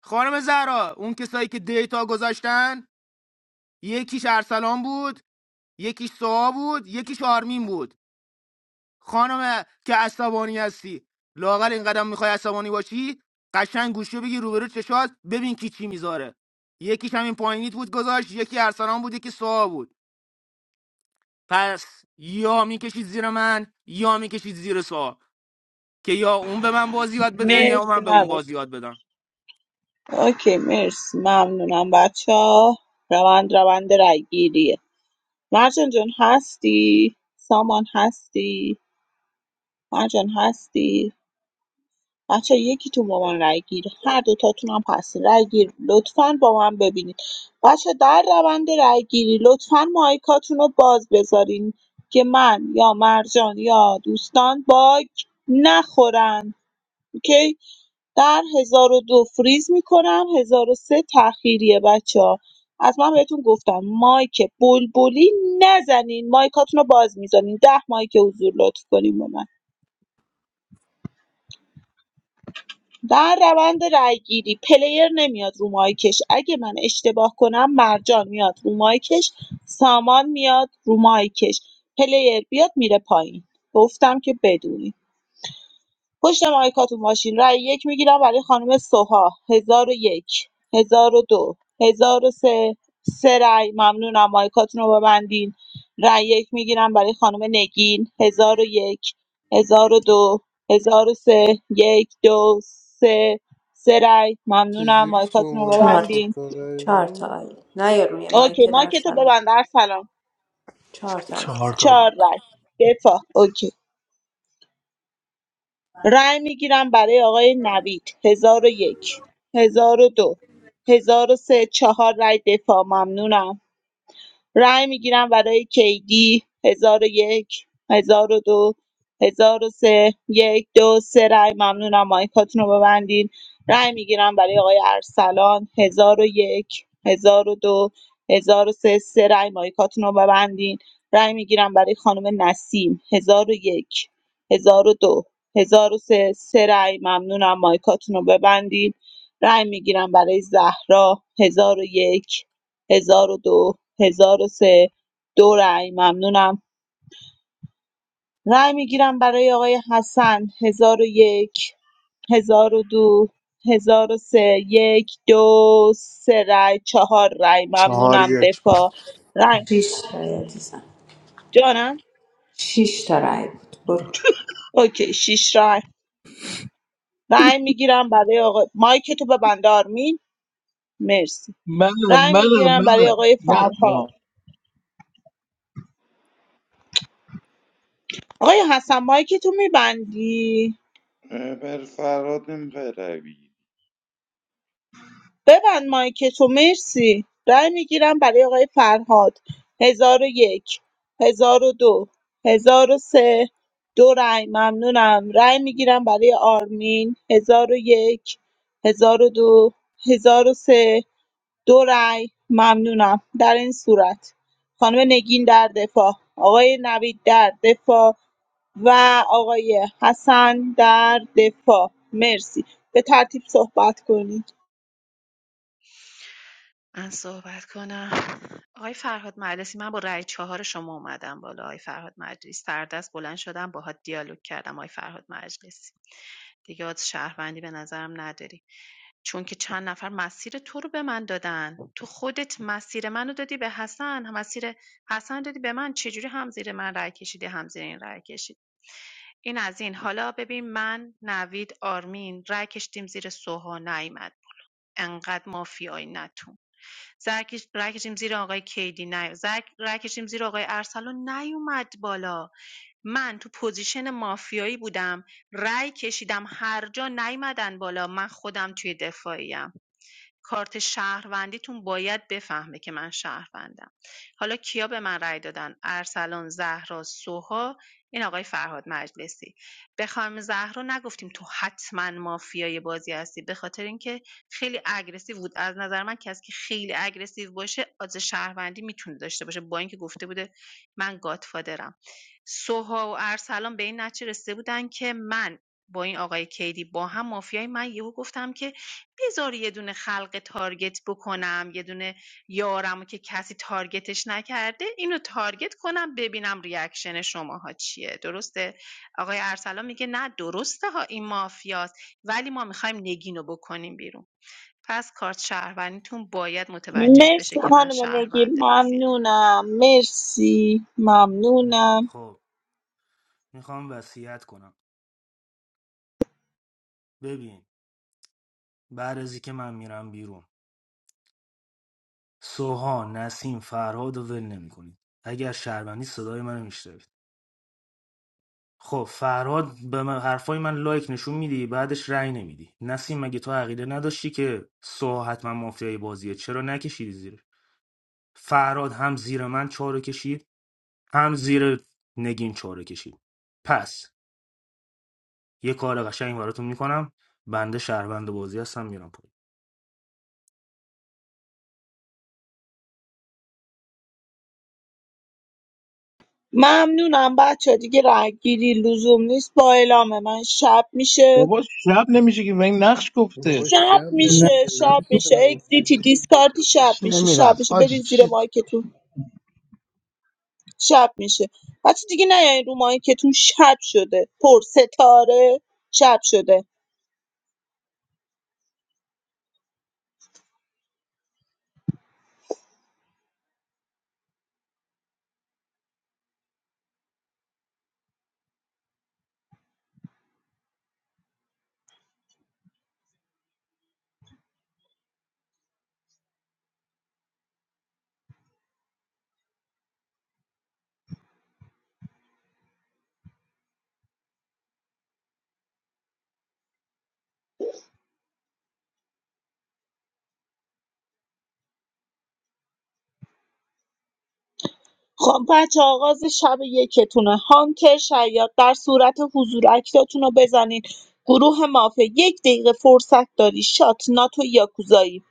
خانم زهرا اون کسایی که دیتا گذاشتن یکیش ارسلان بود یکیش سوا بود یکیش آرمین بود خانم که عصبانی هستی لاغر این قدم میخوای عصبانی باشی قشنگ گوشو بگی روبرو چشات ببین کی چی میذاره یکیش همین پایینیت بود گذاشت یکی ارسلان بود یکی سوا بود پس یا میکشید زیر من یا میکشید زیر سوا که یا اون به من بازی یاد بده یا مرسی من به اون بازی یاد بدم اوکی مرسی ممنونم بچه ها روند روند رای گیریه مرجان جان هستی سامان هستی مرجان هستی بچه یکی تو با من رای گیر هر دوتاتون هم هستین رای گیر لطفا با من ببینید بچه در روند رای گیری لطفا مایکاتون رو باز بذارین که من یا مرجان یا دوستان باگ نخورن اوکی در هزار و دو فریز می‌کنم ۱۰۰۳ تاخیریه بچه‌ها از من بهتون گفتم مایک بلبلی نزنین مایکاتون رو باز می‌زنین ده مایک حضور لطف کنین به من در روند رأیگیری پلیر نمیاد رو مایکش اگه من اشتباه کنم مرجان میاد رو مایکش سامان میاد رو مایکش پلیر بیاد میره پایین گفتم که بدونی پشت مایکاتون باشین رای یک میگیرم برای خانم سوها هزار و یک هزار و دو هزار و سه سه رای ممنونم مایکاتون رو ببندین رای یک میگیرم برای خانم نگین هزار و یک هزار و دو هزار و سه یک دو سه سه رای ممنونم چجوری مایکاتون رو شمردی چهار تا ببندین ستاره چهار تا بود؟ آیل نه یا روی اوکی مایک در مایکتو سلام ببند سلام چهار تا Chahar عزیزم taab, چهار رای دفاع اوکی رای می‌گیرم برای آقای نوید هزار هزار و و یک، هزار و دو، هزار و سه چهار رای دفاع ممنونم. رای میگیرم برای کیدی 1001 1002 1003 1 2 3 رای ممنونم مایکاتون رو ببندین رای میگیرم برای آقای ارسلان 1001 1002 1003 سه سه رای مایکاتون رو ببندین رای میگیرم برای خانم نسیم 1001 1002 1003 سه سه رای ممنونم مایکاتون رو ببندین رای میگیرم برای زهرا 1001 1002 1003 دو هزار و سه، دو رأی ممنونم رأی میگیرم برای آقای حسن 1001 1002 سه یک دو سه رأی چهار رأی Chahar ممنونم ye. دفاع رأی شش تا عزیزم جانم شش تا رای بود برو اوکی شش رأی رأی میگیرم برای آقای مایک تو ببند آرمین مرسی منم رأی منم میگیرم برای منم آقای من فرهاد آه. آقای حسن مایک تو میبندی اه، بر فراد نمیخوای روی ببند مایکتو مرسی رای میگیرم برای آقای فرهاد 1001 1002 1003 دو هزار و سه دو رای ممنونم رای میگیرم برای آرمین 1001 1002 1003 دو هزار و سه دو رای ممنونم در این صورت خانم نگین در دفاع آقای نوید در دفاع و آقای حسن در دفاع مرسی به ترتیب صحبت کنید من صحبت کنم آقای فرهاد مجلسی من با رأی چهار شما اومدم بالا آقای فرهاد مجلسی سردست بلند شدم باهات دیالوگ کردم آقای فرهاد مجلسی دیگه از شهروندی به نظرم نداری چون که چند نفر مسیر تو رو به من دادن تو خودت مسیر منو دادی به حسن مسیر حسن دادی به من چجوری هم زیر من رأی کشیدی هم زیر این رأی کشیدی این از این حالا ببین من نوید آرمین رأی کشیدیم زیر سوها نیومد انقدر مافیایی نتون زرکش رای کشیدیم زیر آقای کیدی نه زرک رای کشیدیم زیر آقای ارسلان نیومد بالا من تو پوزیشن مافیایی بودم رای کشیدم هر جا نیومدن بالا من خودم توی دفاعیم کارت شهروندیتون باید بفهمه که من شهروندم حالا کیا به من رأی دادن ارسلان زهرا سوها این آقای فرهاد مجلسی به خانم زهرا نگفتیم تو حتما مافیای بازی هستی به خاطر اینکه خیلی اگریسیو بود از نظر من کسی که خیلی اگریسیو باشه از شهروندی میتونه داشته باشه با اینکه گفته بوده من گادفادرم سوها و ارسلان به این نتیجه رسیده بودن که من با این آقای کیدی با هم مافیای من یهو گفتم که بذار یه دونه خلق تارگت بکنم یه دونه یارمو که کسی تارگتش نکرده اینو تارگت کنم ببینم ریاکشن شماها چیه درسته آقای ارسلان میگه نه درسته ها این مافیاست ولی ما میخوایم نگینو بکنیم بیرون پس کارت شهروندیتون باید متوجه بشه مرسی که من خانم نگی شهرونده بازیم ممنونم مرسی ممنونم خب میخوام وصیت کنم ببین بعد از که من میرم بیرون سوها نسیم فرهاد و ول نمیکنید اگر شهروندی صدای منو میشنوید خب فرهاد به من حرفای من لایک نشون میدی بعدش رأی نمیدی نسیم مگه تو عقیده نداشتی که سوها حتما مافیای بازیه چرا نکشیدی زیر فرهاد هم زیر من چاره کشید هم زیر نگین چاره کشید پس یه کار قشنگ براتون میکنم بنده شهروند بازی هستم میرم پایین ممنونم بچه دیگه رگگیری لزوم نیست با اعلام من شب میشه بابا شب نمیشه که من نقش گفته موقعش شب جمع میشه نمیشه شب نفسشون میشه هم اگزیتی افتاده. دیسکارتی شب میشه شب نمیرفت میشه حاجی برید زیر چی مایکتون شب میشه بچه دیگه نیاین رو مایکتون شب شده پر ستاره شب شده خب بچه آغاز شب یکتونه هانتر شاید در صورت حضور اکتاتون رو بزنید گروه مافیا یک دقیقه فرصت داری شات ناتو یاکوزایی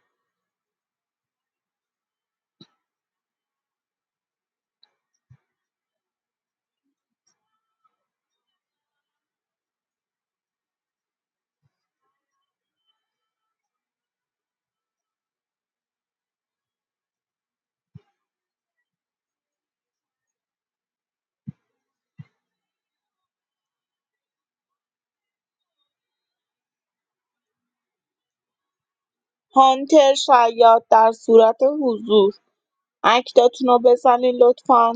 هانتر شاید در صورت حضور اکتاتون رو بزنید لطفا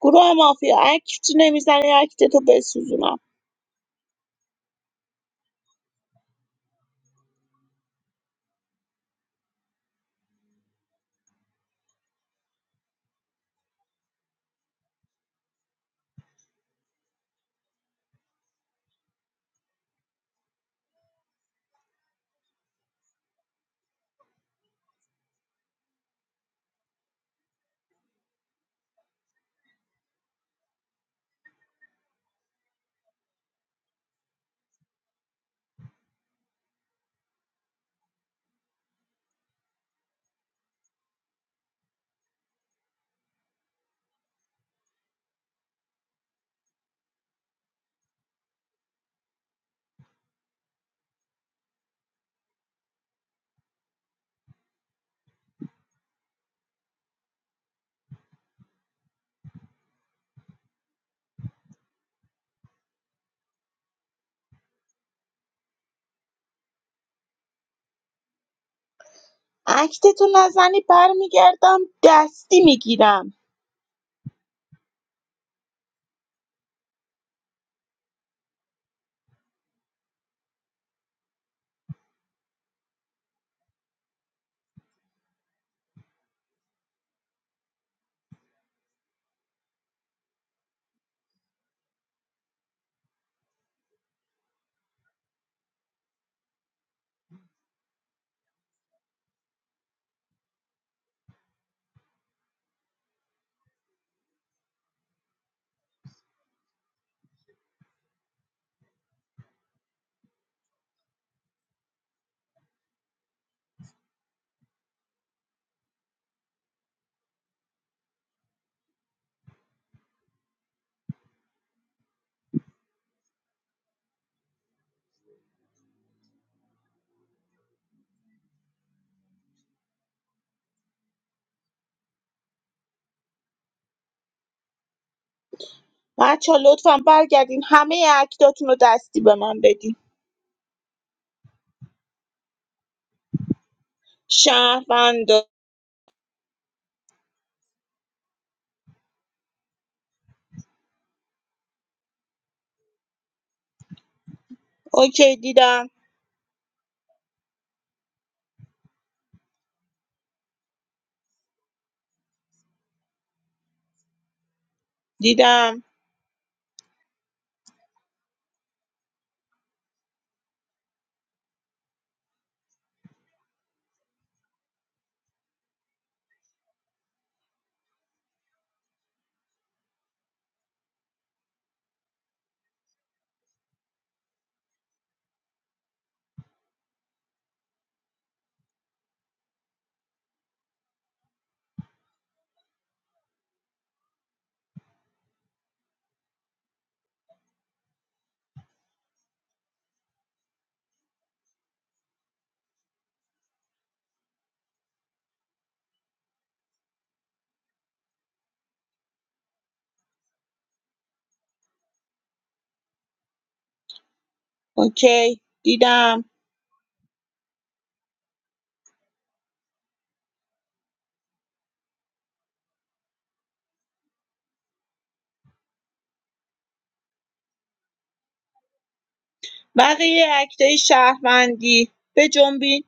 گروه مافیا اکت نمیزنی اکتتو بسوزونم اکتتو نزنی برمیگردم دستی میگیرم بچه ها لطفا برگردین همه اکتاتون رو دستی به من بدین شهروندا اوکی دیدم دیدم اوکی دیدم بقیه اکتای شهروندی بجنبین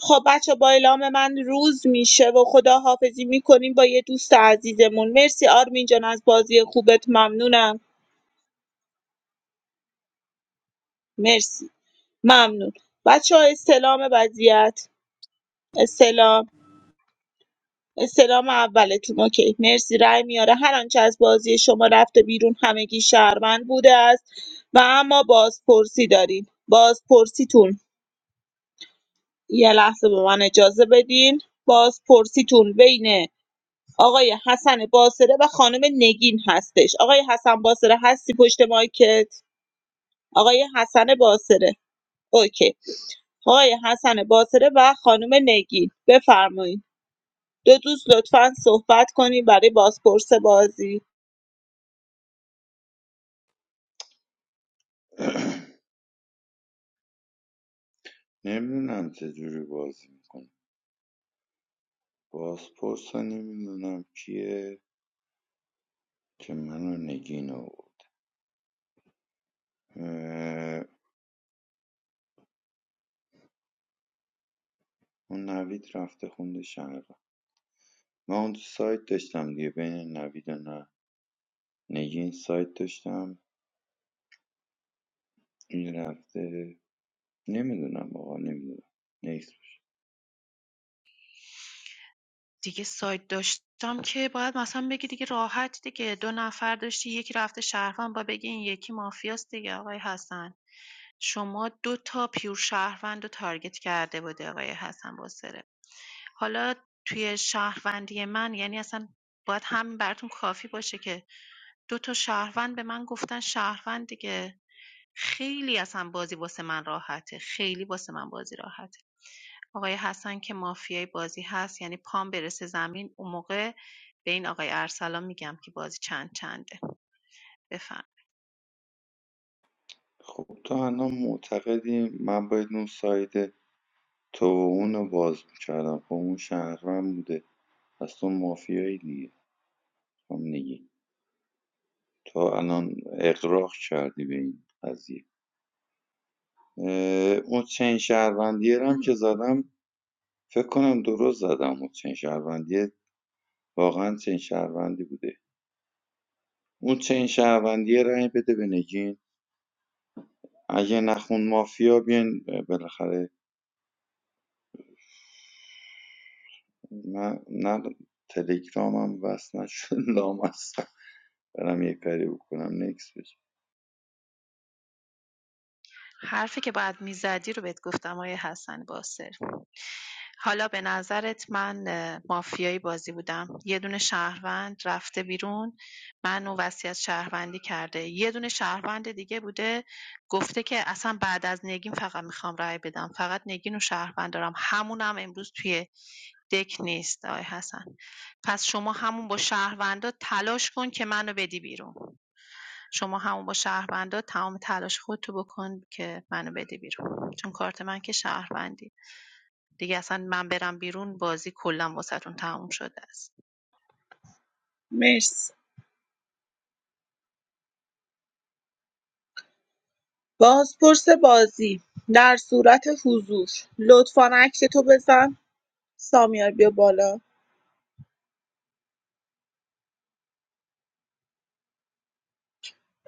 خب بچه با اعلام من روز میشه و خداحافظی میکنیم با یه دوست عزیزمون مرسی آرمین جان از بازی خوبت ممنونم مرسی ممنون بچه ها استلام وضعیت استلام استلام اولتون اوکی مرسی رای میاره هر آنچه از بازی شما رفته بیرون همگی شهروند بوده است و اما بازپرسی داریم بازپرسیتون یه لحظه به من اجازه بدین بازپرسیتون بین آقای حسن باصره و خانم نگین هستش آقای حسن باصره هستی پشت مایکت آقای حسن باصره اوکی آقای حسن باصره و خانم نگین بفرمایید دو دوست لطفا صحبت کنید برای بازپرس بازی نمیدونم چجوری بازی میکنم بازپرس نمیدونم کیه که منو نگین آورد اون نوید رفته خونده شقیقه من اونجا سایت داشتم دیگه بین نوید و نه نگین این سایت داشتم این رفته نمیدونم آقا نمیدونم نیست دیگه سایت داشتم که باید مثلا بگی دیگه راحت دیگه دو نفر داشتی یکی رفته شهروند با بگی این یکی مافیاست دیگه آقای حسن شما دو تا پیور شهروند رو تارگت کرده بوده آقای حسن باسره حالا توی شهروندی من یعنی اصلا باید همین براتون کافی باشه که دو تا شهروند به من گفتن شهروند دیگه خیلی اصلا بازی واسه من راحته خیلی واسه من بازی راحته آقای حسن که مافیای بازی هست یعنی پام برسه زمین اون موقع به این آقای ارسلان میگم که بازی چند چنده بفرمایید. خب تو الان معتقدی من باید اون سایت تو و اون رو باز میکردم خب اون شهروند بوده پس تو مافیایی دیگه هم نگین تو الان اقراق کردی به این قضیه اه، اون چین شهروندیه رو هم که زدم فکر کنم درست زدم اون چین شهروندیه واقعا چنین شهروندی بوده اون چنین شهروندی یه رأی بده به نگین اگه نخون مافیا بیاین بالاخره من نه تلگرامم وصل نشد لامصب برم یه کاری بکنم نکس بشه حرفی که باید میزدی رو بهت گفتم آیه حسن باسر حالا به نظرت من مافیایی بازی بودم یه دونه شهروند رفته بیرون من و وصیت شهروندی کرده یه دونه شهروند دیگه بوده گفته که اصلا بعد از نگین فقط میخوام رای بدم فقط نگین و شهروند دارم همونم امروز توی دک نیست آقای حسن پس شما همون با شهروندا تلاش کن که منو بدی بیرون شما همون با شهروندات تمام تلاش خودتو بکن که منو بده بیرون چون کارت من که شهروندی دیگه اصلا من برم بیرون بازی کلا واسهتون تموم شده است مرسی بازپرس بازی در صورت حضور لطفا عکستو بزن سامیار بیا بالا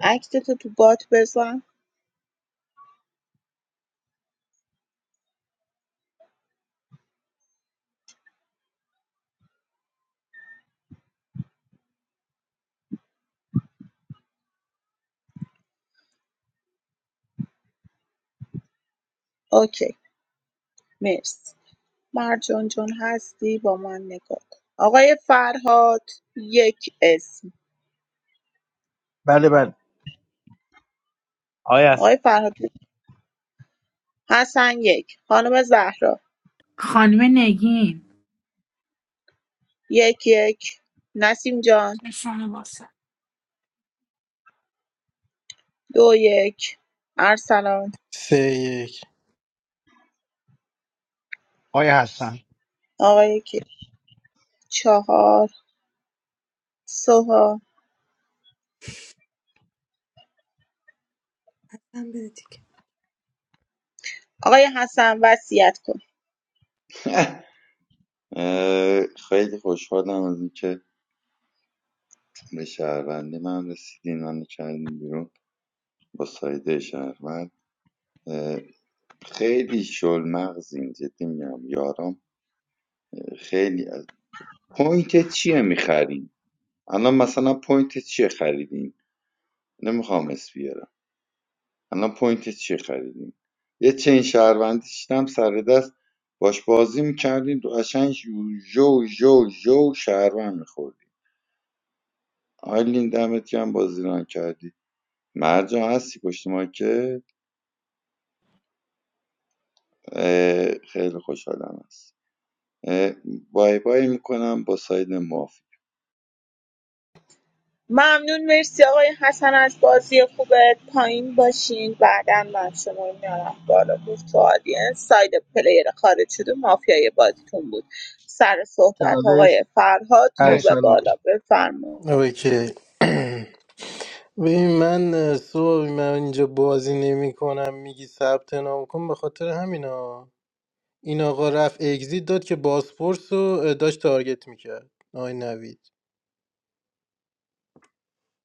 عکستو تو بات بزن اوکی مرسی مرجان جان هستی با من نگاه کن آقای فرهاد یک اسم بله بله آیا آقای حسن فرهاد حسن یک خانم زهرا خانم نگین یک یک نسیم جان دو یک ارسلان سه یک آیا هستن آقای کی چهار سوها آقای حسن وصیت کن خیلی خوشحالم از اینکه به شهروندی من رسیدین من کردین بیرون با سایده شهروند خیلی شل مغزین جدی میگم یارم خیلی از پوینت چیه میخرین الان مثلا پوینت چیه خریدین نمیخوام اسم بیارم الان پوینت چیه خریدین یه چین شهروندی شدم سر دست باش بازی میکردین تو قشنگ جو جو جو جو شهروند میخوردین آیلین دمت گرم بازی ران کردی مرجان هستی پشت ما که خیلی خوشحالم هست اه، بای بای میکنم با ساید موافقم ممنون مرسی آقای حسن از بازی خوبت پایین باشین بعدا من شما رو میارم بالا گفت تو آدینس ساید پلیر خارج شده مافیای بازیتون بود سر صحبت چالش آقای فرهاد رو به ارسلان بالا بفرمایید اوکی ببین من اه، صبح من اینجا بازی نمی کنم میگی ثبت نام کن به خاطر همینا این آقا رفت اگزیت داد که باسپورس رو اه، داشت تارگت میکرد آی نوید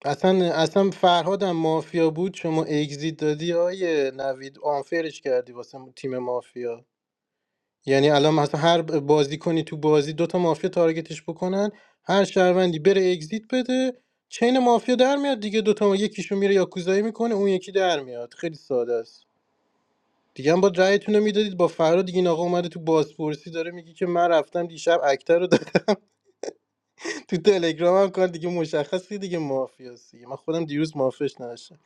اصلا اصلا فرهادم مافیا بود شما اگزیت دادی آیه نوید آنفرش کردی واسه تیم مافیا یعنی الان مثلا هر بازی کنی تو بازی دوتا مافیا تارگتش بکنن هر شهروندی بره اگزییت بده چین مافیا در میاد دیگه دوتا ما یکیشون میره یاکوزایی میکنه اون یکی در میاد خیلی ساده است دیگه هم با رأیتون رو میدادید با فراد دیگه این آقا اومده تو بازپرسی داره میگه که من رفتم دیشب اکتر رو داد- تو تلگرام هم کار دیگه مشخصی دیگه مافیاست دیگه من خودم دیروز مافش نداشتم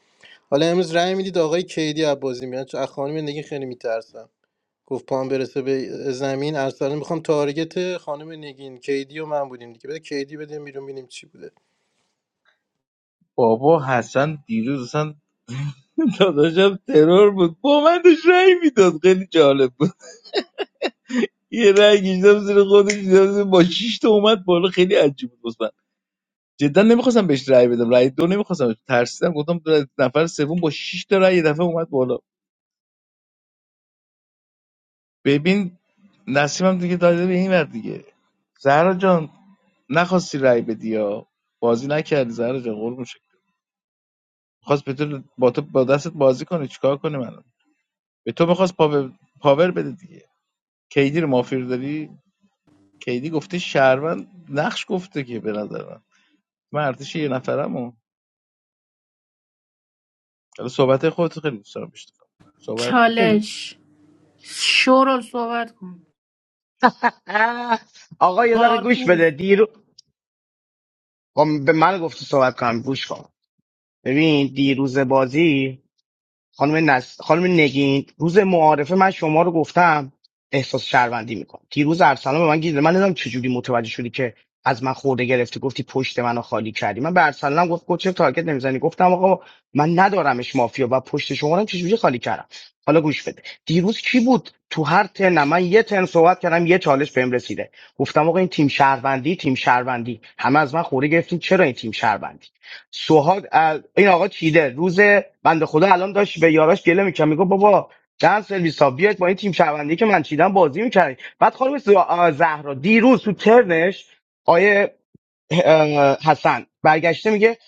حالا امروز رأی میدید آقای کیدی از بازی میاد چون از خانم نگین خیلی میترسم گفت پام برسه به زمین ارسلان میخوام تارگت خانم نگین کیدی و من بودیم دیگه بده کیدی بده بیرون ببینیم چی بوده بابا حسن دیروز اصلا داداشم ترور بود با من داشت رأی میداد خیلی جالب بود یه رأی کشیدم زیر خودش دیدم زیر- با 6 تا اومد بالا خیلی عجیب بود واسه من جدا نمیخواستم بهش رأی بدم رأی دو نمیخواستم ترسیدم گفتم دو- نفر سوم با 6 تا رأی یه دفعه اومد بالا ببین نسیمم دیگه داده به این ور دیگه زهرا جان نخواستی رأی بدی یا بازی نکردی زهرا جان قربون شکل میخواست به تو با تو با دستت بازی کنه چیکار کنه منو به تو میخواست پاور, پاور بده دیگه کیدی رو مافیا رو داری کیدی گفته شهروند نقش گفته که به نظر من من ارتش یه نفرمو حالا صحبت خودت خیلی دوست دارم بشنوم صحبت کن. چالش شورل صحبت کن اه آقا یه دقیقه گوش بده قارپوز دیرو خب به من گفتی صحبت کنم گوش کن ببین دیروز بازی خانم, نس... خانم نگین روز معارفه من شما رو گفتم احساس شهروندی میکنم دیروز ارسلان به من گیر داد. من نمیدونم چجوری متوجه شدی که از من خورده گرفتی گفتی پشت منو خالی کردی من به ارسلانم گفت گفت چرا تارگت نمیزنی گفتم آقا من ندارمش مافیا و پشت شما رو هم چجوری خالی کردم حالا گوش بده دیروز کی بود تو هر ترن من یه ترن صحبت کردم یه چالش بهم رسیده گفتم آقا این تیم شهروندی تیم شهروندی همه از من خورده گرفتین چرا این تیم شهروندی سوهاد ال... این آقا چیده روز بنده خدا الان داشت به یاراش گله میکرد میگه بابا دن سرویس ها بیاید با این تیم شهروندی که من چیدم بازی میکردی بعد خانم ز- آ، زهرا دیروز تو ترنش آیه اه، حسن برگشته میگه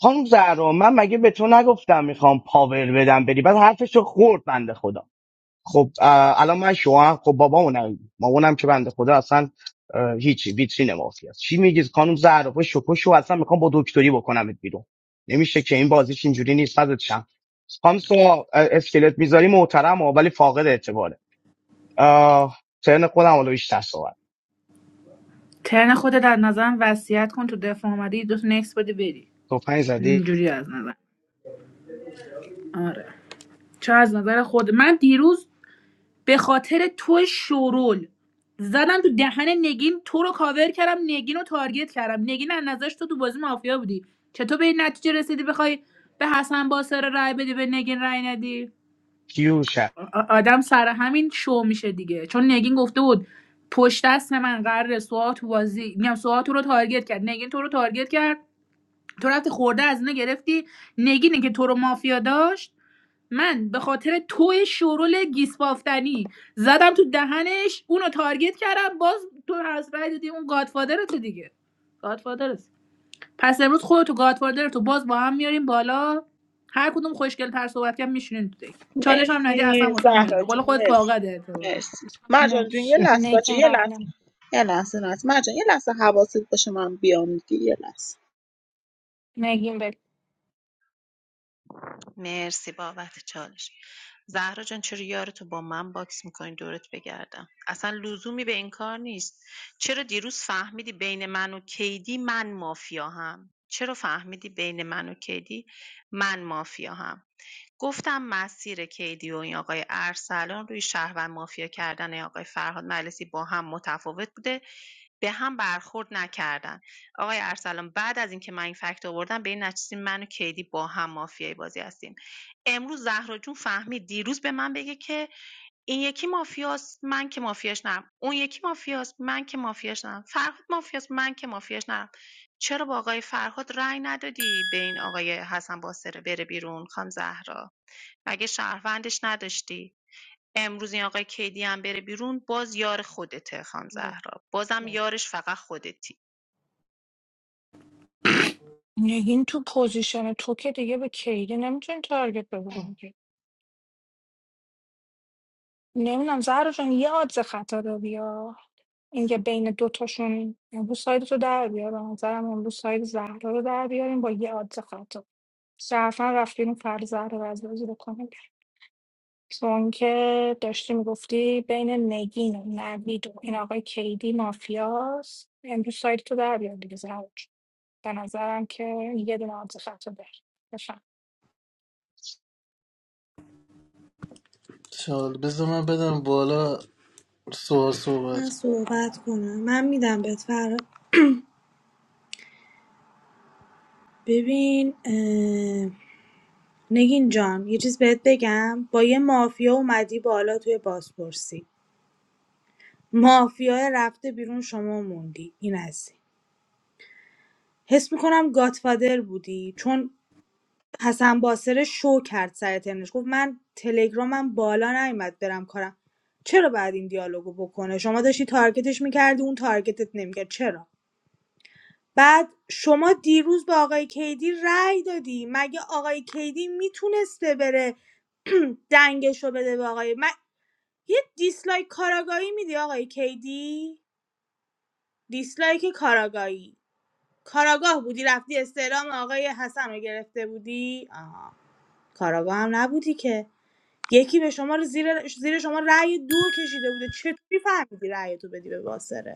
خانم زهرا من مگه به تو نگفتم میخوام پاور بدم بری بعد حرفش رو خورد بنده خدا خب اه، الان من شوهر خب بابامونم مامانم که بنده خدا اصلا هیچی ویترین مافی است چی میگید خانم زهرا با شکوشو اصلا میخوام با دکتری بکنمت بیرون نمیشه که این بازیش اینجوری نیست ازت شم خانم سوا اسکلت میذاری محترم ولی فاقد اعتباره اه، ترن خودم حالا بیشتر صحبت ترن خودت از نظرم وصیت کن تو دفاع اومدی دو تا نکس بده بری تو پنج زدی اینجوری از نظر آره چه از نظر خود من دیروز به خاطر تو شورول زدم تو دهن نگین تو رو کاور کردم نگین رو تارگت کردم نگین از نظرش تو تو بازی مافیا بودی چطور به این نتیجه رسیدی بخوای به حسن باسر رای بدی به نگین رای ندی کیو شد آ- آدم سر همین شو میشه دیگه چون نگین گفته بود پشت دست من قرار سوات تو بازی میگم سوات تو رو تارگت کرد نگین تو رو تارگت کرد تو رفتی خورده از اینا گرفتی نگینه که تو رو مافیا داشت من به خاطر تو شورول گیسپافتنی زدم تو دهنش اونو تارگت کردم باز تو از رای دادی اون گادفادر تو دیگه گادفادر پس امروز خودتو گادفادر تو باز با هم میاریم بالا هر کدوم خوشگل تر صحبت کردن میشینین تو دک چالش هم ندی اصلا مرسی واسه مهم نیست. زهرا به قول جون خودت مرسی فاقد اعتبار مرسی مرجان جون یه لحظه باشه نگین یه لحظه قبلم یه لحظه نه مرجان یه لحظه حواست باشه من بیام دیگه یه لحظه نگین مرسی بابت چالش زهرا جان چرا یارتو با من باکس میکنی دورت بگردم اصلا لزومی به این کار نیست چرا دیروز فهمیدی بین من و کیدی من مافیا هم چرا فهمیدی بین من و کیدی من مافیا هم گفتم مسیر کیدی و این آقای ارسلان روی شهروند مافیا کردن آقای فرهاد مجلسی با هم متفاوت بوده به هم برخورد نکردن آقای ارسلان بعد از اینکه من این فکت آوردم به این نتیجه من و کیدی با هم مافیای بازی هستیم امروز زهرا جون فهمید دیروز به من بگه که این یکی مافیاست من که مافیاش نرم اون یکی مافیاست من که مافیاش نرم فرهاد مافیاست من که مافیاش نرم چرا با آقای فرهاد رأی ندادی به این آقای حسن باسره بره بیرون خانم زهرا مگه شهروندش نداشتی امروز این آقای کیدی هم بره بیرون باز یار خودته خان مر- زهرا بازم یارش فقط خودتی نگین تو پوزیشن تو که دیگه به کیدی نمیتونی تارگت بزنی که نمیدونم زهرا جان یه آدز خطا رو بیا اینکه بین دوتاشون امروز ساید تو در بیار به نظرم امروز ساید زهرا رو در بیاریم با یه آدز خطا صرفا رفتیم فر زهرا رو از بازی بکنیم چون که داشتی میگفتی بین نگین و نوید و این آقای کیدی مافیاست امروز ساید تو در بیار دیگه زهرا جون. به نظرم که یه دونه آدز خطا داری چال بذار من بدم بالا سوال من صحبت صحبت کنم من میدم بهت فرق ببین اه، نگین جان یه چیز بهت بگم با یه مافیا اومدی بالا توی بازپرسی مافیا رفته بیرون شما موندی این از این. حس میکنم گاتفادر بودی چون حسن باسره شو کرد سر ترنش گفت من تلگرامم بالا نیومد برم کارم چرا بعد این دیالوگو بکنه شما داشتی تارگتش میکردی اون تارگتت نمیکرد چرا بعد شما دیروز به آقای کیدی رأی دادی مگه آقای کیدی میتونسته بره دنگشو بده به آقای من یه دیسلایک کاراگاهی میدی آقای کیدی دیسلایک کاراگاهی کاراگاه بودی رفتی استعلام آقای حسن رو گرفته بودی آها کاراگاه هم نبودی که یکی به شما رو زیر زیر شما رأی دو کشیده بوده چطوری فهمیدی رأی تو بدی به باسره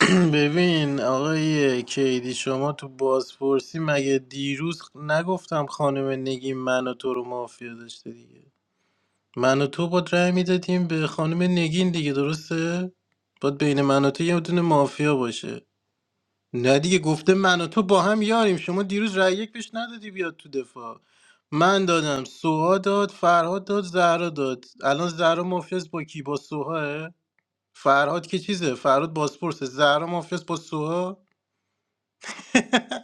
ببین آقای کیدی شما تو بازپرسی مگه دیروز نگفتم خانم نگین من و تو رو مافیا داشته دیگه من و تو با رأی میدادیم به خانم نگین دیگه درسته؟ باید بین من و تو یه دونه مافیا باشه نه دیگه گفته من و تو با هم یاریم شما دیروز رأی یک بهش ندادی بیاد تو دفاع من دادم سوها داد فرهاد داد زهرا داد الان زهرا مافیاس با کی با سوها فرهاد که چیزه فرهاد باسپورسه زهرا مافیاس با سوها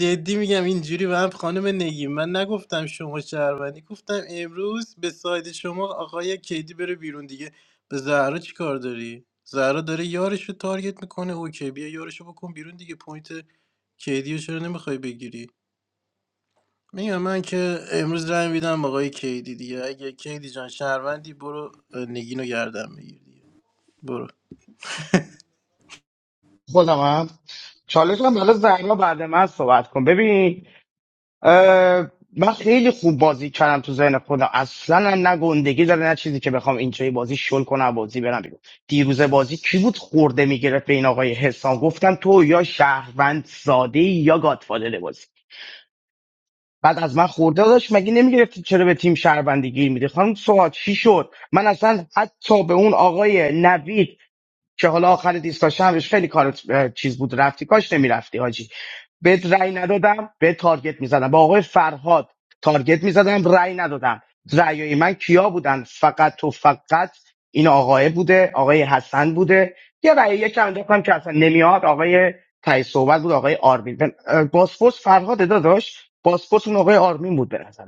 جدی میگم اینجوری به هم خانم نگین من نگفتم شما شهروندی گفتم امروز به ساید شما آقای کیدی بره بیرون دیگه به زهرا چی کار داری زهرا داره یارش رو تارگت میکنه اوکی بیا یارش رو بکن بیرون دیگه پوینت کیدی رو چرا نمیخوای بگیری میگم من که امروز رای میدم آقای کیدی دیگه اگه کیدی جان شهروندی برو اه، نگین رو گردن بگیر دیگه برو خودم هم چالش هم برای زهرا بعد من صحبت کن ببین اه، من خیلی خوب بازی کردم تو ذهن خودم اصلا هم نه گندگی داره نه چیزی که بخوام اینجای بازی شل کنم و بازی برم بیرون دیروز بازی کی بود خورده میگرفت به این آقای حسام گفتم تو یا شهروند ساده ای یا گادفادر بازی بعد از من خورده داشت مگه نمیگرفتی چرا به تیم شهروندی گیر میده خانم سوات چی شد من اصلا حتی به اون آقای نوید که حالا آخر دیستا همش خیلی کارت اه، چیز بود رفتی کاش نمیرفتی حاجی بهت رأی ندادم به تارگت میزدم با آقای فرهاد تارگت میزدم رأی ندادم رأیای من کیا بودن فقط و فقط این آقای بوده آقای حسن بوده یه رأی یکم انداختم که اصلا نمیاد آقای تای صحبت بود آقای آرمین بن- اه، باسفورس فرهاد داداش باسفورس اون آقای آرمین بود به نظرم.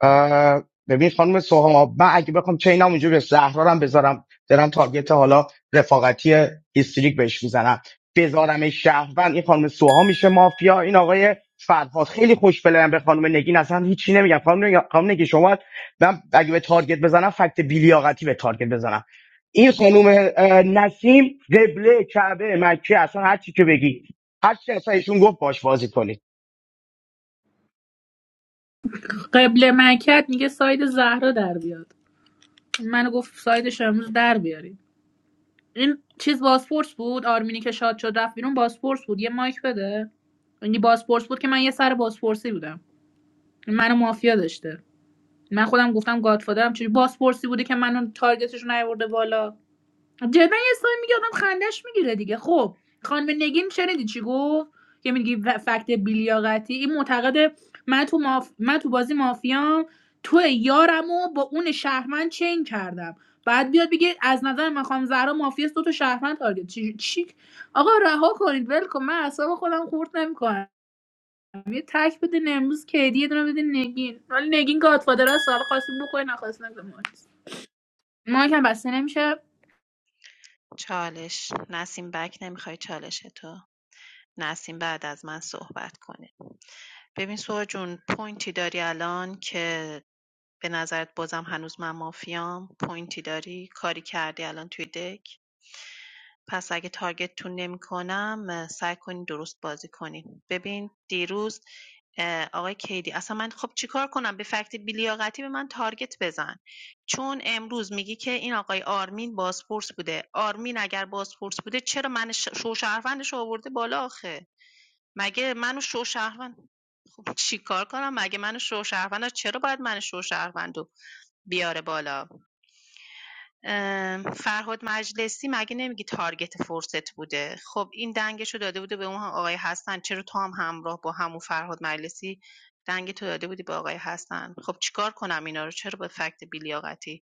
اه، ببین خانم سوها من اگه بخوام چینم اونجوری به زهرا هم بذارم دارم تارگت حالا رفاقتی هیستریک بهش میزنم بذارم شهروند این خانم سوها میشه مافیا این آقای فرهاد خیلی خوش بلایم به خانم نگین اصلا هیچی نمیگم خانم نگین, خانم نگین شما من اگه به تارگت بزنم فکت بیلیاقتی به تارگت بزنم این خانم اه، نسیم قبله کعبه مکه اصلا هر چی که بگی هر چی اصلا ایشون گفت باش بازی کنید قبل مکت میگه ساید زهرا در بیاد منو گفت سایدش امروز در بیاری این چیز بازپرس بود آرمینی که شاد شد رفت بیرون بازپرس بود یه مایک بده یعنی بازپرس بود که من یه سر بازپرسی بودم منو مافیا داشته من خودم گفتم گادفادرم چجوری بازپرسی بوده که منو تارگتش نیورده بالا جدا یه سری میگه آدم خندش میگیره دیگه خب خانم نگین شنیدی چی گفت که میگی فکت بیلیاقتی این معتقده من تو, ماف... من تو بازی مافیام تو یارمو با اون شهرمند چین کردم بعد بیاد بگه از نظر من خانم زهرا مافیاست دو تا شهرمند تارگت چی... چی آقا رها کنید ول کن من اعصاب خودم خورد نمیکنم یه تک بده امروز کیدی یه دونه بده نگین ولی نگین گادفادر است حالا خواستیم بکنین نخواستین مایک هم بسته نمیشه چالش نسیم بک نمیخوای چالش تو نسیم بعد از من صحبت کنه ببین سوها جون پوینتی داری الان که به نظرت بازم هنوز من مافیام پوینتی داری کاری کردی الان توی دک پس اگه تارگتتون نمی‌کنم اه، سعی کنین درست بازی کنین ببین دیروز آقای کیدی اصلا من خب چیکار کنم به فکت بیلیاقتی به من تارگت بزن چون امروز میگی که این آقای آرمین بازپرس بوده آرمین اگر بازپرس بوده چرا من ش- شوشهروندش رو آورده بالا آخه مگه منو شوشهروند خب چیکار کنم مگه منو شوشهروند چرا باید من شوشهروند رو بیاره بالا ام، فرهاد مجلسی مگه نمیگی تارگت فرصت بوده خب این دنگشو داده بوده به اون آقای حسن چرا تو هم همراه با همون فرهاد مجلسی دنگ تو داده بودی به آقای حسن خب چیکار کنم اینا رو چرا به فکت بیلیاقتی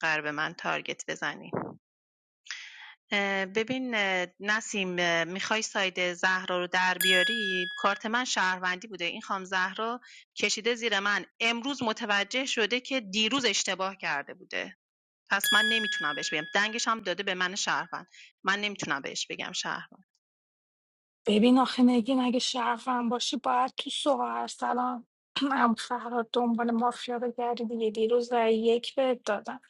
قرار به من تارگت بزنی ببین اه، نسیم میخوای ساید زهرا رو در بیاری کارت من شهروندی بوده این خام زهرا کشیده زیر من امروز متوجه شده که دیروز اشتباه کرده بوده پس من نمیتونم بهش بگم دنگش هم داده به من شهروند من نمیتونم بهش بگم شهروند ببین آخه نگین اگه شرفم باشی باید تو سوهر سلام هم فرهاد دنبال مافیا بگردی دیگه دیروز رای یک بهت دادم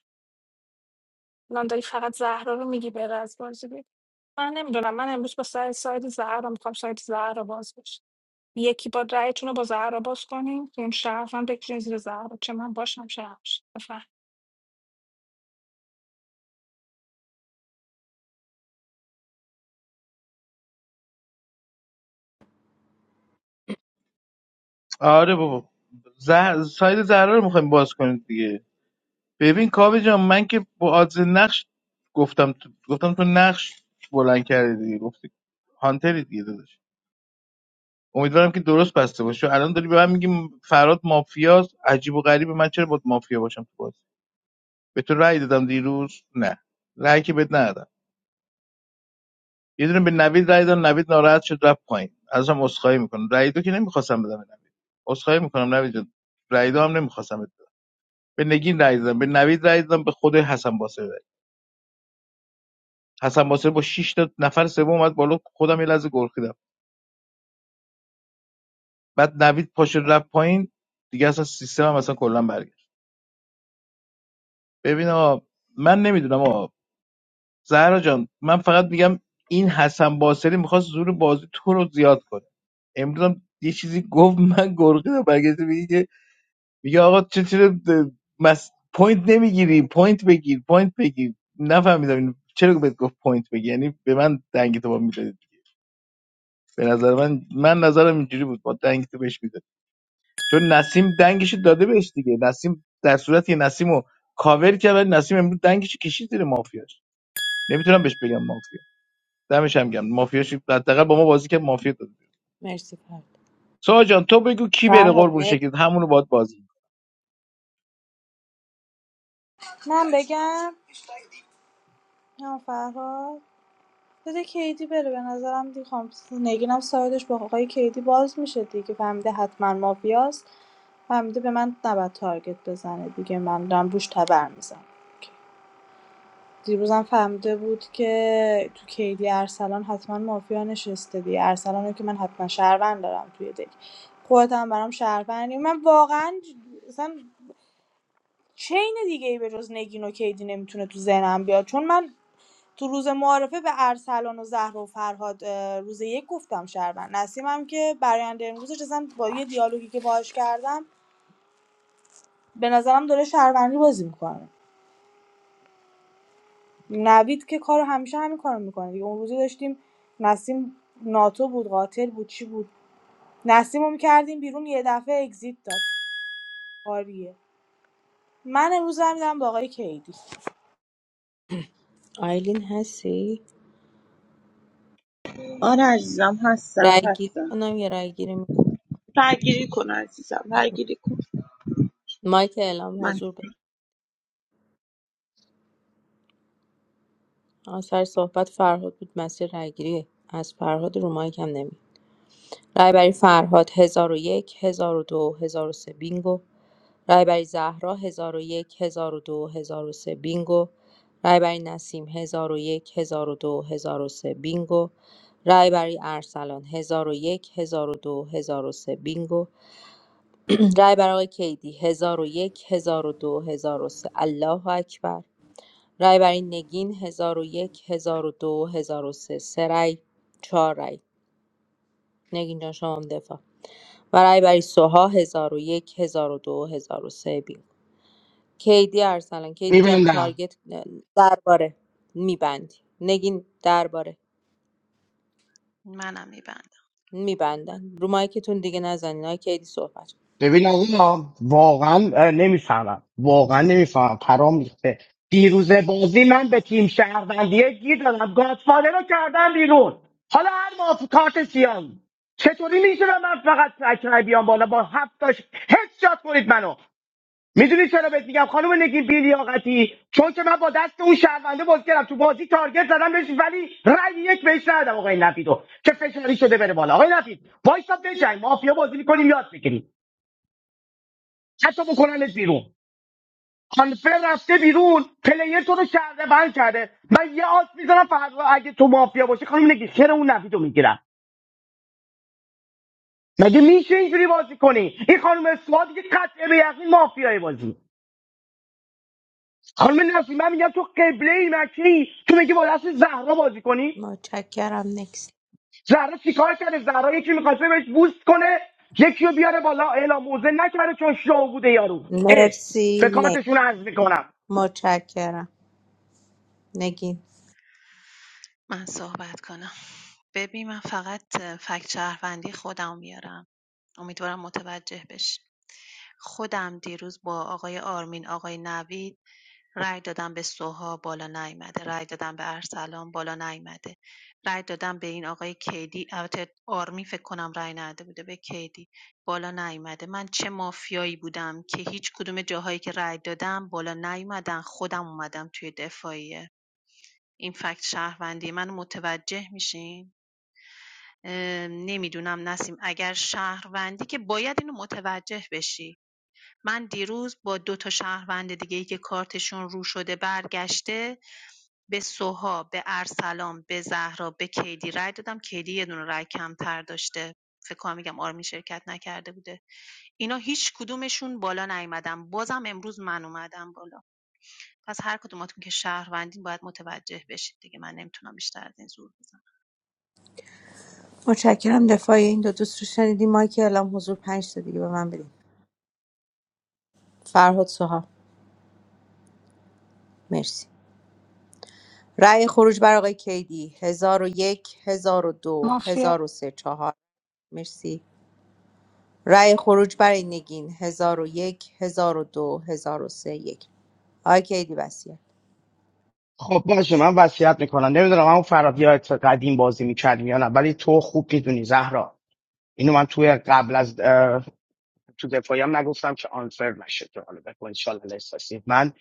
الان داری فقط زهرا رو میگی بره از بازی بید. من نمیدونم من امروز با سر ساید زهرا میخوام ساید زهرا باز بشه یکی با رأیتون رو با زهرا باز کنیم که اون شرف هم بکشین زیر زهرا چه من باشم شرفش بفهم آره بابا زه... ساید زهرا رو میخوایم باز کنید دیگه ببین کاوه جان من که با آدز نقش گفتم تو... گفتم تو نقش بلند کردی دیگه گفتی هانتری دیگه داداش امیدوارم که درست بسته باشه چون الان داری به من میگی فراد مافیاست عجیب و غریبه من چرا باید مافیا باشم تو بازی به تو رأی دادم دیروز نه رأی که بد ندادم یه دونه به نوید رای داد نوید ناراحت شد رفت پایین ازم عذرخواهی میکنم رای دو که نمیخواستم بدم به نوید عذرخواهی میکنم نوید جان رای دو هم نمیخواستم بدم به نگین رای دادم به نوید رای دادم به خود حسن باسری رای حسن باسری با 6 تا نفر سوم اومد بالا خودم یه لحظه گرخیدم بعد نوید پاش رفت پایین دیگه اصلا سیستمم اصلا کلا برگشت ببین آقا من نمیدونم آقا زهرا جان من فقط میگم این حسن باسری میخواست زور بازی تو رو زیاد کنه امروز هم یه چیزی گفت من گرخیدم برگشت میگه میگه آقا چه چرا مس... پوینت نمیگیری پوینت بگیر پوینت بگیر نفهمیدم اینو چرا بهت گفت پوینت بگیر یعنی به من دنگ تو با میدادی به نظر من من نظرم اینجوری بود با دنگ تو بهش میداد چون نسیم دنگش داده بهش دیگه نسیم در صورتی که نسیم رو کاور کرد ولی نسیم امروز دنگش کشید زیر مافیاش نمیتونم بهش بگم مافیا دمش هم گم مافیاش حداقل با ما بازی که مافیا داده مرسی فرد سوها جان تو بگو کی بره فرهاد قربون مرسی شکل همونو باید بازی من بگم نه فرهاد بده کیدی بره به نظرم دیگه خانم نگینم سایدش با آقای کیدی باز میشه دیگه فهمیده حتما مافیاست فهمیده به من نباید تارگت بزنه دیگه من دارم روش تبر میزنم دیروزم فهمیده بود که تو کیدی ارسلان حتما مافیا نشسته دیگه ارسلان رو که من حتما شهروند دارم توی دک خودت هم برام شهروندی من واقعا مثلا چین دیگه ای به جز نگین و کیدی نمیتونه تو ذهنم بیاد چون من تو روز معارفه به ارسلان و زهر و فرهاد اه، روز یک گفتم شهروند نسیمم که برآینده امروزش اصلا با یه دیالوگی که باهاش کردم به نظرم داره شهروندی بازی میکنه نوید که کارو همیشه همین کارو میکنه دیگه اون روزی داشتیم نسیم ناتو بود قاتل بود چی بود نسیم رو میکردیم بیرون یه دفعه اگزیت داد آریه من امروز هم میدم با آقای کیدی آیلین هستی آره عزیزم هستم رای گیری هستم کنم یا رای گیری می- رای کن عزیزم رای کن مایک اعلام من حضور به آثار صحبت فرهاد بود مسیر رای گیری از فرهاد رو مایک هم نمی رای برای فرهاد هزار و یک هزار و دو هزار و سه بینگو رهبری زهرا ۱۰۰۱ ۱۰۰۲ سه بینگو رهبری نسیم ۱۰۰۱ ۱۰۰۲ سه بینگو رهبری ارسلان ۱۰۰۱ ۱۰۰۲ سه بینگو رهبر آقای کیدی ۱۰۰۱ ۱۰۰۲ سه الله اکبر رهبری نگین ۱۰۰۱ ۱۰۰۲ ۱۰۰۳ سه سه رای چهار رای نگین جان شما هم دفاع و رهبری سوها ۱۰۰۱ ۱۰۰۲ ۱۰۰۳ بینگو کیدی ارسلان کیدی جان میبینم تارگت درباره میبندی نگین درباره منم میبندم میبندن رو مایکتون دیگه نزنین های کیدی صحبت کن. ببین آقا واقعا اه، نمیفهمم واقعا نمیفهمم پرام ریخته دیروز بازی من به تیم شهروندیه گیر دادم گادفادر رو کردم بیرون حالا هر ماف کارت سیان چطوری میشه و من فقط اکرای بیام بالا با هفتاش هیچ شات کنید منو میدونی چرا بهت میگم خانم نگین بیلیاقتی چون که من با دست اون شهرونده بازی کردم تو بازی تارگت زدم بهش ولی رأی یک بهش ندادم آقای نفیدو که فشاری شده بره بالا آقای نفید وایسا بجنگ مافیا بازی میکنیم یاد بگیریم حتی بکننت بیرون آنفر رفته بیرون پلیر تو رو شرده بند کرده من یه آس میزنم فردا اگه تو مافیا باشی خانم نگی خیر اون نفی تو میگیرم مگه میشه اینجوری بازی کنی این خانم اسواد که قطعه به یقین مافیای بازی خانم نفی من میگم تو قبله ای مکی تو میگی با دست زهرا بازی کنی متشکرم نکست زهرا چیکار کرده زهرا یکی میخواسته بهش بوست کنه یکی رو بیاره بالا اعلام موزه نکرده چون شو بوده یارو اه به مرسی نکست کارتشون عرض میکنم متشکرم نگین من صحبت کنم ببین من فقط اه، فکت شهروندی خودم میارم امیدوارم متوجه بشی خودم دیروز با آقای آرمین آقای نوید رای دادم به سوها بالا نیامده رای دادم به ارسلان بالا نیامده رای دادم به این آقای کیدی البته آرمین فکر کنم رأی نداده بوده به کیدی بالا نیامده من چه مافیایی بودم که هیچ کدوم جاهایی که رای دادم بالا نیومدن خودم اومدم توی دفاعیه این فکت شهروندی من متوجه میشین نمیدونم نسیم اگر شهروندی که باید اینو متوجه بشی من دیروز با دو تا شهروند دیگه ای که کارتشون رو شده برگشته به سوها به ارسلان به زهرا به کیدی رای دادم کیدی یه دونه رای کمتر داشته فکر کنم میگم آرمی شرکت نکرده بوده اینا هیچ کدومشون بالا نیومدن بازم امروز من اومدم بالا پس هر کدوماتون که شهروندین باید متوجه بشید دیگه من نمیتونم بیشتر از این زور بزنم متشکرم دفاع این دو دوست رو شنیدیم مایک اعلام حضور پنج تا دیگه به من بدین فرهاد سوها مرسی رأی خروج بر آقای کیدی هزار و یک هزار و دو مافیا هزار و سه چهار مرسی رأی خروج برای نگین 1001 1002 سه یک آقای کیدی بسیار خب باشه من وصیت میکنم نمیدونم اون فراد یادت قدیم بازی میکردیم یا نه ولی تو خوب میدونی زهرا اینو من توی قبل از اه، تو دفاعیم نگفتم که آنفر نشه که حالا بگو انشالله احساسی من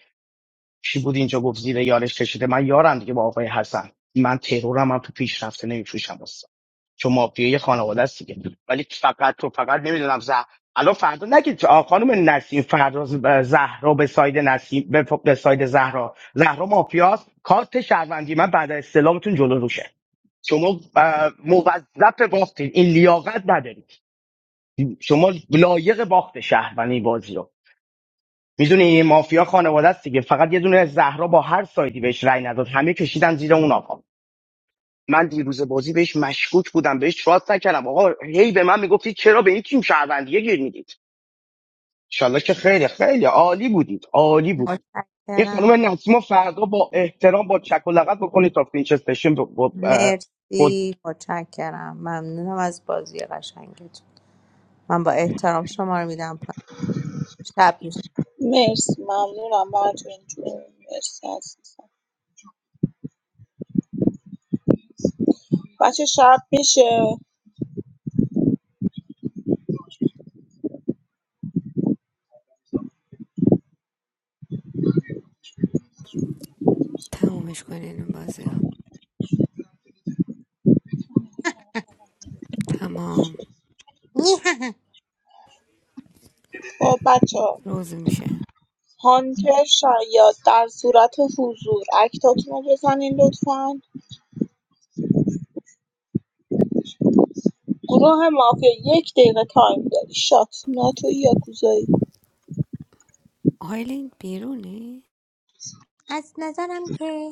چی بود اینجا گفت زیر یارش کشیده من یارم دیگه با آقای حسن من ترورم هم تو پیشرفته نمیفروشم که مافیای خانواده است دیگه ولی فقط تو فقط نمیدونم زه الان فردا نگید آ، خانم نسیم فردا ز- ب- زهرا به ساید نسیم به, ف- به ساید زهرا زهرا مافیاست کارت شهروندی من بعد از استلامتون جلو روشه شما اه، موظف باختید این لیاقت ندارید شما لایق باخت شهروندی بازی رو میدونی این مافیا خانواده است دیگه فقط یه دونه زهرا با هر سایدی بهش رأی نداد همه کشیدن زیر اون آقا من دیروز بازی بهش مشکوک بودم بهش تراست نکردم آقا هی به من میگفتی چرا به این تیم شهروندیه گیر میدید انشالله که خیلی خیلی عالی بودید عالی بودید این متشکرم خانم نسیما فردا با احترام با چک و لغت بکنید تا فینچ استیشن ب- ب- اه، مرسی متشکرم ممنونم از بازی قشنگتون من با احترام شما رو میدم پایین شب میشه مرسی ممنونم براتون جون مرسی عزیزم بچه شب میشه تمومش کنین این بازی رو تمام نیه. خب بچه روز میشه هانتر شاید در صورت حضور اکتاتون رو بزنین لطفا گروه مافیا یک دقیقه تایم داری شات ناتو یا گوزایی آیلین بیرونی از نظرم که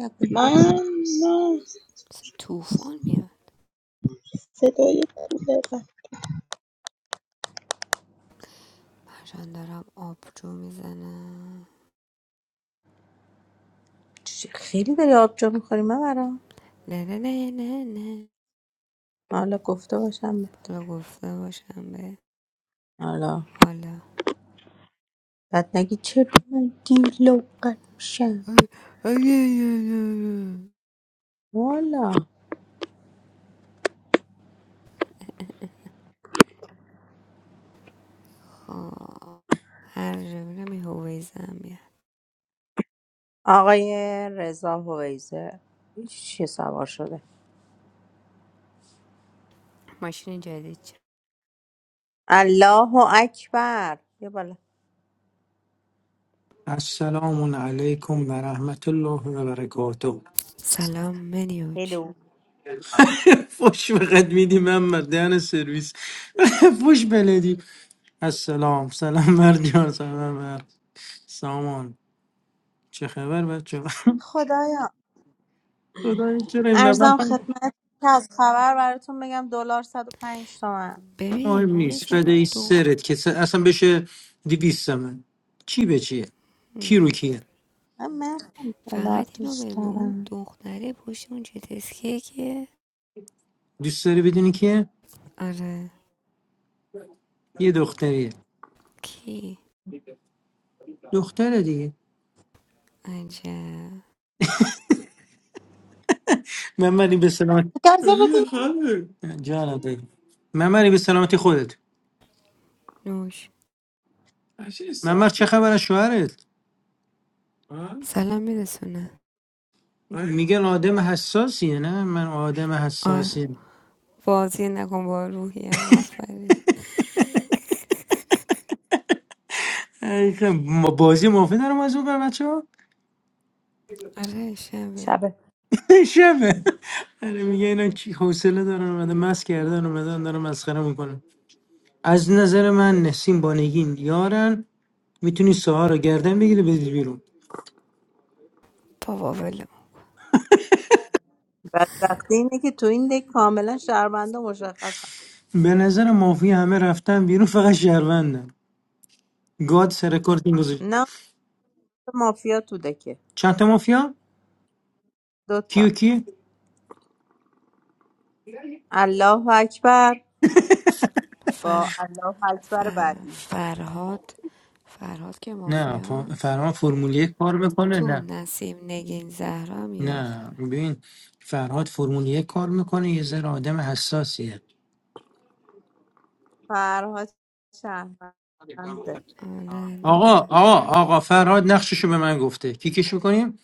نگویی من خب. نه مثل طوفان میاد صدای کولرم پرشان دارم آبجو میزنم چی- خیلی داری آبجو میخوری من برا نه نه نه نه نه حالا گفته باشم بهت. حالا گفته باشم به حالا حالا بعد نگی چرا من دیلو قد میشم آی- آی- آی- والا هر جا میرم این هویزه میاد آقای رضا هویزه چی سوار شده ماشین جدید چه الله اکبر یه بالا السلام علیکم و رحمت الله و برکاته سلام منیوچ هلو فش فقط میدی من مردان سرویس فش بلدی السلام سلام مرد جان سلام مرد سامان چه خبر بچه خدایا خدای چرا این ارزم مبلغ خدمت که از خبر براتون بگم دلار 105 تومن ببین مهم نیست هویزه اون فدای دخت سرت که س- اصلا بشه دیویست من چی به چیه کی رو کیه من خیلی دلار فقط اینو دوست بگو اون دارم دختره پشت اون جت اسکیه کیه دوست داری بدونی کیه آره یه دختریه کی دختره دیگه عجب ممنی به سلامت گازه بدی جانم بگو ممنی به سلامتی خودت نوش ممر چه خبر از شوهرت سلام میرسونه میگن آدم حساسیه نه من آدم آه حساسیم بازی نکن با روحیم آفرین ای که ما- بازی مافی دارم از اون بر بچه ها آره شبه شبه شبه آره میگه اینا چی حوصله دارن اومدن مست کردن اومدن دارن مسخره میکنن از نظر من نسیم بانگین یارن میتونی ساها رو گردن بگیری بدی بیرون بابا ولم بدبختی اینه که تو این دک کاملا شهربنده مشخصم به نظر مافی همه رفتن بیرون فقط شهروندن گاد رکورد این گذاشت نه مافیا تو دکه چند تا مافیا کیو دوتا کی الله اکبر با فر... الله اکبر فر... بعدی فرهاد فرهاد که نه ف- مافیاست فرهاد فرمول یک کار میکنه تو نه نسیم نگین زهرا میارد نه ببین فرهاد فرمول یک کار میکنه یه ذره آدم حساسیه فرهاد شهربنده آره آقا دوباره آقا آقا فرهاد نقششو به من گفته کیکش میکنیم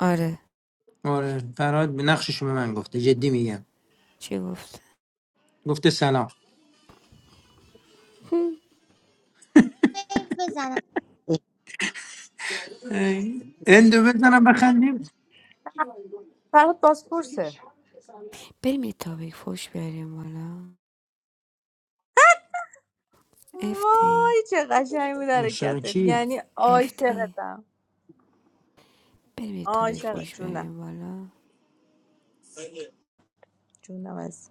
آره آره فرهاد به نقششو به من گفته جدی میگم چی گفت گفته سلام سیف بزنم ای، اندو بزنم بخندیم فرهاد بازپرسه بریم یه تاپیک فوش بیاریم بالا افتی وای چه قشنگ بود مشتاق حرکتت کی یعنی افتی عاشقتم بریم یه تاپیک عاشق فوش جونم بیاریم بالا جونم از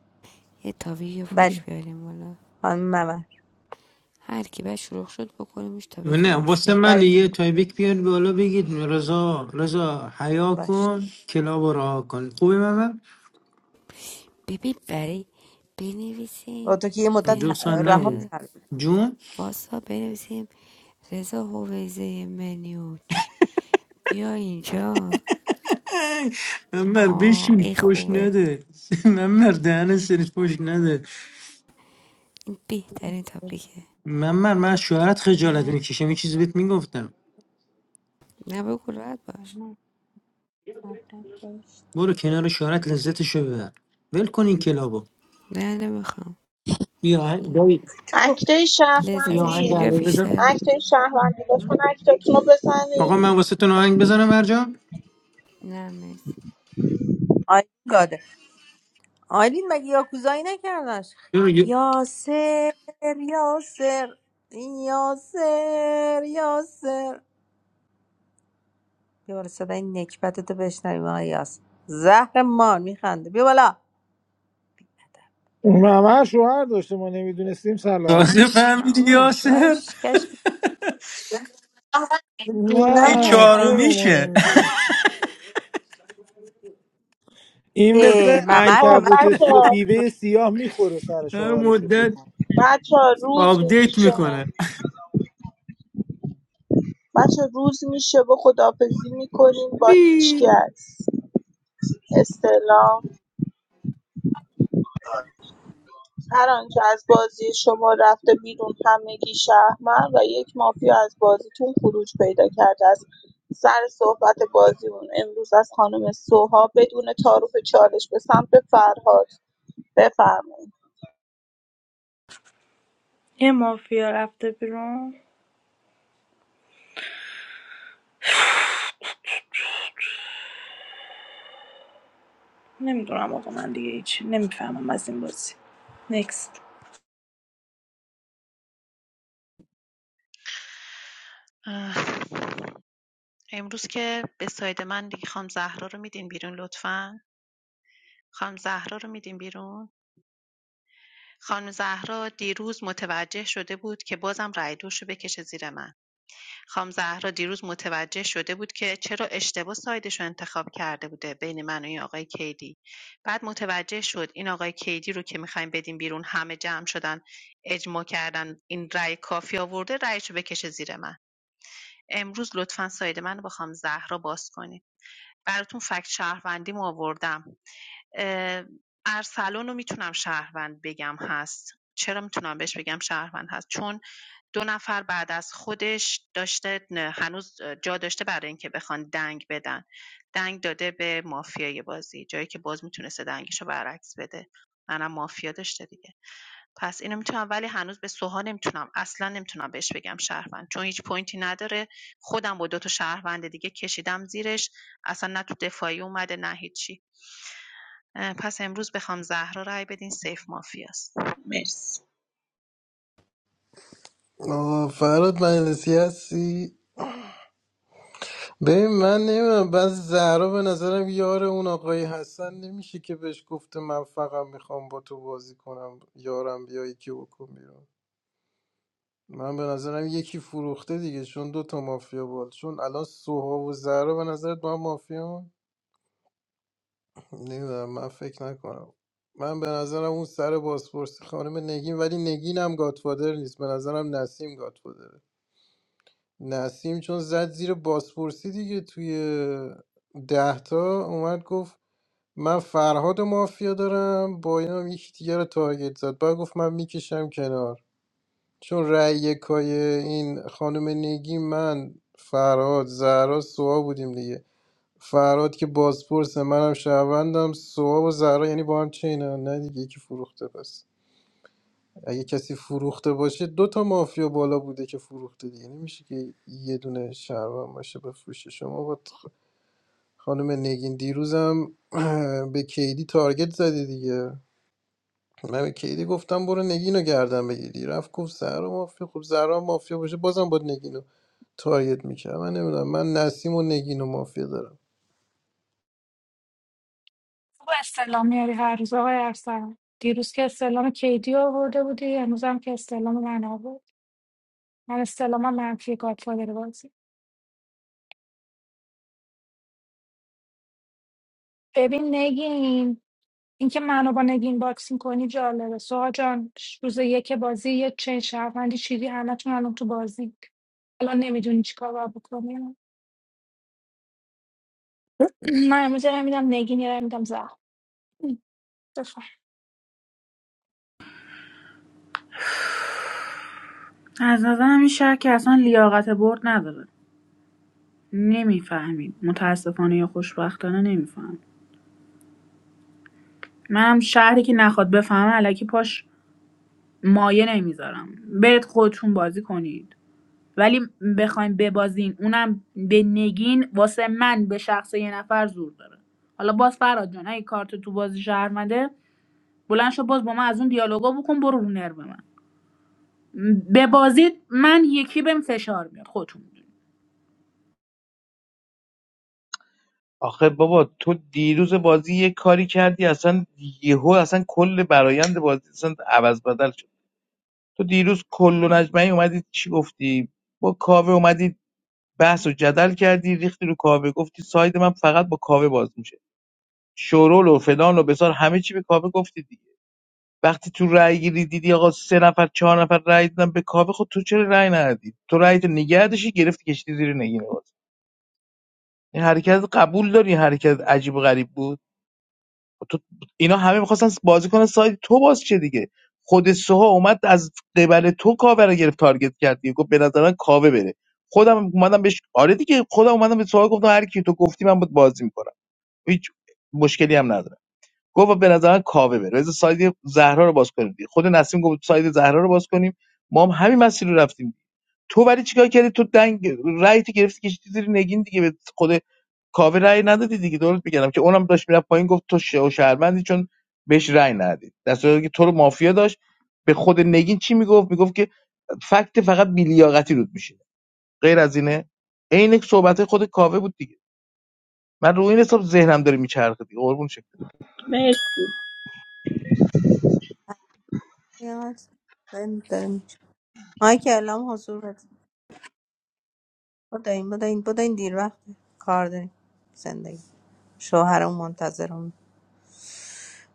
یه تاپیک فوش بله بیاریم بالا خانم ممر هر کی بعد شروع شد بکنیمش تاپیک نه واسه مافیا من برای یه کی تایبیک بیار بالا بگید رضا رضا حیا باش کن کلاب رو رها کن خوبه من ببین برای با بنویسیم تو که یه دو مدت سال بنویسیم رها نبود ر... کرد جون واسا بنویسیم رضا هویزه منیوچ بیا اینجا ممر آه بشین این پشت خوبه نده ممر دهن سرت پشت نده این بهترین تاپیکه ممر من از شوهرت خجالت من میکشم یه چیزی بهت میگفتم نه بگو راحت باش آره بهش برو کنار شوهرت لذتشو ببر ول کن این کلابو نه نمیخوام یا آهنگ دایی اکتای یا لذتش آهنگ شهروندی اینجا عربی بزن بیشتره اکتای شهروندی لطفا اکتاتون رو آقا من بزنین واسه تون آهنگ بزنم مرجان نه مرسی. آیلین گاده آیلین مگه یاکوزایی نکردنش یا- خی- یا- یاسر یاسر یاسر یاسر بیا بالا صدای نکبتتو بشنویم آیاس زهر مار میخنده بیا بالا اون همه شوهر داشته ما نمیدونستیم سلام تازه نه فهمیدی اون یاسر شوهرش کشکی دیونم این نه هست یا چرا ما چهارمیشه نمیدونستیم این مثل ای ممر به خب من انکبوت گفت سیاه بچه بیوه سیاه میخوره سر هر شوهرش رو فکر مدت کن بچه روز آپدیت میشه میکنه بچه روز میشه و خداحافظی میکنیم با وی هیچکس استلام هر آنچه از بازی شما رفته بیرون همگی شهرمند و یک مافیا از بازیتون خروج پیدا کرده است سر صحبت بازیمون امروز از خانم سوها بدون تعارف چالش به سمت فرهاد بفرمایید یه مافیا رفته بیرون نمیدونم آقا من دیگه هیچ نمیفهمم از این بازی نکست امروز که به ساید من دیگه خانم زهرا رو میدین بیرون لطفاً خانم زهرا رو میدین بیرون خانم زهرا دیروز متوجه شده بود که بازم رای دوش رو بکشه زیر من خانم زهرا دیروز متوجه شده بود که چرا اشتباه سایدش رو انتخاب کرده بوده بین من و این آقای کیدی بعد متوجه شد این آقای کیدی رو که میخوایم بدیم بیرون همه جمع شدن اجماع کردن این رای کافی آورده رأیش رو بکشه زیر من امروز لطفاً ساید من رو با خانم زهرا باز کنید براتون فکت شهروندیم آوردم اه، ارسلان رو میتونم شهروند بگم هست چرا میتونم بهش بگم شهروند هست چون دو نفر بعد از خودش داشته هنوز جا داشته برای اینکه بخوان دنگ بدن دنگ داده به مافیای بازی جایی که باز میتونسته دنگش برعکس بده منم مافیا داشته دیگه پس اینو میتونم ولی هنوز به سوها نمیتونم اصلا نمیتونم بهش بگم شهروند چون هیچ پوینتی نداره خودم با دو تا شهروند دیگه کشیدم زیرش اصلا نه تو دفاعی اومده نه هیچی پس امروز بخوام زهرا رای بدین سیف مافیاست مرسی آه، فراد مجلسی هستی ببین من نمیدونم بعض زهرا به نظرم یار اون آقایی حسن نمیشه که بهش گفته من فقط میخوام با تو بازی کنم یارم بیا یکی بکن بیرون من به نظرم یکی فروخته دیگه چون دو تا مافیا بود چون الان سوها و زهرا به نظرت با هم مافیا نمیدونم من فکر نکنم من به نظرم اون سر بازپرسی خانم نگین ولی نگین هم گاتفادر نیست به نظرم نسیم گاتفادره نسیم چون زد زیر بازپرسی دیگه توی ده تا اومد گفت من فرهاد و مافیا دارم با این هم یکی دیگه رو تارگت زد باید گفت من میکشم کنار چون رأی یکای این خانم نگی من فرهاد زهرا سوا بودیم دیگه فرهاد که بازپرسه منم شهروندم سوا و زهرا یعنی با هم چینن نه دیگه یکی فروخته پس اگه کسی فروخته باشه دو تا مافیا بالا بوده که فروخته دیگه نمیشه که یه دونه شهروند باشه بفروشه شما با خانم نگین دیروزم به کیدی تارگت زدی دیگه من به کیدی گفتم برو نگینو گردن بگیری رفت گفت زهرا مافیا خب زهرا مافیا باشه بازم با نگینو تارگت میکرد من نمیدونم من نسیم و نگینو مافیا دارم با استعلام میاری هر روز آقای ارسلان دیروز که استعلام کیدی آورده بودی امروز هم که استعلام من آورد من استلام منفی گادفادر بازی ببین نگین اینکه منو با نگین باکسینگ کنی جالبه سوها جان ش- روز یک بازی یه چه شهروندی چیدی همتون الان تو بازی الان نمیدونی چیکار باید بکنی من امروز یه رای میدم نگین یه رای میدم زهر بفهم از نظرم این شهر که اصلا لیاقت برد نداره نمیفهمیم متاسفانه یا خوشبختانه نمیفهم منم شهری که نخواد بفهمه علکی پاش مایه نمیذارم برید خودتون بازی کنید ولی بخوایم ببازین اونم به نگین واسه من به شخص یه نفر زور داره حالا باز فراد جان اگه کارت تو بازی شهرمنده بلند شو باز با من از اون دیالوگا بکن برو رو نرو من ببازید من یکی بهم فشار میاد خودتون آخه بابا تو دیروز بازی یه کاری کردی اصلا یهو اصلا کل برایند بازی اصلا عوض بدل شد تو دیروز کل و نجمعی اومدی چی گفتی با کاوه اومدی بحث و جدل کردی ریختی رو کاوه گفتی ساید من فقط با کاوه باز میشه شورول و فلان و بسار همه چی به کاوه گفتی دیگه وقتی تو رأی گیری دیدی آقا سه نفر چهار نفر رأی دادن به کاوه خود تو چرا رأی ندادی تو رأی تو نگه داشتی گرفتی کشتی زیر نگین باز این حرکت قبول داری این حرکت عجیب و غریب بود تو اینا همه میخواستن بازی کنن سایت تو باز چه دیگه خود سوها اومد از قبل تو کاوه رو گرفت تارگت کرد دیگه گفت به نظر من کاوه بره خودم اومدم بهش آره دیگه خودم اومدم به سوها گفتم هر کی تو گفتی من بود بازی میکنم هیچ مشکلی هم ندارم گفت به نظر من کاوه بره بذار ساید زهرا رو باز کنیم دیگه خود نسیم گفت ساید زهرا رو باز کنیم ما هم همین مسیر رو رفتیم تو ولی چیکار کردی تو دنگ رأی گرفتی کشیدی زیر نگین دیگه به خود کاوه رای ندادی دیگه درست بگم که اونم داشت میرفت پایین گفت تو شه و شهروندی چون بهش رای ندادی در صورتی که تو رو مافیا داشت به خود نگین چی میگفت میگفت که فکت فقط بیلیاقتی رود میشه غیر از اینه عین صحبت خود کاوه بود دیگه من رو این حساب ذهنم داره میچرخه دیگه قربون شکل مرسی یا، داریم- داریم. مایک اعلام حضور بده بدین بدین بدین دیر وقت کار داریم زندگی شوهرم منتظرم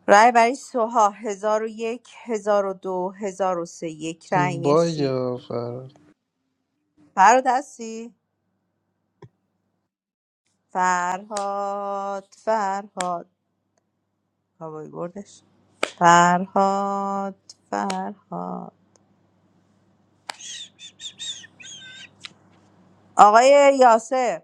رای برای سوها هزار و یک هزار و دو هزار و سه یک رای این مرسی بایا فراد فراد هستی فرهاد فرهاد کابایی بردش فرهاد فرهاد آقای یاسر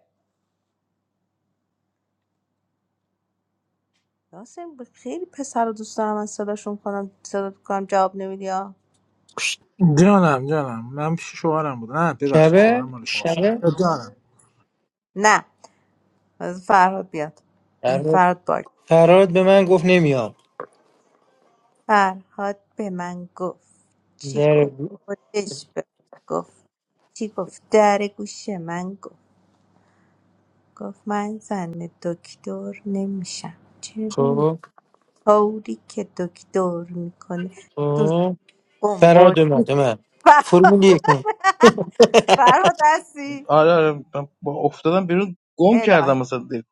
یاسر خیلی پسر رو دوست دارم من صداشون کنم صدا کنم جواب نمیدی ها جانم جانم من پیش شوهرم بود نه ببخشید شوهرم شبه مال شما شبه جانم نه از فرهاد بیاد فرهاد باگ فراد به من گفت نمیام فرهاد به من گفت چی در گفت خودش به من گفت چی گفت در گوش من گفت گفت من زن دکتر نمیشم چرا نه؟ خب کاری که دکتر میکنه سوز خب بمبر فراد اومد اومد فرمول یک فرها دستی آره آره من با افتادم بیرون گم الهی کردم مثلا دیگه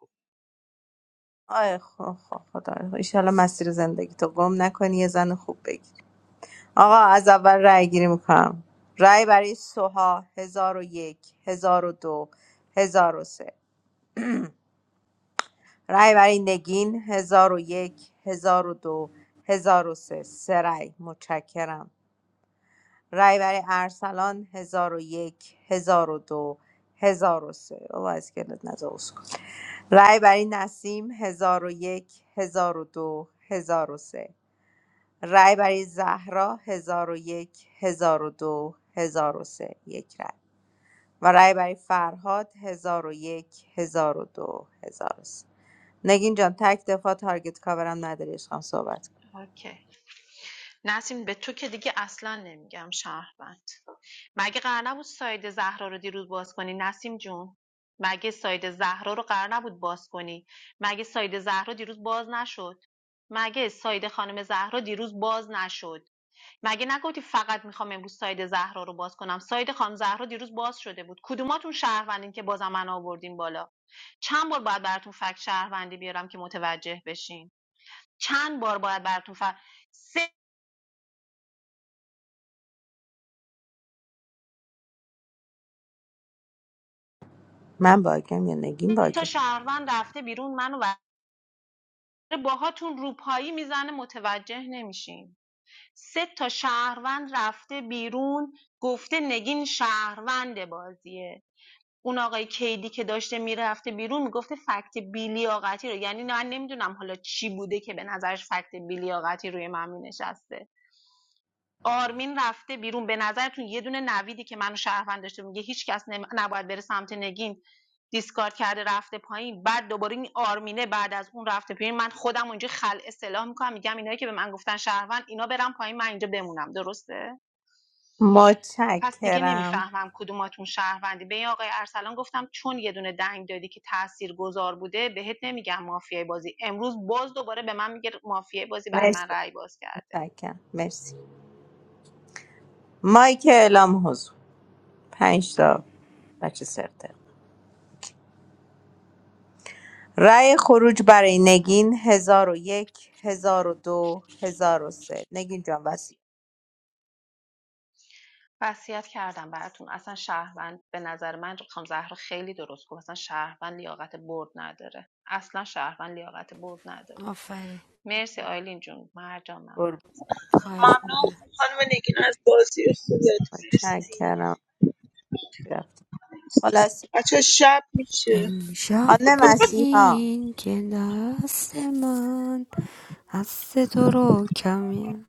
آی خب خب خدا رو. ایشالا مسیر زندگی تو گم نکنی یه زن خوب بگی آقا از اول رأی گیری میکنم رأی برای سوها هزار و یک هزار و دو هزار و سه رأی برای نگین هزار و یک هزار و دو هزار و سه سه رأی متشکرم رأی برای ارسلان هزار و یک هزار و دو هزار و سه او از گلت نزا رای برای نسیم هزار و یک، هزار و دو، هزار و سه رای برای زهرا هزار و یک، هزار و دو، هزار و سه یک رای و رای برای فرهاد ۱۰۰۱ ۱۰۰۲ ۱۰۰۳ نگین جان تک دفاع تارگت کاورم نداری عشقم صحبت کن اوکی نسیم به تو که دیگه اصلا نمیگم شهروند مگه قرار نبود ساید زهرا رو دیروز باز کنی نسیم جون مگه ساید زهرا رو قرار نبود باز کنی مگه ساید زهرا دیروز باز نشد مگه ساید خانم زهرا دیروز باز نشد مگه نگفتی فقط میخوام امروز ساید زهرا رو باز کنم ساید خانم زهرا دیروز باز شده بود کدوماتون شهروندین که بازم من آوردین بالا چند بار باید براتون فکت شهروندی بیارم که متوجه بشین چند بار باید براتون فر... سه من باگم یا نگین تا باگه شهروند رفته بیرون منو بر- باهاتون روپایی میزنه متوجه نمیشین سه تا شهروند رفته بیرون گفته نگین شهروند بازیه اون آقای کیدی که داشته میرفته بیرون میگفته فکت بیلیاقتی رو یعنی من نمیدونم حالا چی بوده که به نظرش فکت بیلیاقتی روی من مینشسته آرمین رفته بیرون به نظرتون یه دونه نویدی که منو شهروند داشته میگه هیچ کس نم- نباید بره سمت نگین دیسکارد کرده رفته پایین بعد دوباره این آرمینه بعد از اون رفته پایین من خودم اونجا خلع اصلاح میکنم میگم اینایی که به من گفتن شهروند اینا برم پایین من اینجا بمونم درسته پس دیگه متشکرم نمیفهمم کدوماتون شهروندی به این آقای ارسلان گفتم چون یه دونه دنگ دادی که تأثیر گذار بوده بهت نمیگم مافیای بازی امروز باز دوباره به من میگه مافیای بازی برای مرسی من رأی باز کرد متشکرم مرسی مایک اعلام حضور پنج تا بچه سرت رأی خروج برای نگین ۱۰۰۱ ۱۰۰۲ ۱۰۰۳ نگین جان وسیع وصیت کردم براتون اصلا شهروند به نظر من خانم زهرا خیلی درست گفت اصلا شهروند لیاقت برد نداره اصلا شهروند لیاقت برد نداره آفرین مرسی آیلین جون مرجان خواهش میکنم ممنون خانم نگین از بازی خودت چک مرسی کردم رفت خلاص بچه شب میشه امشب خانم مسیحا ببین که دست من هست تو رو کمیه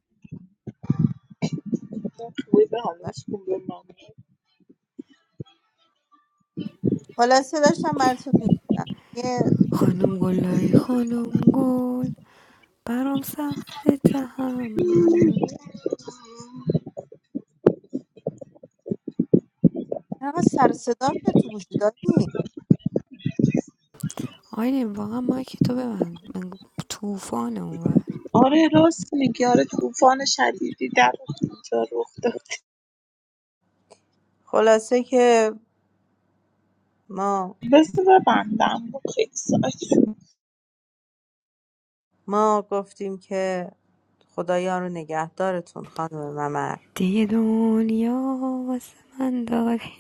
خلاصه داشتم براتون میگفتم یه خانم گلای خانم گل برام سخت تحمل چقدر سر و صدا میاد تو گوشی دادی آینه واقعا مایک تو ببند من توفان اونور آره راست میگی آره طوفان شدیدی در اونجا رخ داد خلاصه که ما بذار ببندم با خیلی ساعت شد. ما گفتیم که خدایا رو نگهدارتون خانم ممر دیگه دنیا واسه من داری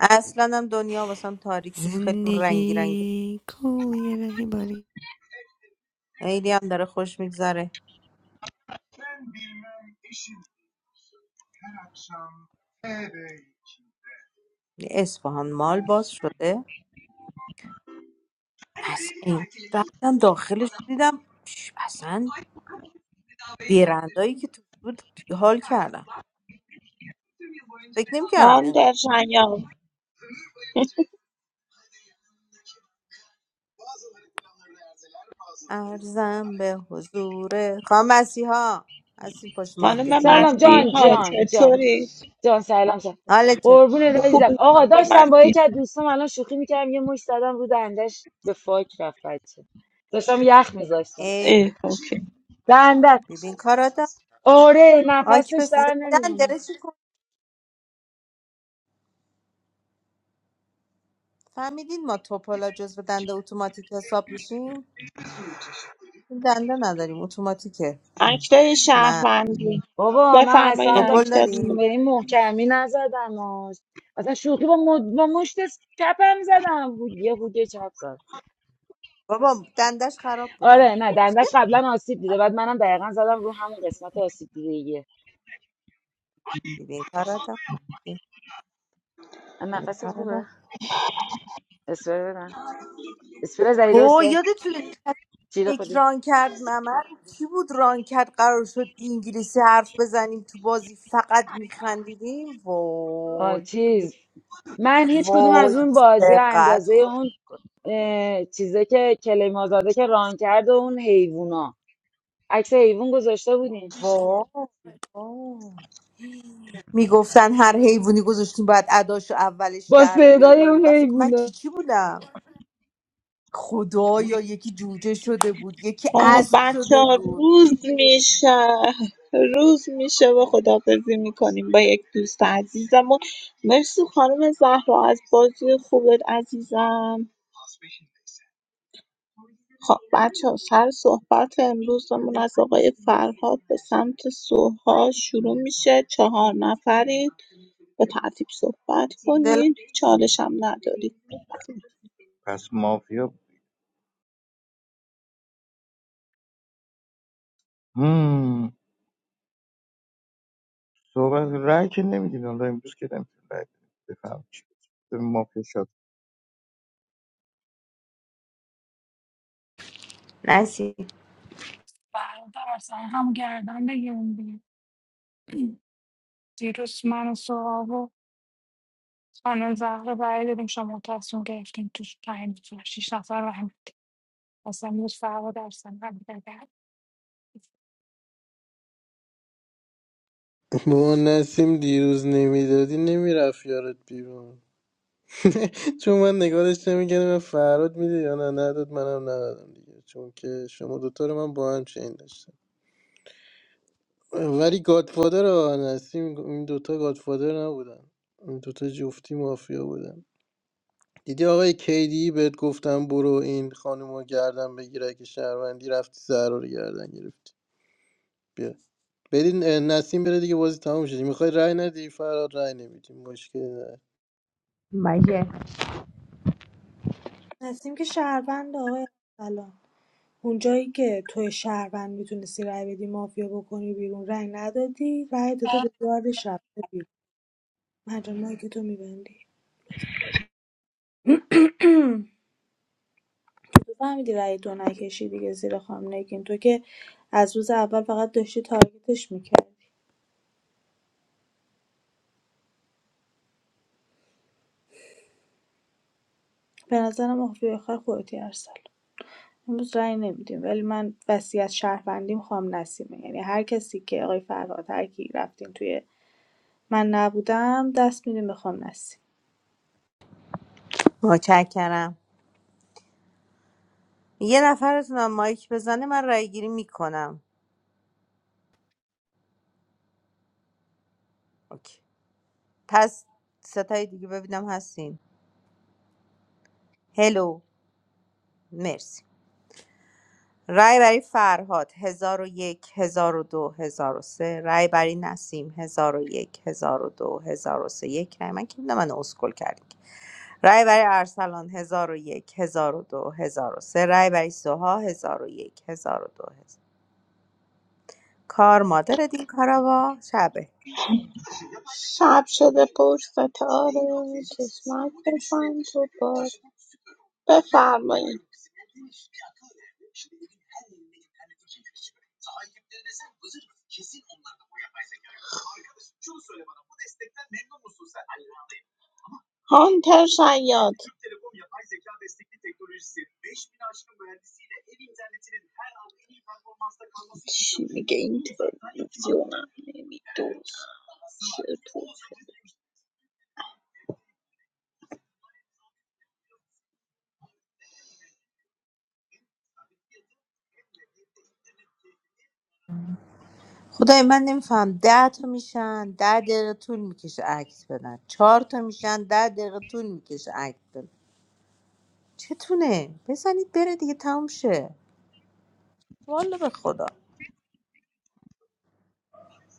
اصلا هم دنیا واسم تاریک نیست خیلی رنگی رنگی زندگی کوی رهی باری خیلی هم داره خوش میگذره اصفهان مال باز شده اصلا این رفتم داخلش دیدم ش- اصلا برندایی که تو بود حال کردم فکر نمی کردم خان اینقدر در جریان ارزم به حضور خانم مسیحا از این پشت خانم مایکتون سلام افتاد جان مسیحا جان جان چطوری جان سلام سلام حالا چه قربون عزیزم خوبی آقا خانم داشتم با مسیح یکی از دوستام الان شوخی میکردم یه مش زدم رو دندش به فاک رفت بچه داشتم یخ میذاشتم ای اه، اوکی دندت ببین کارادا آره آکی نفسش پس در زدن نمیومد داره چی کن فهمیدین ما توپالا جزو دنده اتوماتیک حساب میشیم دنده نداریم اتوماتیکه اکتای من شهروندی بابا من بفرمایید اصلا به توپل داریم اکتاتون به این محکمی نزدم آش. اصلا شوخی با, مد... با مشت چپم زدم یه هوگه چپ زد بابا دندش خراب بوده آره نه دندش قبلا آسیب دیده بعد منم دقیقا زدم رو همون قسمت آسیب دیده ببین کارادا مسی من ببین نفست خوبه کارادا اسپری بدم اسپری زدی او درسته یادتونه جیره یک خودی ران کرد ممر کی بود ران کرد قرار شد انگلیسی حرف بزنیم تو بازی فقط میخندیدیم آه، وای چیز من هیچ کدوم وای از اون بازی چقدر اندازه خود اون اه، چیزه که کلیم آزاده که ران کرد و اون حیوونا عکس حیوون گذاشته بودین وای میگفتن هر حیوانی گذاشتیم باید اداشو اولش با در صدای بیاریم اون و فکر کن من چی حیوونا چی بودم خدایا یکی جوجه شده بود یکی خب اسب شده بچه بود روز میشه روز میشه و خدافزی میکنیم با یک دوست عزیزمون مرسی خانم زهرا از بازی خوبت عزیزم خب بچه ها، سر صحبت امروزمون از آقای فرهاد به سمت سوها شروع میشه چهار نفرید به ترتیب صحبت دلم کنید چالش هم ندارید پس مافیا مم. صحبت رأی که نمیدین حالا امروز که نمیتونین رأی بدین. بفهم چی بود. به مافیا شاد نسی برادر اصلا هم گردن بگیرون دیگه دیروز من و سوها و خانم زهر برای دادیم شما تصمیم گرفتیم تو پنج شیش نفر و هم اصلا امروز فرقا درسن ما نسیم دیروز نمیدادی نمیرفت یارت بیرون چون من نگارش نمیکردم من فراد میده یا نه نداد منم ندادم دیگه چون که شما دوتا رو من با هم چین داشتم ولی گادفادر و نسیم این دوتا گادفادر نبودن این دوتا جفتی مافیا بودن دیدی آقای کیدی بهت گفتم برو این خانم رو گردن بگیر اگه شهروندی رفتی زهرا رو گردن گرفتی بیا برین اه، نسیم بره دیگه بازی تموم شدی میخوای رای ندی فراد رای نمیدیم مشکلی نه مگه نسیم که شهروند آقای سلام اونجایی که توی شهروند میتونستی رای بدی مافیا بکنی بیرون رای ندادی رای داده به گارد رفته بیرون مجموعه که تو میبندی تو فهمیدی رای دو نکشی دیگه زیر خام نگین تو که از روز اول فقط داشتی تارگتش میکردی به نظرم مافیا آخر خودتی ارسلان امروز رأی نمی‌دیم ولی من وصیت شهروندی میخوام نسیمه یعنی هر کسی که آقای فرهاد هر کی رفتین توی من نبودم دست میدیم میخوام نسیم متشکرم یه نفرتونم مایک بزنه من رای گیری میکنم اوکی. پس ستای دیگه ببینم هستین هلو مرسی رای برای فرهاد هزار و یک هزار و دو هزار و سه رای برای نسیم هزار و یک هزار و دو هزار و سه یک رای من که بودم من اسکل کردیم رای برای ارسلان هزار و یک هزار و دو هزار و سه رای برای سوها هزار و یک هزار و دو هزار. کار مادر دین کاراوا شبه شب شده پر ستاره چشمک بسن تو باد بفرمایید هانتر شیاد چی میگه این تلویزیونم نمی‌دونم چیه خدای من نمیفهم ده تا میشن ده دقیقه طول میکشه عکس بدن چهار تا میشن ده دقیقه طول میکشه عکس بدن چتونه بزنید بره دیگه تموم شه والا به خدا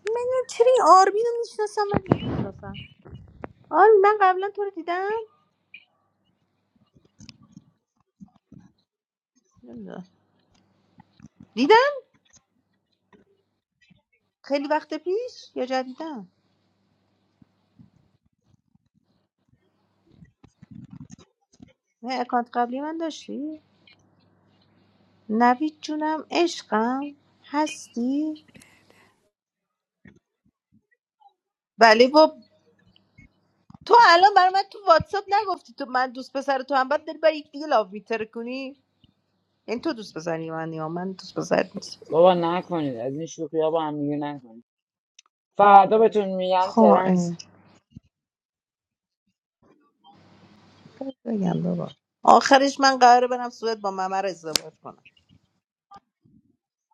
من چرا این آرمین رو میشناسم من نمیشناسم آرمین من قبلا تو رو دیدم نمی‌دونم. دیدم خیلی وقت پیش یا جدیدم نه اکانت قبلی من داشتی نوید جونم عشقم هستی بله با تو الان برای من تو واتساپ نگفتی تو من دوست پسر تو هم بعد داری برای یک دیگه لاو میتره کنی این تو دوست پسری من یا من دوست پسر نیست بابا نکنید از این شوخی ها با هم دیگه نکنید فردا بهتون میگن خب ترن اه. خب بگم بابا آخرش من قراره برم سوئد با ممر ازدواج کنم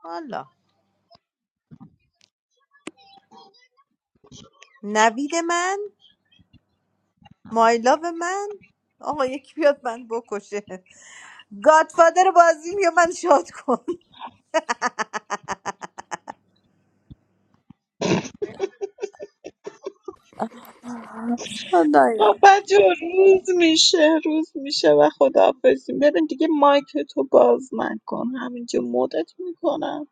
حالا نوید من مایلاو من آقا یکی بیاد من بکشه گادفادر بازیم یا من شاد کن خدایا بابا جو روز میشه روز میشه و خداحافظیم ببین دیگه مایک تو باز نکن همینجا مدت میکنم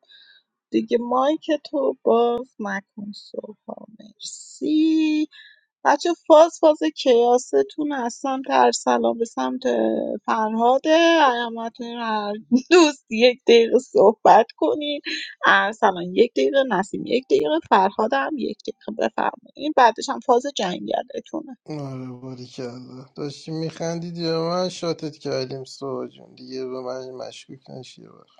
دیگه مایک تو باز نکن سوها مرسی بچه فاز فاز کیاستون از سمت ارسلان به سمت فرهاده علامتون هر دوست یک دقیقه صحبت کنین ارسلان یک دقیقه نسیم یک دقیقه فرهاد هم یک دقیقه بفرمایین بعدش هم فاز جنگلتونه آره باریکلا داشتی میخندیدی به من شاتت کردیم سوها جون دیگه به من مشکوک نشی یه وقت.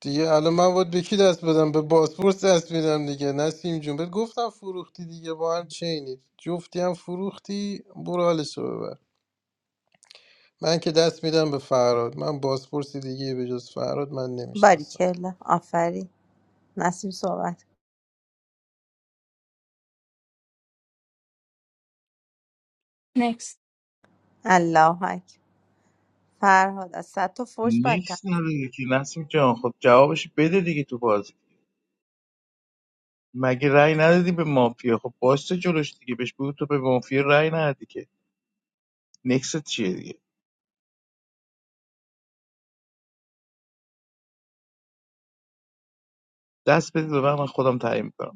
دیگه الان من باید به کی دست بدم به باسپورس دست میدم دیگه نسیم جون بهت گفتم فروختی دیگه با هم چینید جفتی هم فروختی برو حالشو ببر من که دست میدم به فراد من بازپرسی دیگه به جز فراد من نمیشناسم باریکلا آفرین نسیم صحبت هم الله اکبر فرهاد از صد تا فوش بدتر نیکس نداری که نسیم جان خب جوابش بده دیگه تو بازی مگه رأی ندادی به مافیا خب باسته جلوش دیگه بهش بگو تو به مافیا رأی ندادی که نکست چیه دیگه دست بده به من من خودم تعیین میکنم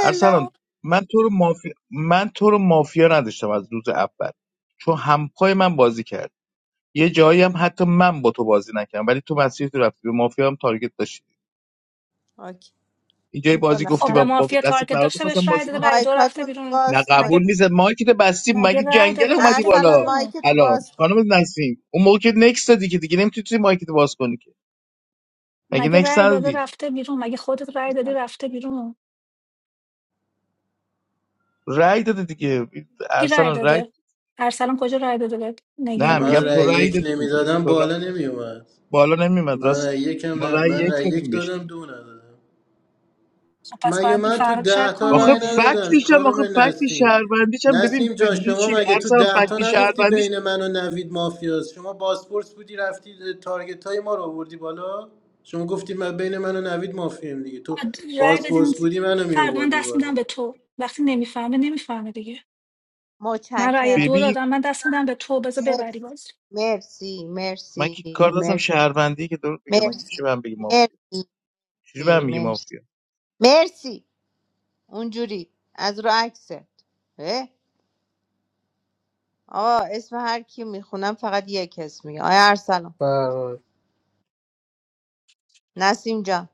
ارسلان من تو رو مافیا من تو رو مافیا نداشتم از روز اول چون همپای من بازی کرد یه جایی هم حتی من با تو بازی نکردم ولی تو مسیر تو رفتی به مافیا هم تارگت داشتی آکی. اینجای اون دو بازی خب گفتی به نفر با, با مافیا دیگه. دست تارگت فرار داشته بهش می‌خواستم رای بازی داده کنم رای دو مایکاتون رفته رو بیرون نه باز قبول مگه کنید نیست مایکت بستی مگه مگه رای جنگل داده اومدی رفته بالا ارسلان بیرون مایکتو الان باز کن خانم نسیم اون موقع که نکس دادی که دیگه نمیتونی مایکت باز کنی که مگه مگه نکس رای داده ندادی رفته بیرون مگه خودت رای دادی ارسلان. رفته بیرون رای دادی دیگه کی رای ارسلان رای داده ارسلان کجا رای داده به نگین نه من میگم بازی تو رأی رای یک دادی دیگه نمیدادم تو رای... بالا نمیومد بالا نمیمد من راست رأی میگی یکم ما نه رای من یک رأی یک دادیم بهش دادم دو ندادم خب پس مگه باید این من تو فراد شک ده تا کنی آخه رأی دیگه ندادم فکتش هم خانم آخه فکت نسیم شهروندیش هم ببین نسیم جان ببین چی شما مگه تو ارسلان ده فکت تا نگفتی شهروندیش بین من و نوید مافیاست شما بازپرس بودی رفتی تارگت های ما رو آوردی بالا شما گفتی من بین من و نوید مافیم دیگه تو باید رای بازپرس بدین بودی منو می فرد من آوردی دست میدم به تو وقتی نمیفهمه نمیفهمه دیگه من رای متشکرم دو ببین دادم من دست میدم به تو بذار ببری بازی مرسی من مرسی که کار داشتم مرسی شهروندی که درست بگم مگه میشه مرسی به من بگی مافیا؟ چجوری به مرسی هم میگی مرسی مافیا مرسی اونجوری از رو عکست اه، آقا اسم هر کی میخونم فقط یک اسم میگه آیا ارسلان بالا نسیم جان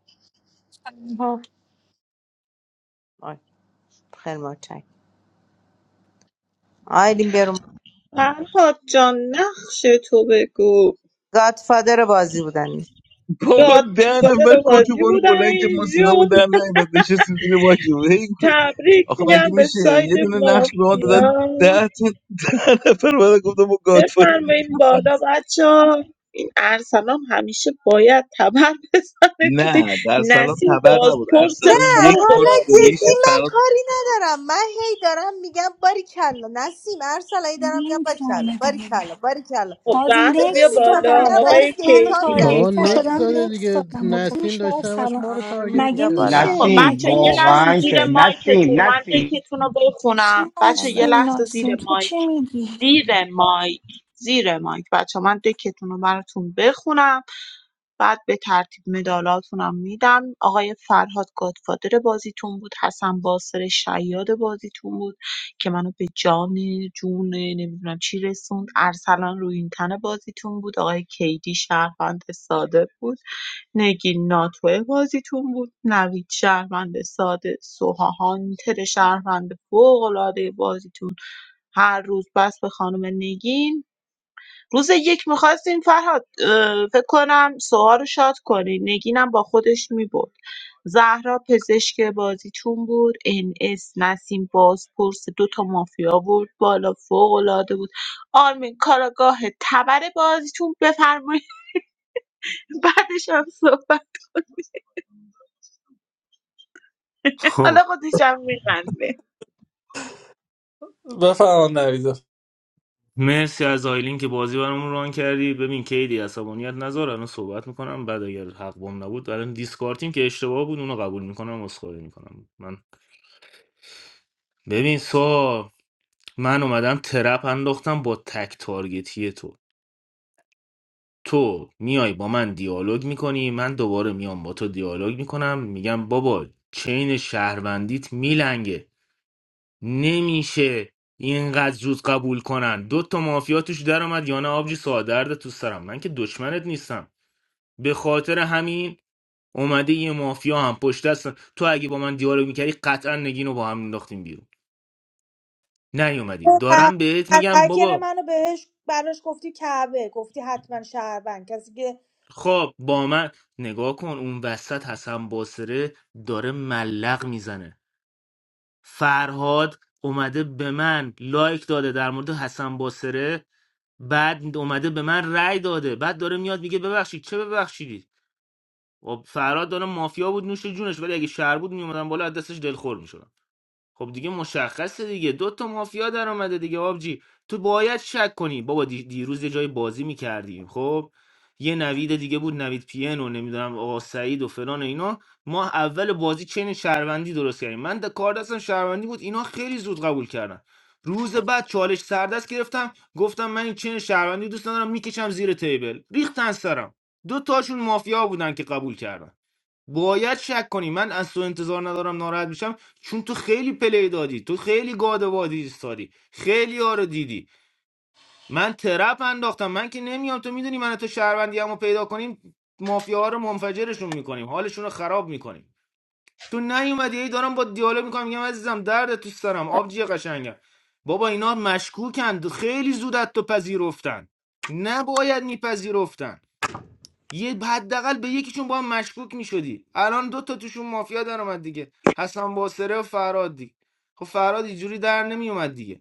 آه، آی، خیلی متشکرم آیلین برو فرهاد جان نقش تو بگو گادفادر بازی بودن بابا راد ده فادر نفر کت بازی بارو بلند که ما بودم صدامون در نیمت نشستیم زیر ماکیمون هی کو- تبریک آخه مگه میگم به میشه ساید یه دونه نقش به ما دادن مافیا ده تا ده نفر بعد گفتم ما گادفادر بفرمایین بالا بچه ها. این ارسلان همیشه باید تبر بزنه تو دی- نه در سلام نسیم تبر نبود بازپرس نه ارسلان یک فوق بار حالا تو العاده زندگیش جدی دید بود من فراد کاری ندارم من هی دارم میگم باری کلا نسیم ارسلایی دارم میگم باری کلا نمیفهمه باری دیگه کلا باری کلا خب باز چیزی زهرا بیا نکس نمی‌فهم. من بالا دادم دارم باز آقای قشنگ منو دیتا میدم کیدی تارگت آقا تو کرد نکس شدم بازی داده نکس دیگه دادم مطمئن نسیم میشه در داشته همش سلام ما رو آرمین تارگت مگه بیا بالا میشه خب میکرده نسیم بچه مگه یه لحظه میشم واقعا که چی زیر مایکتون نسیم من نسیم دکتون رو چی بخونم بچه یه ناسین لحظه ناسین زیر تو چی مایک میگی زیر مایک زیر مایک بچه من دکتون رو براتون بخونم بعد به ترتیب مدالاتونم می‌دم آقای فرهاد گادفادر بازیتون بود حسن باسر شیاد بازیتون بود که منو به جان جون نمیدونم چی رسوند ارسلان روینتن بازیتون بود آقای کیدی شهروند ساده بود نگین ناتوه بازیتون بود نوید شهروند ساده سوها هانتر شهروند فوق‌العاده بازیتون هر روز بس به خانم نگین روز یک میخواستیم فرهاد اه، فکر کنم سوها رو شاد کنیم نگینم با خودش میبود زهرا پزشک بازیتون بود ان اس نسیم بازپرس دو تا مافیا بود بالا فوق العاده بود آرمین کاراگاه تبر بازیتون بفرمایید بعدش هم صحبت حالا خب خودش هم میخنده بفرمان نوید مرسی از آیلین که بازی برامون ران کردی ببین کیدی عصبانیت نذار الان صحبت میکنم بعد اگر حق بم نبود الان دیسکارتیم که اشتباه بود اونو قبول میکنم عذرخواهی میکنم من ببین سو من اومدم ترپ انداختم با تک تارگتی تو تو میای با من دیالوگ میکنی من دوباره میام با تو دیالوگ میکنم میگم بابا چین شهروندیت میلنگه نمیشه اینقدر زود قبول کنن دو تا مافیا توش در اومد یا نه آبجی سادرده تو سرم من که دشمنت نیستم به خاطر همین اومده یه مافیا هم پشت دست تو اگه با من دیالوگ میکردی قطعا نگینو رو با هم مینداختیم بیرون نیومدی اون دارم بهت از میگم بابا منو بهش براش گفتی کعبه گفتی حتما شهروند کسی که خب با من نگاه کن اون وسط حسن باسره داره ملق میزنه فرهاد اومده به من لایک داده در مورد حسن باسره بعد اومده به من رأی داده بعد داره میاد میگه ببخشید چه ببخشیدی خب فرهاد داره مافیا بود نوش جونش ولی اگه شهر بود میومدن بالا از دستش دلخور میشدم. خب دیگه مشخصه دیگه دو تا مافیا در اومده دیگه آبجی تو باید شک کنی بابا دی- دیروز یه جای بازی میکردیم خب یه نوید دیگه بود نوید پین و نمیدونم آقا سعید و فلان و اینا ما اول بازی چین شهروندی درست کردیم من د- کار دستم شهروندی بود اینا خیلی زود قبول کردن روز بعد چالش سردست گرفتم گفتم من این چین شهروندی دوست ندارم میکشم زیر تیبل ریختن سرم دو تاشون مافیا بودن که قبول کردن باید شک کنی من از تو انتظار ندارم ناراحت بشم چون تو خیلی پلی دادی تو خیلی گاد وادی ایستادی خیلی ها رو دیدی من ترپ انداختم من که نمیام تو میدونی من و تو شهروندی رو پیدا کنیم مافیا ها رو منفجرشون میکنیم حالشون رو خراب میکنیم تو نیومدی ای دارم با دیالوگ میکنم میگم عزیزم درد تو سرم آبجی قشنگم بابا اینا مشکوکند خیلی زود از تو پذیرفتن نباید میپذیرفتن یه حداقل به یکیشون با هم مشکوک میشدی الان دو تا توشون مافیا در اومد دیگه حسن باسره و فراد دیگه خب فراد اینجوری در نمیومد دیگه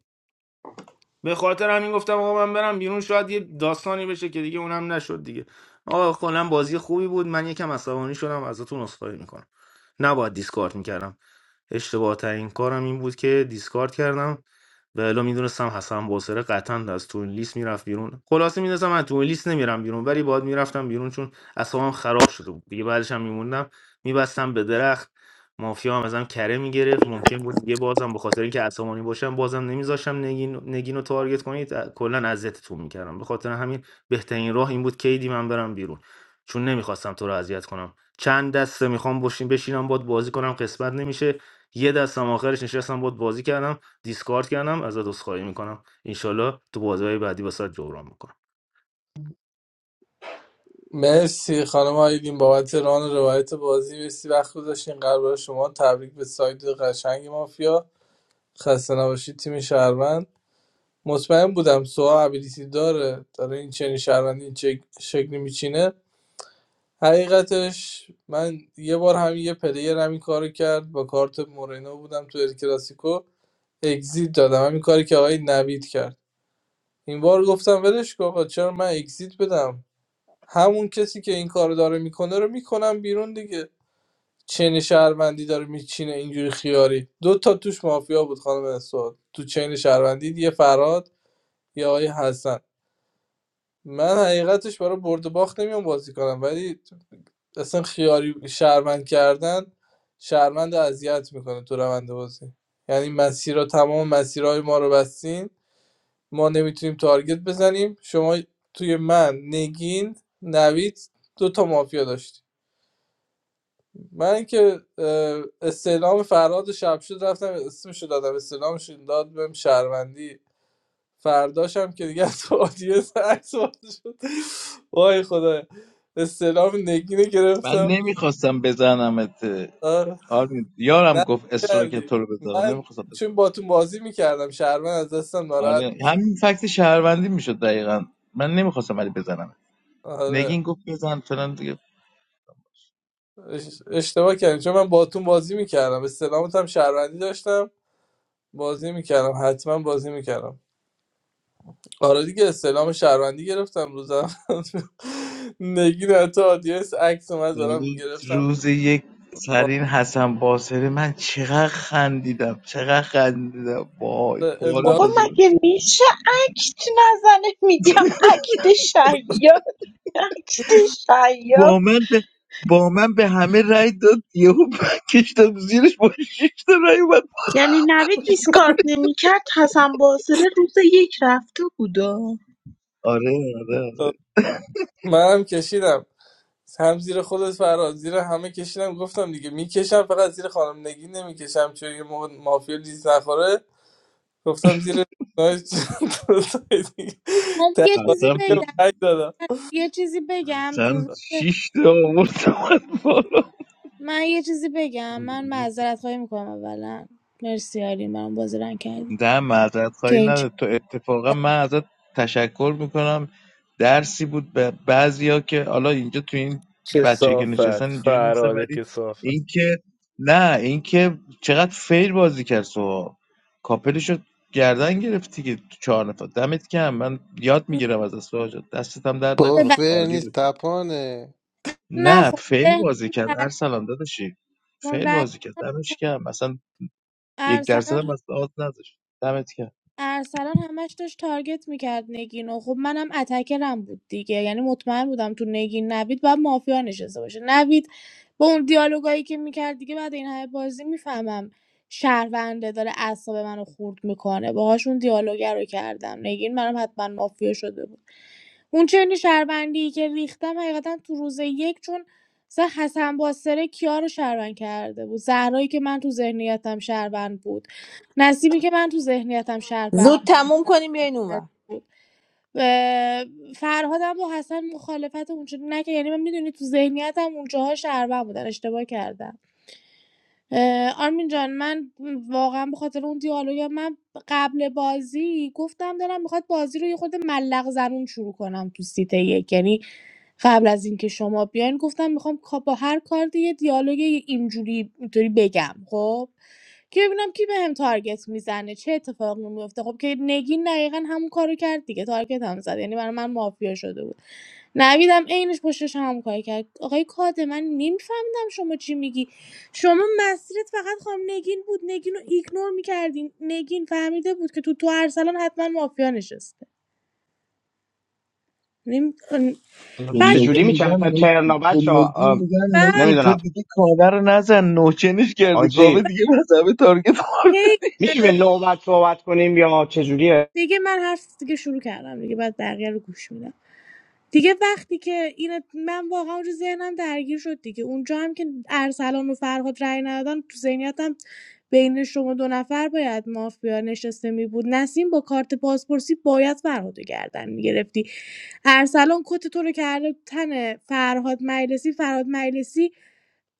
به خاطر همین گفتم آقا من برم بیرون شاید یه داستانی بشه که دیگه اونم نشد دیگه آقا کلا بازی خوبی بود من یکم عصبانی شدم ازتون عذرخواهی میکنم نباید دیسکارد میکردم اشتباه ترین کارم این بود که دیسکارد کردم و الا میدونستم حسن باسره قطعا از تو این لیست میرفت بیرون خلاصه میدونستم من تو این لیست نمیرم بیرون ولی باید میرفتم بیرون چون اصابم خراب شده بود دیگه بعدش هم میموندم میبستم به درخت مافیا هم ازم کره میگرفت ممکن بود دیگه بازم به خاطر اینکه عصبانی باشم بازم نمیذاشم نگین نگین رو تارگت کنید ا- کلا اذیتتون میکردم به خاطر همین بهترین راه این بود کیدی من برم بیرون چون نمیخواستم تو رو اذیت کنم چند دسته میخوام بشین بشینم باد بازی کنم قسمت نمیشه یه دستم آخرش نشستم باد بازی کردم دیسکارد کردم ازت عذرخواهی میکنم انشالله تو بازی بعدی واسات جبران میکنم مرسی خانم آیدین بابت ران و روایت بازی مرسی وقت گذاشتین قلب شما تبریک به ساید قشنگ مافیا خسته نباشید تیم شهروند مطمئن بودم سوها ابیلیتی داره داره این چنین شهروندی این چک- شکلی میچینه حقیقتش من یه بار هم یه پلیر همین کارو کرد با کارت مورینو بودم تو ال کلاسیکو اگزیت دادم همین کاری که آقای نوید کرد این بار گفتم ولش کن آقا، چرا من اگزیت بدم همون کسی که این کارو داره میکنه رو میکنم بیرون دیگه چین شهروندی داره میچینه اینجوری خیاری دو تا توش مافیا بود خانم اسواد تو چین شهروندی یه فراد یه آقای حسن من حقیقتش برای برد و باخت نمیام بازی کنم ولی اصلا خیاری شهروند کردن شهروند رو اذیت میکنه تو روند بازی یعنی مسیرها تمام مسیرهای ما رو بستین ما نمیتونیم تارگت بزنیم شما توی من نگین نوید دو تا مافیا داشتی من که اه، استعلام فراد شب شد رفتم اسمشو دادم استعلامش این داد بهم شهروندی فرداشم که دیگه تو آدیه عکس باز شد وای خدا استعلام نگینه من گرفتم نمیخواستم بزنمت آره آرمین یارم نه گفت اصرار که کردی تو رو بزنم من نمیخواستم چون بزنم با تو بازی میکردم شهروند از دستم ناراحت آره میشد همین فکت شهروندی میشد دقیقا من نمیخواستم ولی بزنم آره نگین گفت بزن فلان اش- اشتباه کردم چون من با تو بازی میکردم استعلامت هم شهروندی داشتم بازی میکردم حتما بازی میکردم آره دیگه سلام شهروندی گرفتم روزم نگین حتی آدیس عکس اومد دارم ولی گرفتم روز یک ما سرین حسن باسری من چقدر خندیدم چقدر خندیدم وای رو پاره بابا انداختم شده بودم. مگه میشه اکت نزنه میگم اکت شیاد اکت شیاد با من به با من به همه رای داد یهو من کشتم زیرش با شش تا رأی اومد یعنی نوید دیسکارد نمیکرد حسن باسره روز یک رفته بودا آره آره آره منم کشیدم هم زیر خودت فراز زیر همه کشیدم گفتم دیگه میکشم فقط زیر خانم نگین نمیکشم چون یه موقع مافیا لیز نخوره گفتم زیر نایس. دیگه. ولی یه تقاطع چیزی حسن که بگم فکر رأی دادم یه چیزی بگم تو حسن روز شش تا آورد اومد بالا. من یه چیزی بگم من معذرت خواهی میکنم اولا مرسی آرین من بازی رنگ کردی نه معذرت که خواهی این نداره چه تو اتفاقا من ازت تشکر میکنم درسی بود به بعضیا که حالا اینجا تو این بچه که نشستن کسافت اینجوری نیستن فراده ولی کسافت اینکه نه اینکه چقدر فیر بازی کرد سوها کاپلشو گردن گرفتی که تو چهار نفر دمت کم من یاد میگیرم از سوها جان دستت هم درد با نکنه ببخش. عالی نیست بودی تپانه نه نه خب فیر ذهنم بازی کرد درگیر- ارسلان داداشی چون فیر رنگ بازی کرد دمش کم مثلا یک درصد ارسلان هم از آز نداشت دمت کم ارسلان همش داشت تارگت میکرد نگین و خب منم اتکرم بود دیگه یعنی مطمئن بودم تو نگین نوید باید مافیا نشسته باشه نوید با اون دیالوگایی که میکرد دیگه بعد این همه بازی میفهمم شهرونده داره اعصاب منو خورد میکنه باهاشون دیالوگ رو کردم نگین منم حتما مافیا شده بود اون چنین شهروندی که ریختم حقیقتا تو روز یک چون مثلا حسن باسره کیا رو شهروند کرده بود زهرایی که من تو ذهنیتم شهروند بود نصیبی که من تو ذهنیتم شهروند زود تموم کنیم بیاین اونور بود و فرهادم با حسن مخالفت اونجا نکرد یعنی من میدونی تو ذهنیتم اونجاها شهروند بودن اشتباه کردم اه، آرمین جان من واقعا به خاطر اون دیالوگ من قبل بازی گفتم دارم میخواد بازی رو یه خود ملق زنون شروع کنم تو سیت یک یعنی قبل از اینکه شما بیاین گفتم میخوام کا- با هر کارت یه دیالوگ اینجوری اینطوری بگم خب که ببینم کی بهم تارگت میزنه چه اتفاقی میفته خب که نگین دقیقا همون کارو کرد دیگه تارگت هم زد یعنی برای من مافیا شده بود نویدم عینش پشتش همون کار کرد آقای کاده من نمیفهمیدم شما چی میگی شما مسیرت فقط خانم نگین بود نگین رو ایگنور میکردین نگین فهمیده بود که تو تو ارسلان حتما مافیا نشسته نیم- به بعد چجوری نگی میگم میچرخه نگی ترنا به بچه نگی ها؟ میگم بعد نگی تو نمیدونم دیگه کابه رو نزن نوچنش کردی کابه آجی دیگه مذهب تارگت خورده هی میشه به نوبت صحبت کنیم یا چجوریه دیگه من حرف دیگه شروع کردم دیگه بعد بقیه رو گوش میدم دیگه وقتی که این من واقعا اونجا ذهنم درگیر شد دیگه اونجا هم که ارسلان و فرهاد رأی ندادن تو ذهنیتم بین شما دو نفر باید مافیا نشسته می بود نسیم با کارت پاسپورسی باید فرهاد رو گردن میگرفتی ارسلان کت تو رو کرده تن فرهاد مجلسی فرهاد مجلسی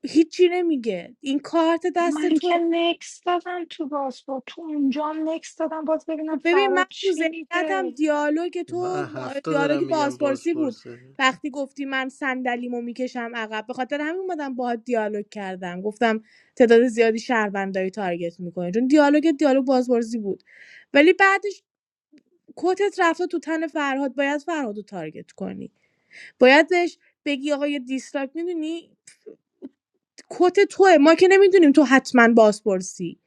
هیچی نمیگه این کارت دست من توه که نکس دادم تو بازپورت تو اونجام نکس دادم باز ببینم خب ببین من فراد تو چی ذهنیتم میگه دیالوگ من تو هفته دارم دیالوگ میگم بازپرسی بود بازپرسه وقتی گفتی من صندلیمو میکشم عقب به خاطر همین اومدم باهات دیالوگ کردم گفتم تعداد زیادی شهروندایی تارگت میکنی. چون دیالوگ دیالوگ بازپرسی بود ولی بعدش کتت رفته تو تن فرهاد باید فرهاد رو تارگت کنی باید بهش بگی آقا یه دیسلاک میدونی کت توه ما که نمیدونیم تو حتما بازپرسی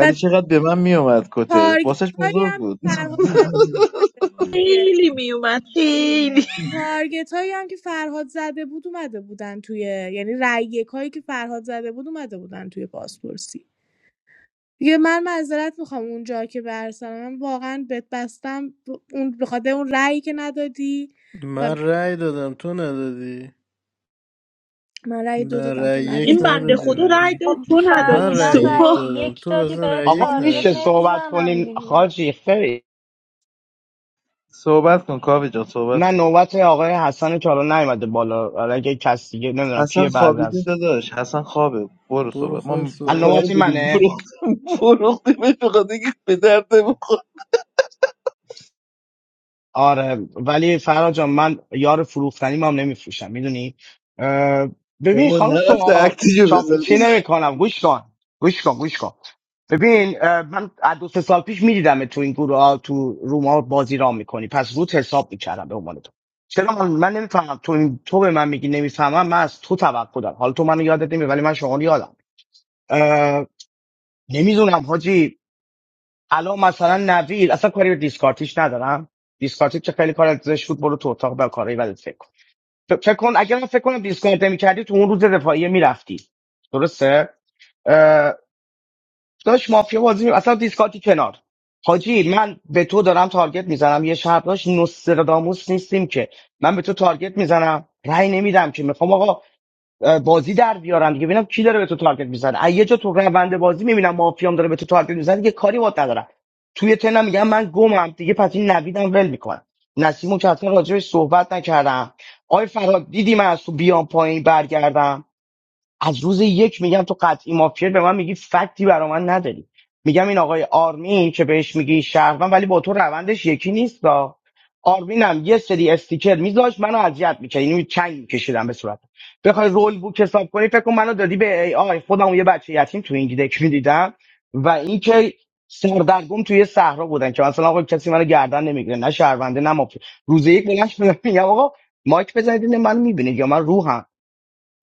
و چقدر به من میومد کته تارگت واسش هایی بزرگ هم که بود فرهاد زد خیلی میومد خیلی تارگت هایی هم که فرهاد زده بود اومده بودن توی یعنی رای یک هایی که فرهاد زده بود اومده بودن توی پاسپورسی دیگه من معذرت میخوام اونجا که برسم من واقعا بت بستم ب- اون به خاطر اون رأیی که ندادی و من رأی دادم تو ندادی من رأی دو نه دادم تو رأی یک این ندادی بنده ندادی خدا بهش رای خب داد تو من ندادی فهمیدم رأی یک سوها رأی دادم یک تو دادی اصلا به رأی آقا یک تارگت میشه ندادی بهش صحبت نمیزنم کنیم دیگه خاجی خیر صحبت کن کابه جان صحبت نه کن نوبت آقای حسن که حالا نیومده بالا حالا اگه کس دیگه نمیدونم حسن کیه بعد خوابیده از داداش حسن خوابه برو برو صحبت ما خود الان صحبت مطمئن نوبت کن بودیم منه فروختیم فروختیمش به خاطر اینکه به درد بخور آره ولی فرا جان من یار فروختنی ما هم نمیفروشم میدونی اه، ببین بابا خانم نرفته سوها اکتیجو بزن چاپلوسی نمیکنم گوش کن گوش کن گوش کن ببین اه، من از دو سه سال پیش میدیدم تو این گروه ها تو روم ها بازی را میکنی پس روت حساب میکردم به عنوان تو چرا من, من نمیفهمم تو تو به من میگی نمیفهمم من از تو توقع دارم حالا تو منو یادت نمیاد ولی من شما رو یادم نمیدونم حاجی الان مثلا نوید اصلا کاری به دیسکارتیش ندارم دیسکارتی چه خیلی کار ازش بود برو تو اتاق به کارهای بدت فکر کن ف- فکر کن اگر فکر کنم دیسکارت نمی‌کردی تو اون روز دفاعیه میرفتی درسته اه، داشت مافیا بازی می- اصلا دیسکارتی کنار حاجی من به تو دارم تارگت میزنم یه شب داشت نوستراداموس نیستیم که من به تو تارگت میزنم رأی نمیدم که میخوام آقا بازی در بیارن دیگه ببینم کی داره به تو تارگت میزنه از یه جا تو روند بازی میبینم مافیام داره به تو تارگت میزنه دیگه کاری باهات ندارم توی تنم میگم من گمم دیگه پس این نویدم ول میکنم نسیمو که اصلا راجبش صحبت نکردم آی فراد دیدی من از تو بیام پایین برگردم از روز یک میگم تو قطعی مافیا به من میگی فکتی برا من نداری میگم این آقای آرمین که بهش میگی شهروند ولی با تو روندش یکی نیست دا. آرمینم یه سری استیکر میذاش منو اذیت میکرد اینو چنگ میکشیدم به صورت بخوای رول بوک حساب کنی فکر کن منو دادی به ای آی خودم یه بچه یتیم تو این دک میدیدم و اینکه سردرگم توی صحرا بودن که مثلا آقا کسی منو گردن نمیگیره نه شهرونده نه مافیا روز یک بلند شدم میگم آقا مایک بزنید من میبینید یا من روحم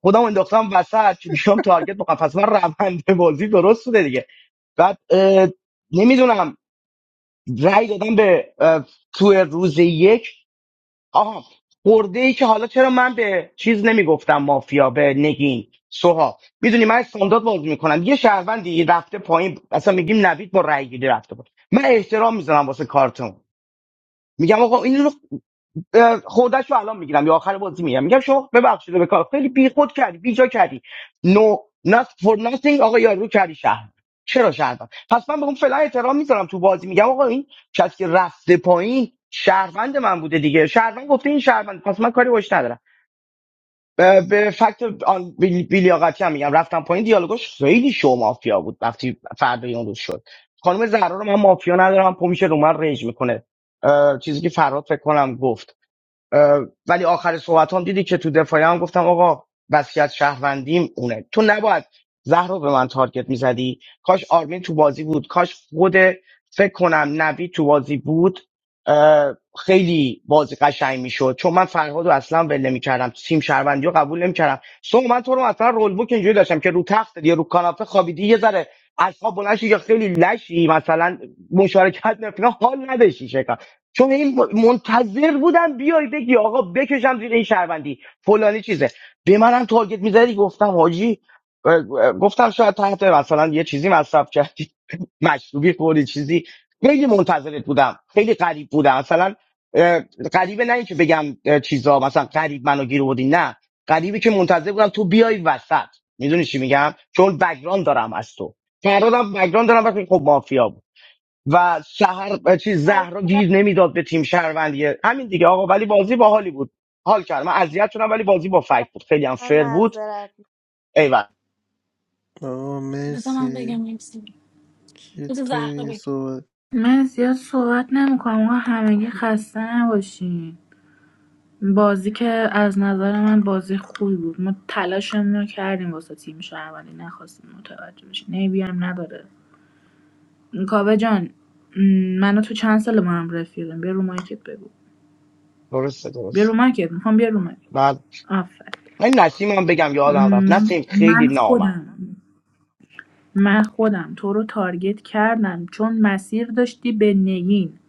خودم انداختم وسط که بیام تارگت بکنم پس من روند بازی درست بوده دیگه بعد اه، نمیدونم رأی دادم به اه، تو روز یک آها خورده ای که حالا چرا من به چیز نمیگفتم مافیا به نگین سوها میدونی من استاندارد بازی میکنم یه شهروندی رفته پایین اصلا میگیم نوید با رأی گیری رفته پایین من احترام میذارم واسه کارتون میگم آقا این خودش رو الان میگیرم یا آخر بازی میگم میگم شما ببخشید به کار خیلی بیخود کردی بیجا کردی نو نات فور ناتینگ آقا یارو کردی شهر چرا شهر پس من به اون فعلا احترام میذارم تو بازی میگم آقا این کسی که رفته پایین شهروند من بوده دیگه شهروند گفته این شهروند پس من کاری باش ندارم به به فکت آن بیل- بیلیاقتی هم میگم رفتم پایین دیالوگاش خیلی شو مافیا بود وقتی فردای اون روز شد خانم زهرا رو من مافیا ندارم پمیشه رو من ریج میکنه اه، چیزی که فراد فکر کنم گفت ولی آخر صحبت هم دیدی که تو دفاعی هم گفتم آقا وصیت شهروندیم اونه تو نباید زهر رو به من تارگت میزدی کاش آرمین تو بازی بود کاش خود فکر کنم نوید تو بازی بود اه، خیلی بازی قشنگ میشد چون من فرهاد رو اصلا ول نمیکردم سیم شهروندی رو قبول نمیکردم سو من تو رو مثلا رول بوک اینجوری داشتم که رو تخت یا رو کاناپه خوابیدی یه ذره اصلا بلند یا خیلی لشی مثلا مشارکت نفینا حال نداشتی چون این منتظر بودم بیای بگی آقا بکشم زیر این شهروندی فلانی چیزه به منم تارگت میزدی گفتم حاجی اه، اه، گفتم شاید تحت مثلا یه چیزی مصرف کردی مشروبی خوری چیزی خیلی منتظرت بودم خیلی قریب بودم مثلا اه، غریبه نه اینکه بگم اه، چیزا مثلا قریب منو گیر بودی نه غریبه که منتظر بودم تو بیای وسط میدونی چی میگم چون بگران دارم از تو فرادم بگران دارم وقتی خب مافیا بود. و سهر چیز از زهرا گیر نمیداد به تیم شهروندی همین دیگه آقا ولی بازی باحالی بود حال کردم من اذیت شدم ولی بازی با فکت بود خیلی هم من فر بود معذرت می‌خوام. ایول آقا بذار من بگم مرسی نمیزنم کی بذار زهرا توی بگه. صحبت من زیاد صحبت نمیکنم آقا همگی خسته نباشین بازی که از نظر من بازی خوبی بود ما تلاشمون رو کردیم واسه تیم شهروندی نخواستیم متوجه بشین عیبی هم نداره کاوه جان م، منو تو چند سال ما هم رفیقیم بیا رو مایکت بگو درسته بیا رو درسته مایکت میخوام بیا رو مایکت بعد آفر این نسیم هم بگم یادم رفت من نسیم خیلی من نامم خودم من خودم تو رو تارگت کردم چون مسیر داشتی به نگین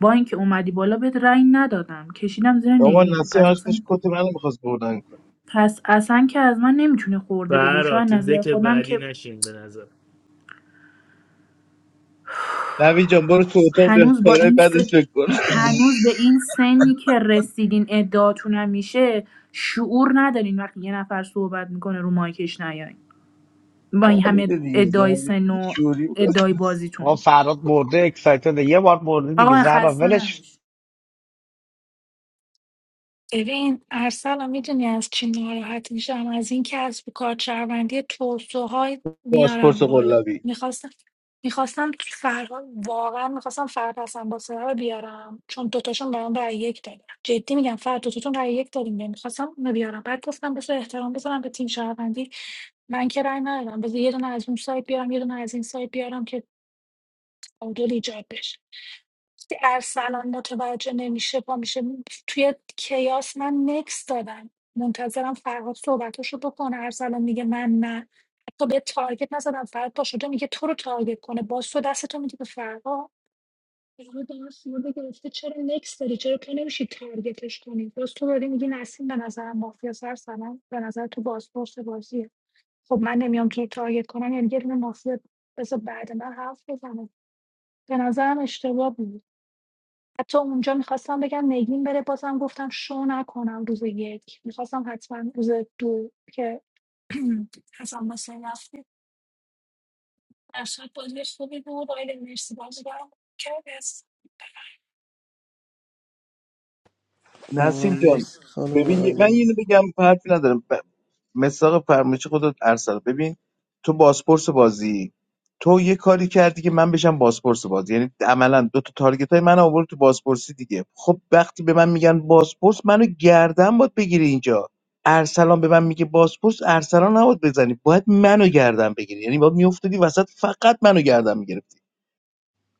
با اینکه اومدی بالا بهت رأی ندادم کشیدم زیر بابا نگین نسیه پس اصلا هاشتش کت منو میخواست بردن کنه پس اصلا که از من نمیتونه خورده بگیره چون برا از تو نظر دک خودم بعدی که نشین به نظر نوی جان برو تو اتاق به هنوز با کارهای این س... بدش فکر کن هنوز به این سنی که رسیدین ادعاتونم میشه شعور ندارین وقتی یه نفر صحبت میکنه رو مایکش نیاین با این همه ندیده دیگه ادعای ندیده. سن و شوری بود. ادعای بازیتون آقا فراد برده اکسایتد یه بار برده دیگه آقا زهرا خسته ولش نباشید ببین ارسلان میدونی از چی ناراحت میشم از این که از کارچروندی توسوهای پاسپورت میارم بالا قلابی میخواستم میخواستم فرها واقعا میخواستم فرد حسن با رو بیارم چون دوتاشون برام رأی یک دادن جدی میگم فرد دوتاتون رأی یک دادیم میخواستم اونو بیارم بعد گفتم بذار احترام بذارم به تیم شهروندی من که رأی ندادم بذار یه دونه از اون سایت بیارم یه دونه از این سایت بیارم که تعادل ایجاد بشه وقتی ارسلان متوجه نمیشه پا میشه توی کیاس من نکس دادم منتظرم فرهاد صحبتشو بکنه ارسلان میگه من نه حتی به تارگت نزدم فرهاد پا شده میگه تو رو تارگت کنه باز تو دستتو میدی به فرهاد فرهاد دارم سیورده گرفته چرا نکس داری چرا تو نمیشی تارگتش کنی باز تو داری میگی نسیم به نظرم مافیا سرسلام به نظر تو بازپرس بازیه خب من نمیام تو رو تارگت کنم یعنی یه دونه مافیا بذار بعد من حرف بزنه به نظرم اشتباه بود. حتی اونجا میخواستم بگم نگین بره بازم گفتم شو نکنم روز یک. میخواستم حتما روز دو که حسن حسین رفته در صورت بازی خوبی بود آقای مرسی بازی برام کردی آقا نسیم جان مرسی خانم ببین یه- من آقایی. اینو بگم حرفی ندارم ب- مساق فرمایش خودت ارسل ببین تو بازپرس بازی تو یه کاری کردی که من بشم بازپرس بازی یعنی عملا دو تا تارگت های من آورد تو بازپرسی دیگه خب وقتی به من میگن بازپرس منو گردن باید بگیری اینجا ارسلان به من میگه بازپرس ارسلان نباید بزنی باید منو گردن بگیری یعنی باید میافتادی وسط فقط منو گردن میگرفتی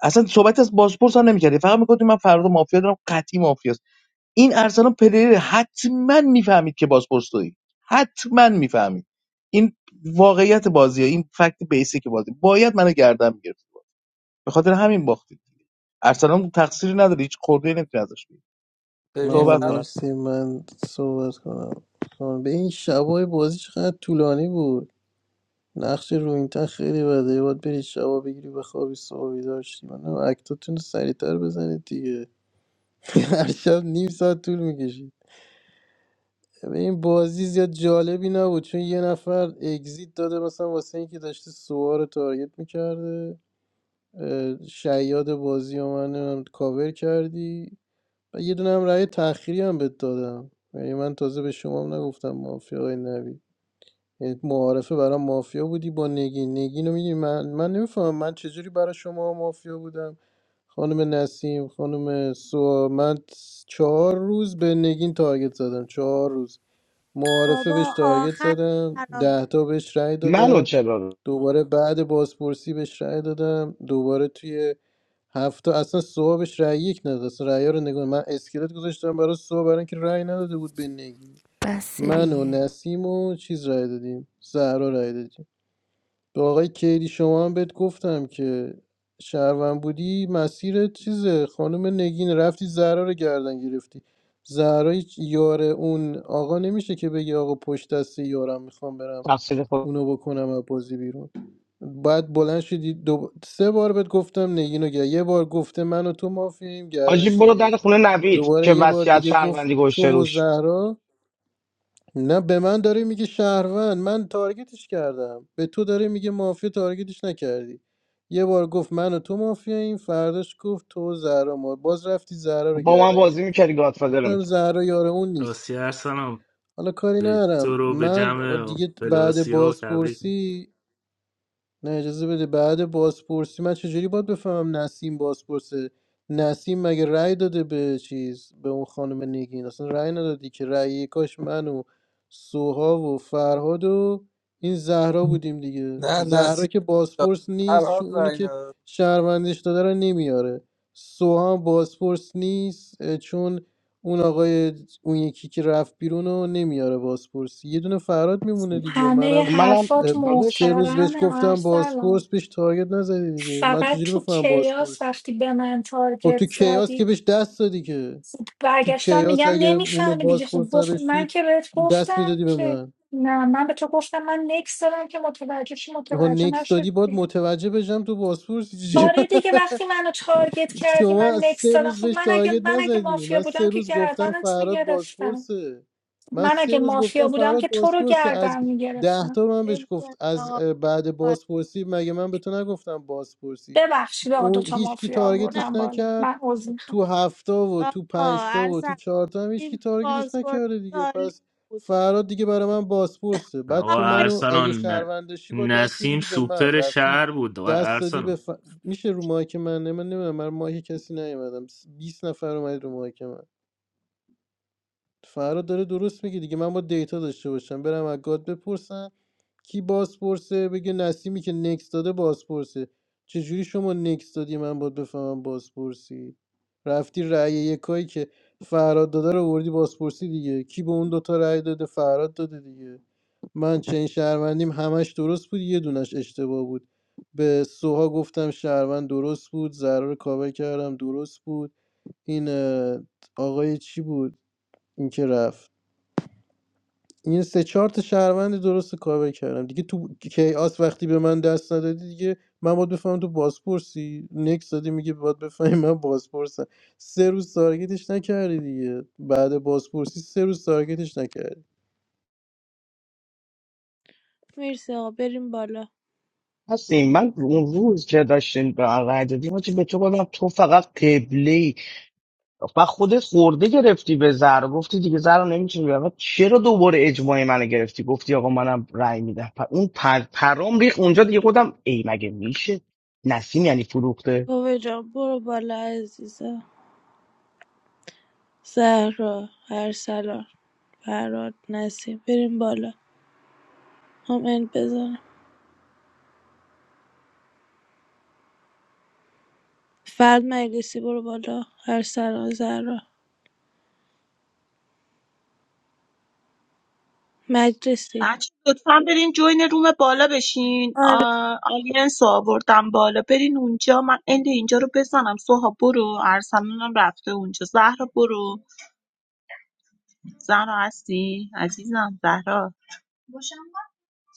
اصلا صحبت از بازپرس هم نمیکردی فقط میگفتی من فردا مافیا دارم قطعی مافیاست این ارسلان پلیر حتما میفهمید که بازپرس تویی حتما میفهمید این واقعیت بازیه این فکت بیسیک بازی باید منو گردن میگرفت به خاطر همین باختید ارسلان تقصیری نداره هیچ خورده نمیتونی ازش بگیری ببین آه صحبت کن فراد مرسی من صحبت کنم خانم به این شبای بازی چقدر طولانی بود نقش رو این تن خیلی بده یه باید بری شبا بگیری به خوابی صبح داشتی من هم اکتاتون رو سریعتر بزنید دیگه هر شب نیم ساعت طول میکشید به این بازی زیاد جالبی نبود چون یه نفر اگزیت داده مثلا واسه اینکه داشته سوار رو تارگت میکرده شیاد بازی رو من نمیدونم کاور کردی و یه دونه هم رأی تأخیری هم بهت دادم یعنی من تازه به شما هم نگفتم مافیا آقای نوید یعنی معارفه برام مافیا بودی با نگین نگین رو میگی من من نمیفهمم من چجوری برای شما مافیا بودم خانم نسیم خانم سوا من چهار روز به نگین تارگت زدم چهار روز معارفه بهش بابا تارگت آخر زدم خرابی ده تا بهش رأی منو دادم چرا دوباره بعد بازپرسی بهش رأی دادم دوباره توی هفته اصلا سوها بهش رأی یک نداد اصلا رأی‌ها رو نگاه من اسکلت گذاشتم برای سوها برای اینکه رأی نداده بود به نگی بس من و دیگه نسیم و چیز رأی دادیم زهرا رأی دادیم به آقای کیدی شما هم بهت گفتم که شهروند بودی مسیر چیزه خانم نگین رفتی زهرا رو گردن گرفتی زهرا هیچ یار اون آقا نمیشه که بگی آقا پشت دست یارم میخوام برم تفسیر خود اونو بکنم از بازی بیرون بعد بلند شدی دو... سه بار بهت گفتم نگین رو گر- یه بار گفته من و تو مافیم حاجی گردنش برو در نگرفتی خونه نوید دوباره که یه بار وصیت دیگه گفت شهروندی گوشه تو و روش زهرا نه به من داره میگه شهروند من تارگتش کردم به تو داره میگه مافیا تارگتش نکردی یه بار گفت من و تو مافیا این فرداش گفت تو و زهرا ما باز رفتی زهرا رو با من گردن بازی گرفت میکردی گادفادر رو گفتم می‌کردی. زهرا یار اون نیست راستی ارسلان حالا کاری به ندارم تو رو به من جمع دیگه بعد فلاسیاب تبریک می‌گم. بازپرسی نه اجازه بده بعد بازپرسی من چجوری باید بفهمم نسیم بازپرسه نسیم مگه رأی داده به چیز به اون خانم نگین اصلا رأی ندادی که رأی کاش من و سوها و فرهاد و این زهرا بودیم دیگه نه زهرا نسیم که داد بازپرس نیست چون فرهاد اونی رأی که نداد. شهروندش داده رو نمیاره سوها هم بازپرس نیست اه، چون اون آقای اون یکی که رفت بیرون رو نمیاره بازپرسی یه دونه فرهاد میمونه دیگه همه منم خب منم حرفات سه روز بهش محترمه گفتم ارسلان بازپرس بهش تارگت نزدی دیگه من فقط چجوری تو بفهمم کیاس بازپرس وقتی به من خب تارگت تو کیاس زدی که بهش دست دادی که خب تو برگشتم کیاس میگم اگه اونو نمیفهمی دیگه خب بازپرس گفت من نداشتی که بهت دست گفتم میدادی به که من نه من به تو گفتم من نکس دادم که متوجه چی ها متوجه نکس نشد دادی باید دیگه متوجه بشم تو بازپرس چی؟ آره دیگه وقتی منو تارگت کردی شما من از نکس سه دادم روز خب بهش من اگه تارگت من اگه نزدی مافیا من بودم سه که روز گفتم گردنت فراد میگرفتم بازپرسه من من سه اگه روز گفتم مافیا بودم فراد که تو رو بازپرسه از گردن ده میگرفتم تا من بهش خیلی کن گفت از آقا اه، خیلی بعد کار. بازپرسی مگه من به تو نگفتم بازپرسی ببخشید آقا اون دوتا هیچکی مافیا نه تارگتش آوردم بالا نکرد من عذر میخوام تو هفته و تو آقا پنجتا و تو ارسل چهارتا هم هیچکی تیم تارگتش پاسپورت نکرده دیگه عالی پس بود فراد دیگه برای من بازپرسه بعد آقا تو آفرین. منو اگه ارسلان ن- شهروندشی با دست نسیم میدادی به من سوپر رفتی شهر بود دست دادی آقا به ف... میشه رو مایک من نه من نمیدونم من رو مایک کسی نیومدم 20 نفر اومد رو مایک من فراد داره درست میگه دیگه من با دیتا داشته باشم برم از گاد بپرسم کی بازپرسه بگه نسیمی که نکس داده بازپرسه چجوری شما نکس دادی من باید بفهمم بازپرسی رفتی رأی یکایی که فراد داده رو وردی بازپرسی دیگه کی به اون دوتا رأی داده فراد داده دیگه من چنین شهروندیم همش درست بود یه دونش اشتباه بود به سوها گفتم شهروند درست بود ضرر کاوه کردم درست بود این اه، آقای چی بود این که رفت این سه چهار تا شهروند درست کاور کردم دیگه تو کیاس وقتی به من دست ندادی دیگه من باید بفهمم تو بازپرسی نکس دادی میگه باید بفهمی من بازپرسم سه روز تارگتش نکردی دیگه بعد بازپرسی سه روز تارگتش نکردی هستیم من اون روز که داشتیم به من رای دادیم حاجی به تو گفتم تو فقط قبله ای و خودت خورده گرفتی به زهر گفتی دیگه زهر نمیتونی بگم چرا دوباره اجماع منو گرفتی گفتی آقا منم رای میدم پ- اون پر... پرام ریخ اونجا دیگه خودم ای مگه میشه نسیم یعنی فروخته بابا جان برو بالا عزیزم زهرا ارسلان فراد نسیم بریم بالا هم اند بزنم فرد مجلسی برو بالا ارسلان زهرا مجلسی بچه لطفا برین جوین روم بالا بشین آ، آره. آلینس رو آوردم بالا برین اونجا من اند اینجا رو بزنم سوها برو ارسلانم رفته اونجا زهرا برو زهرا هستی عزیزم زهرا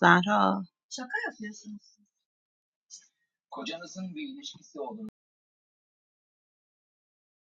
زهرا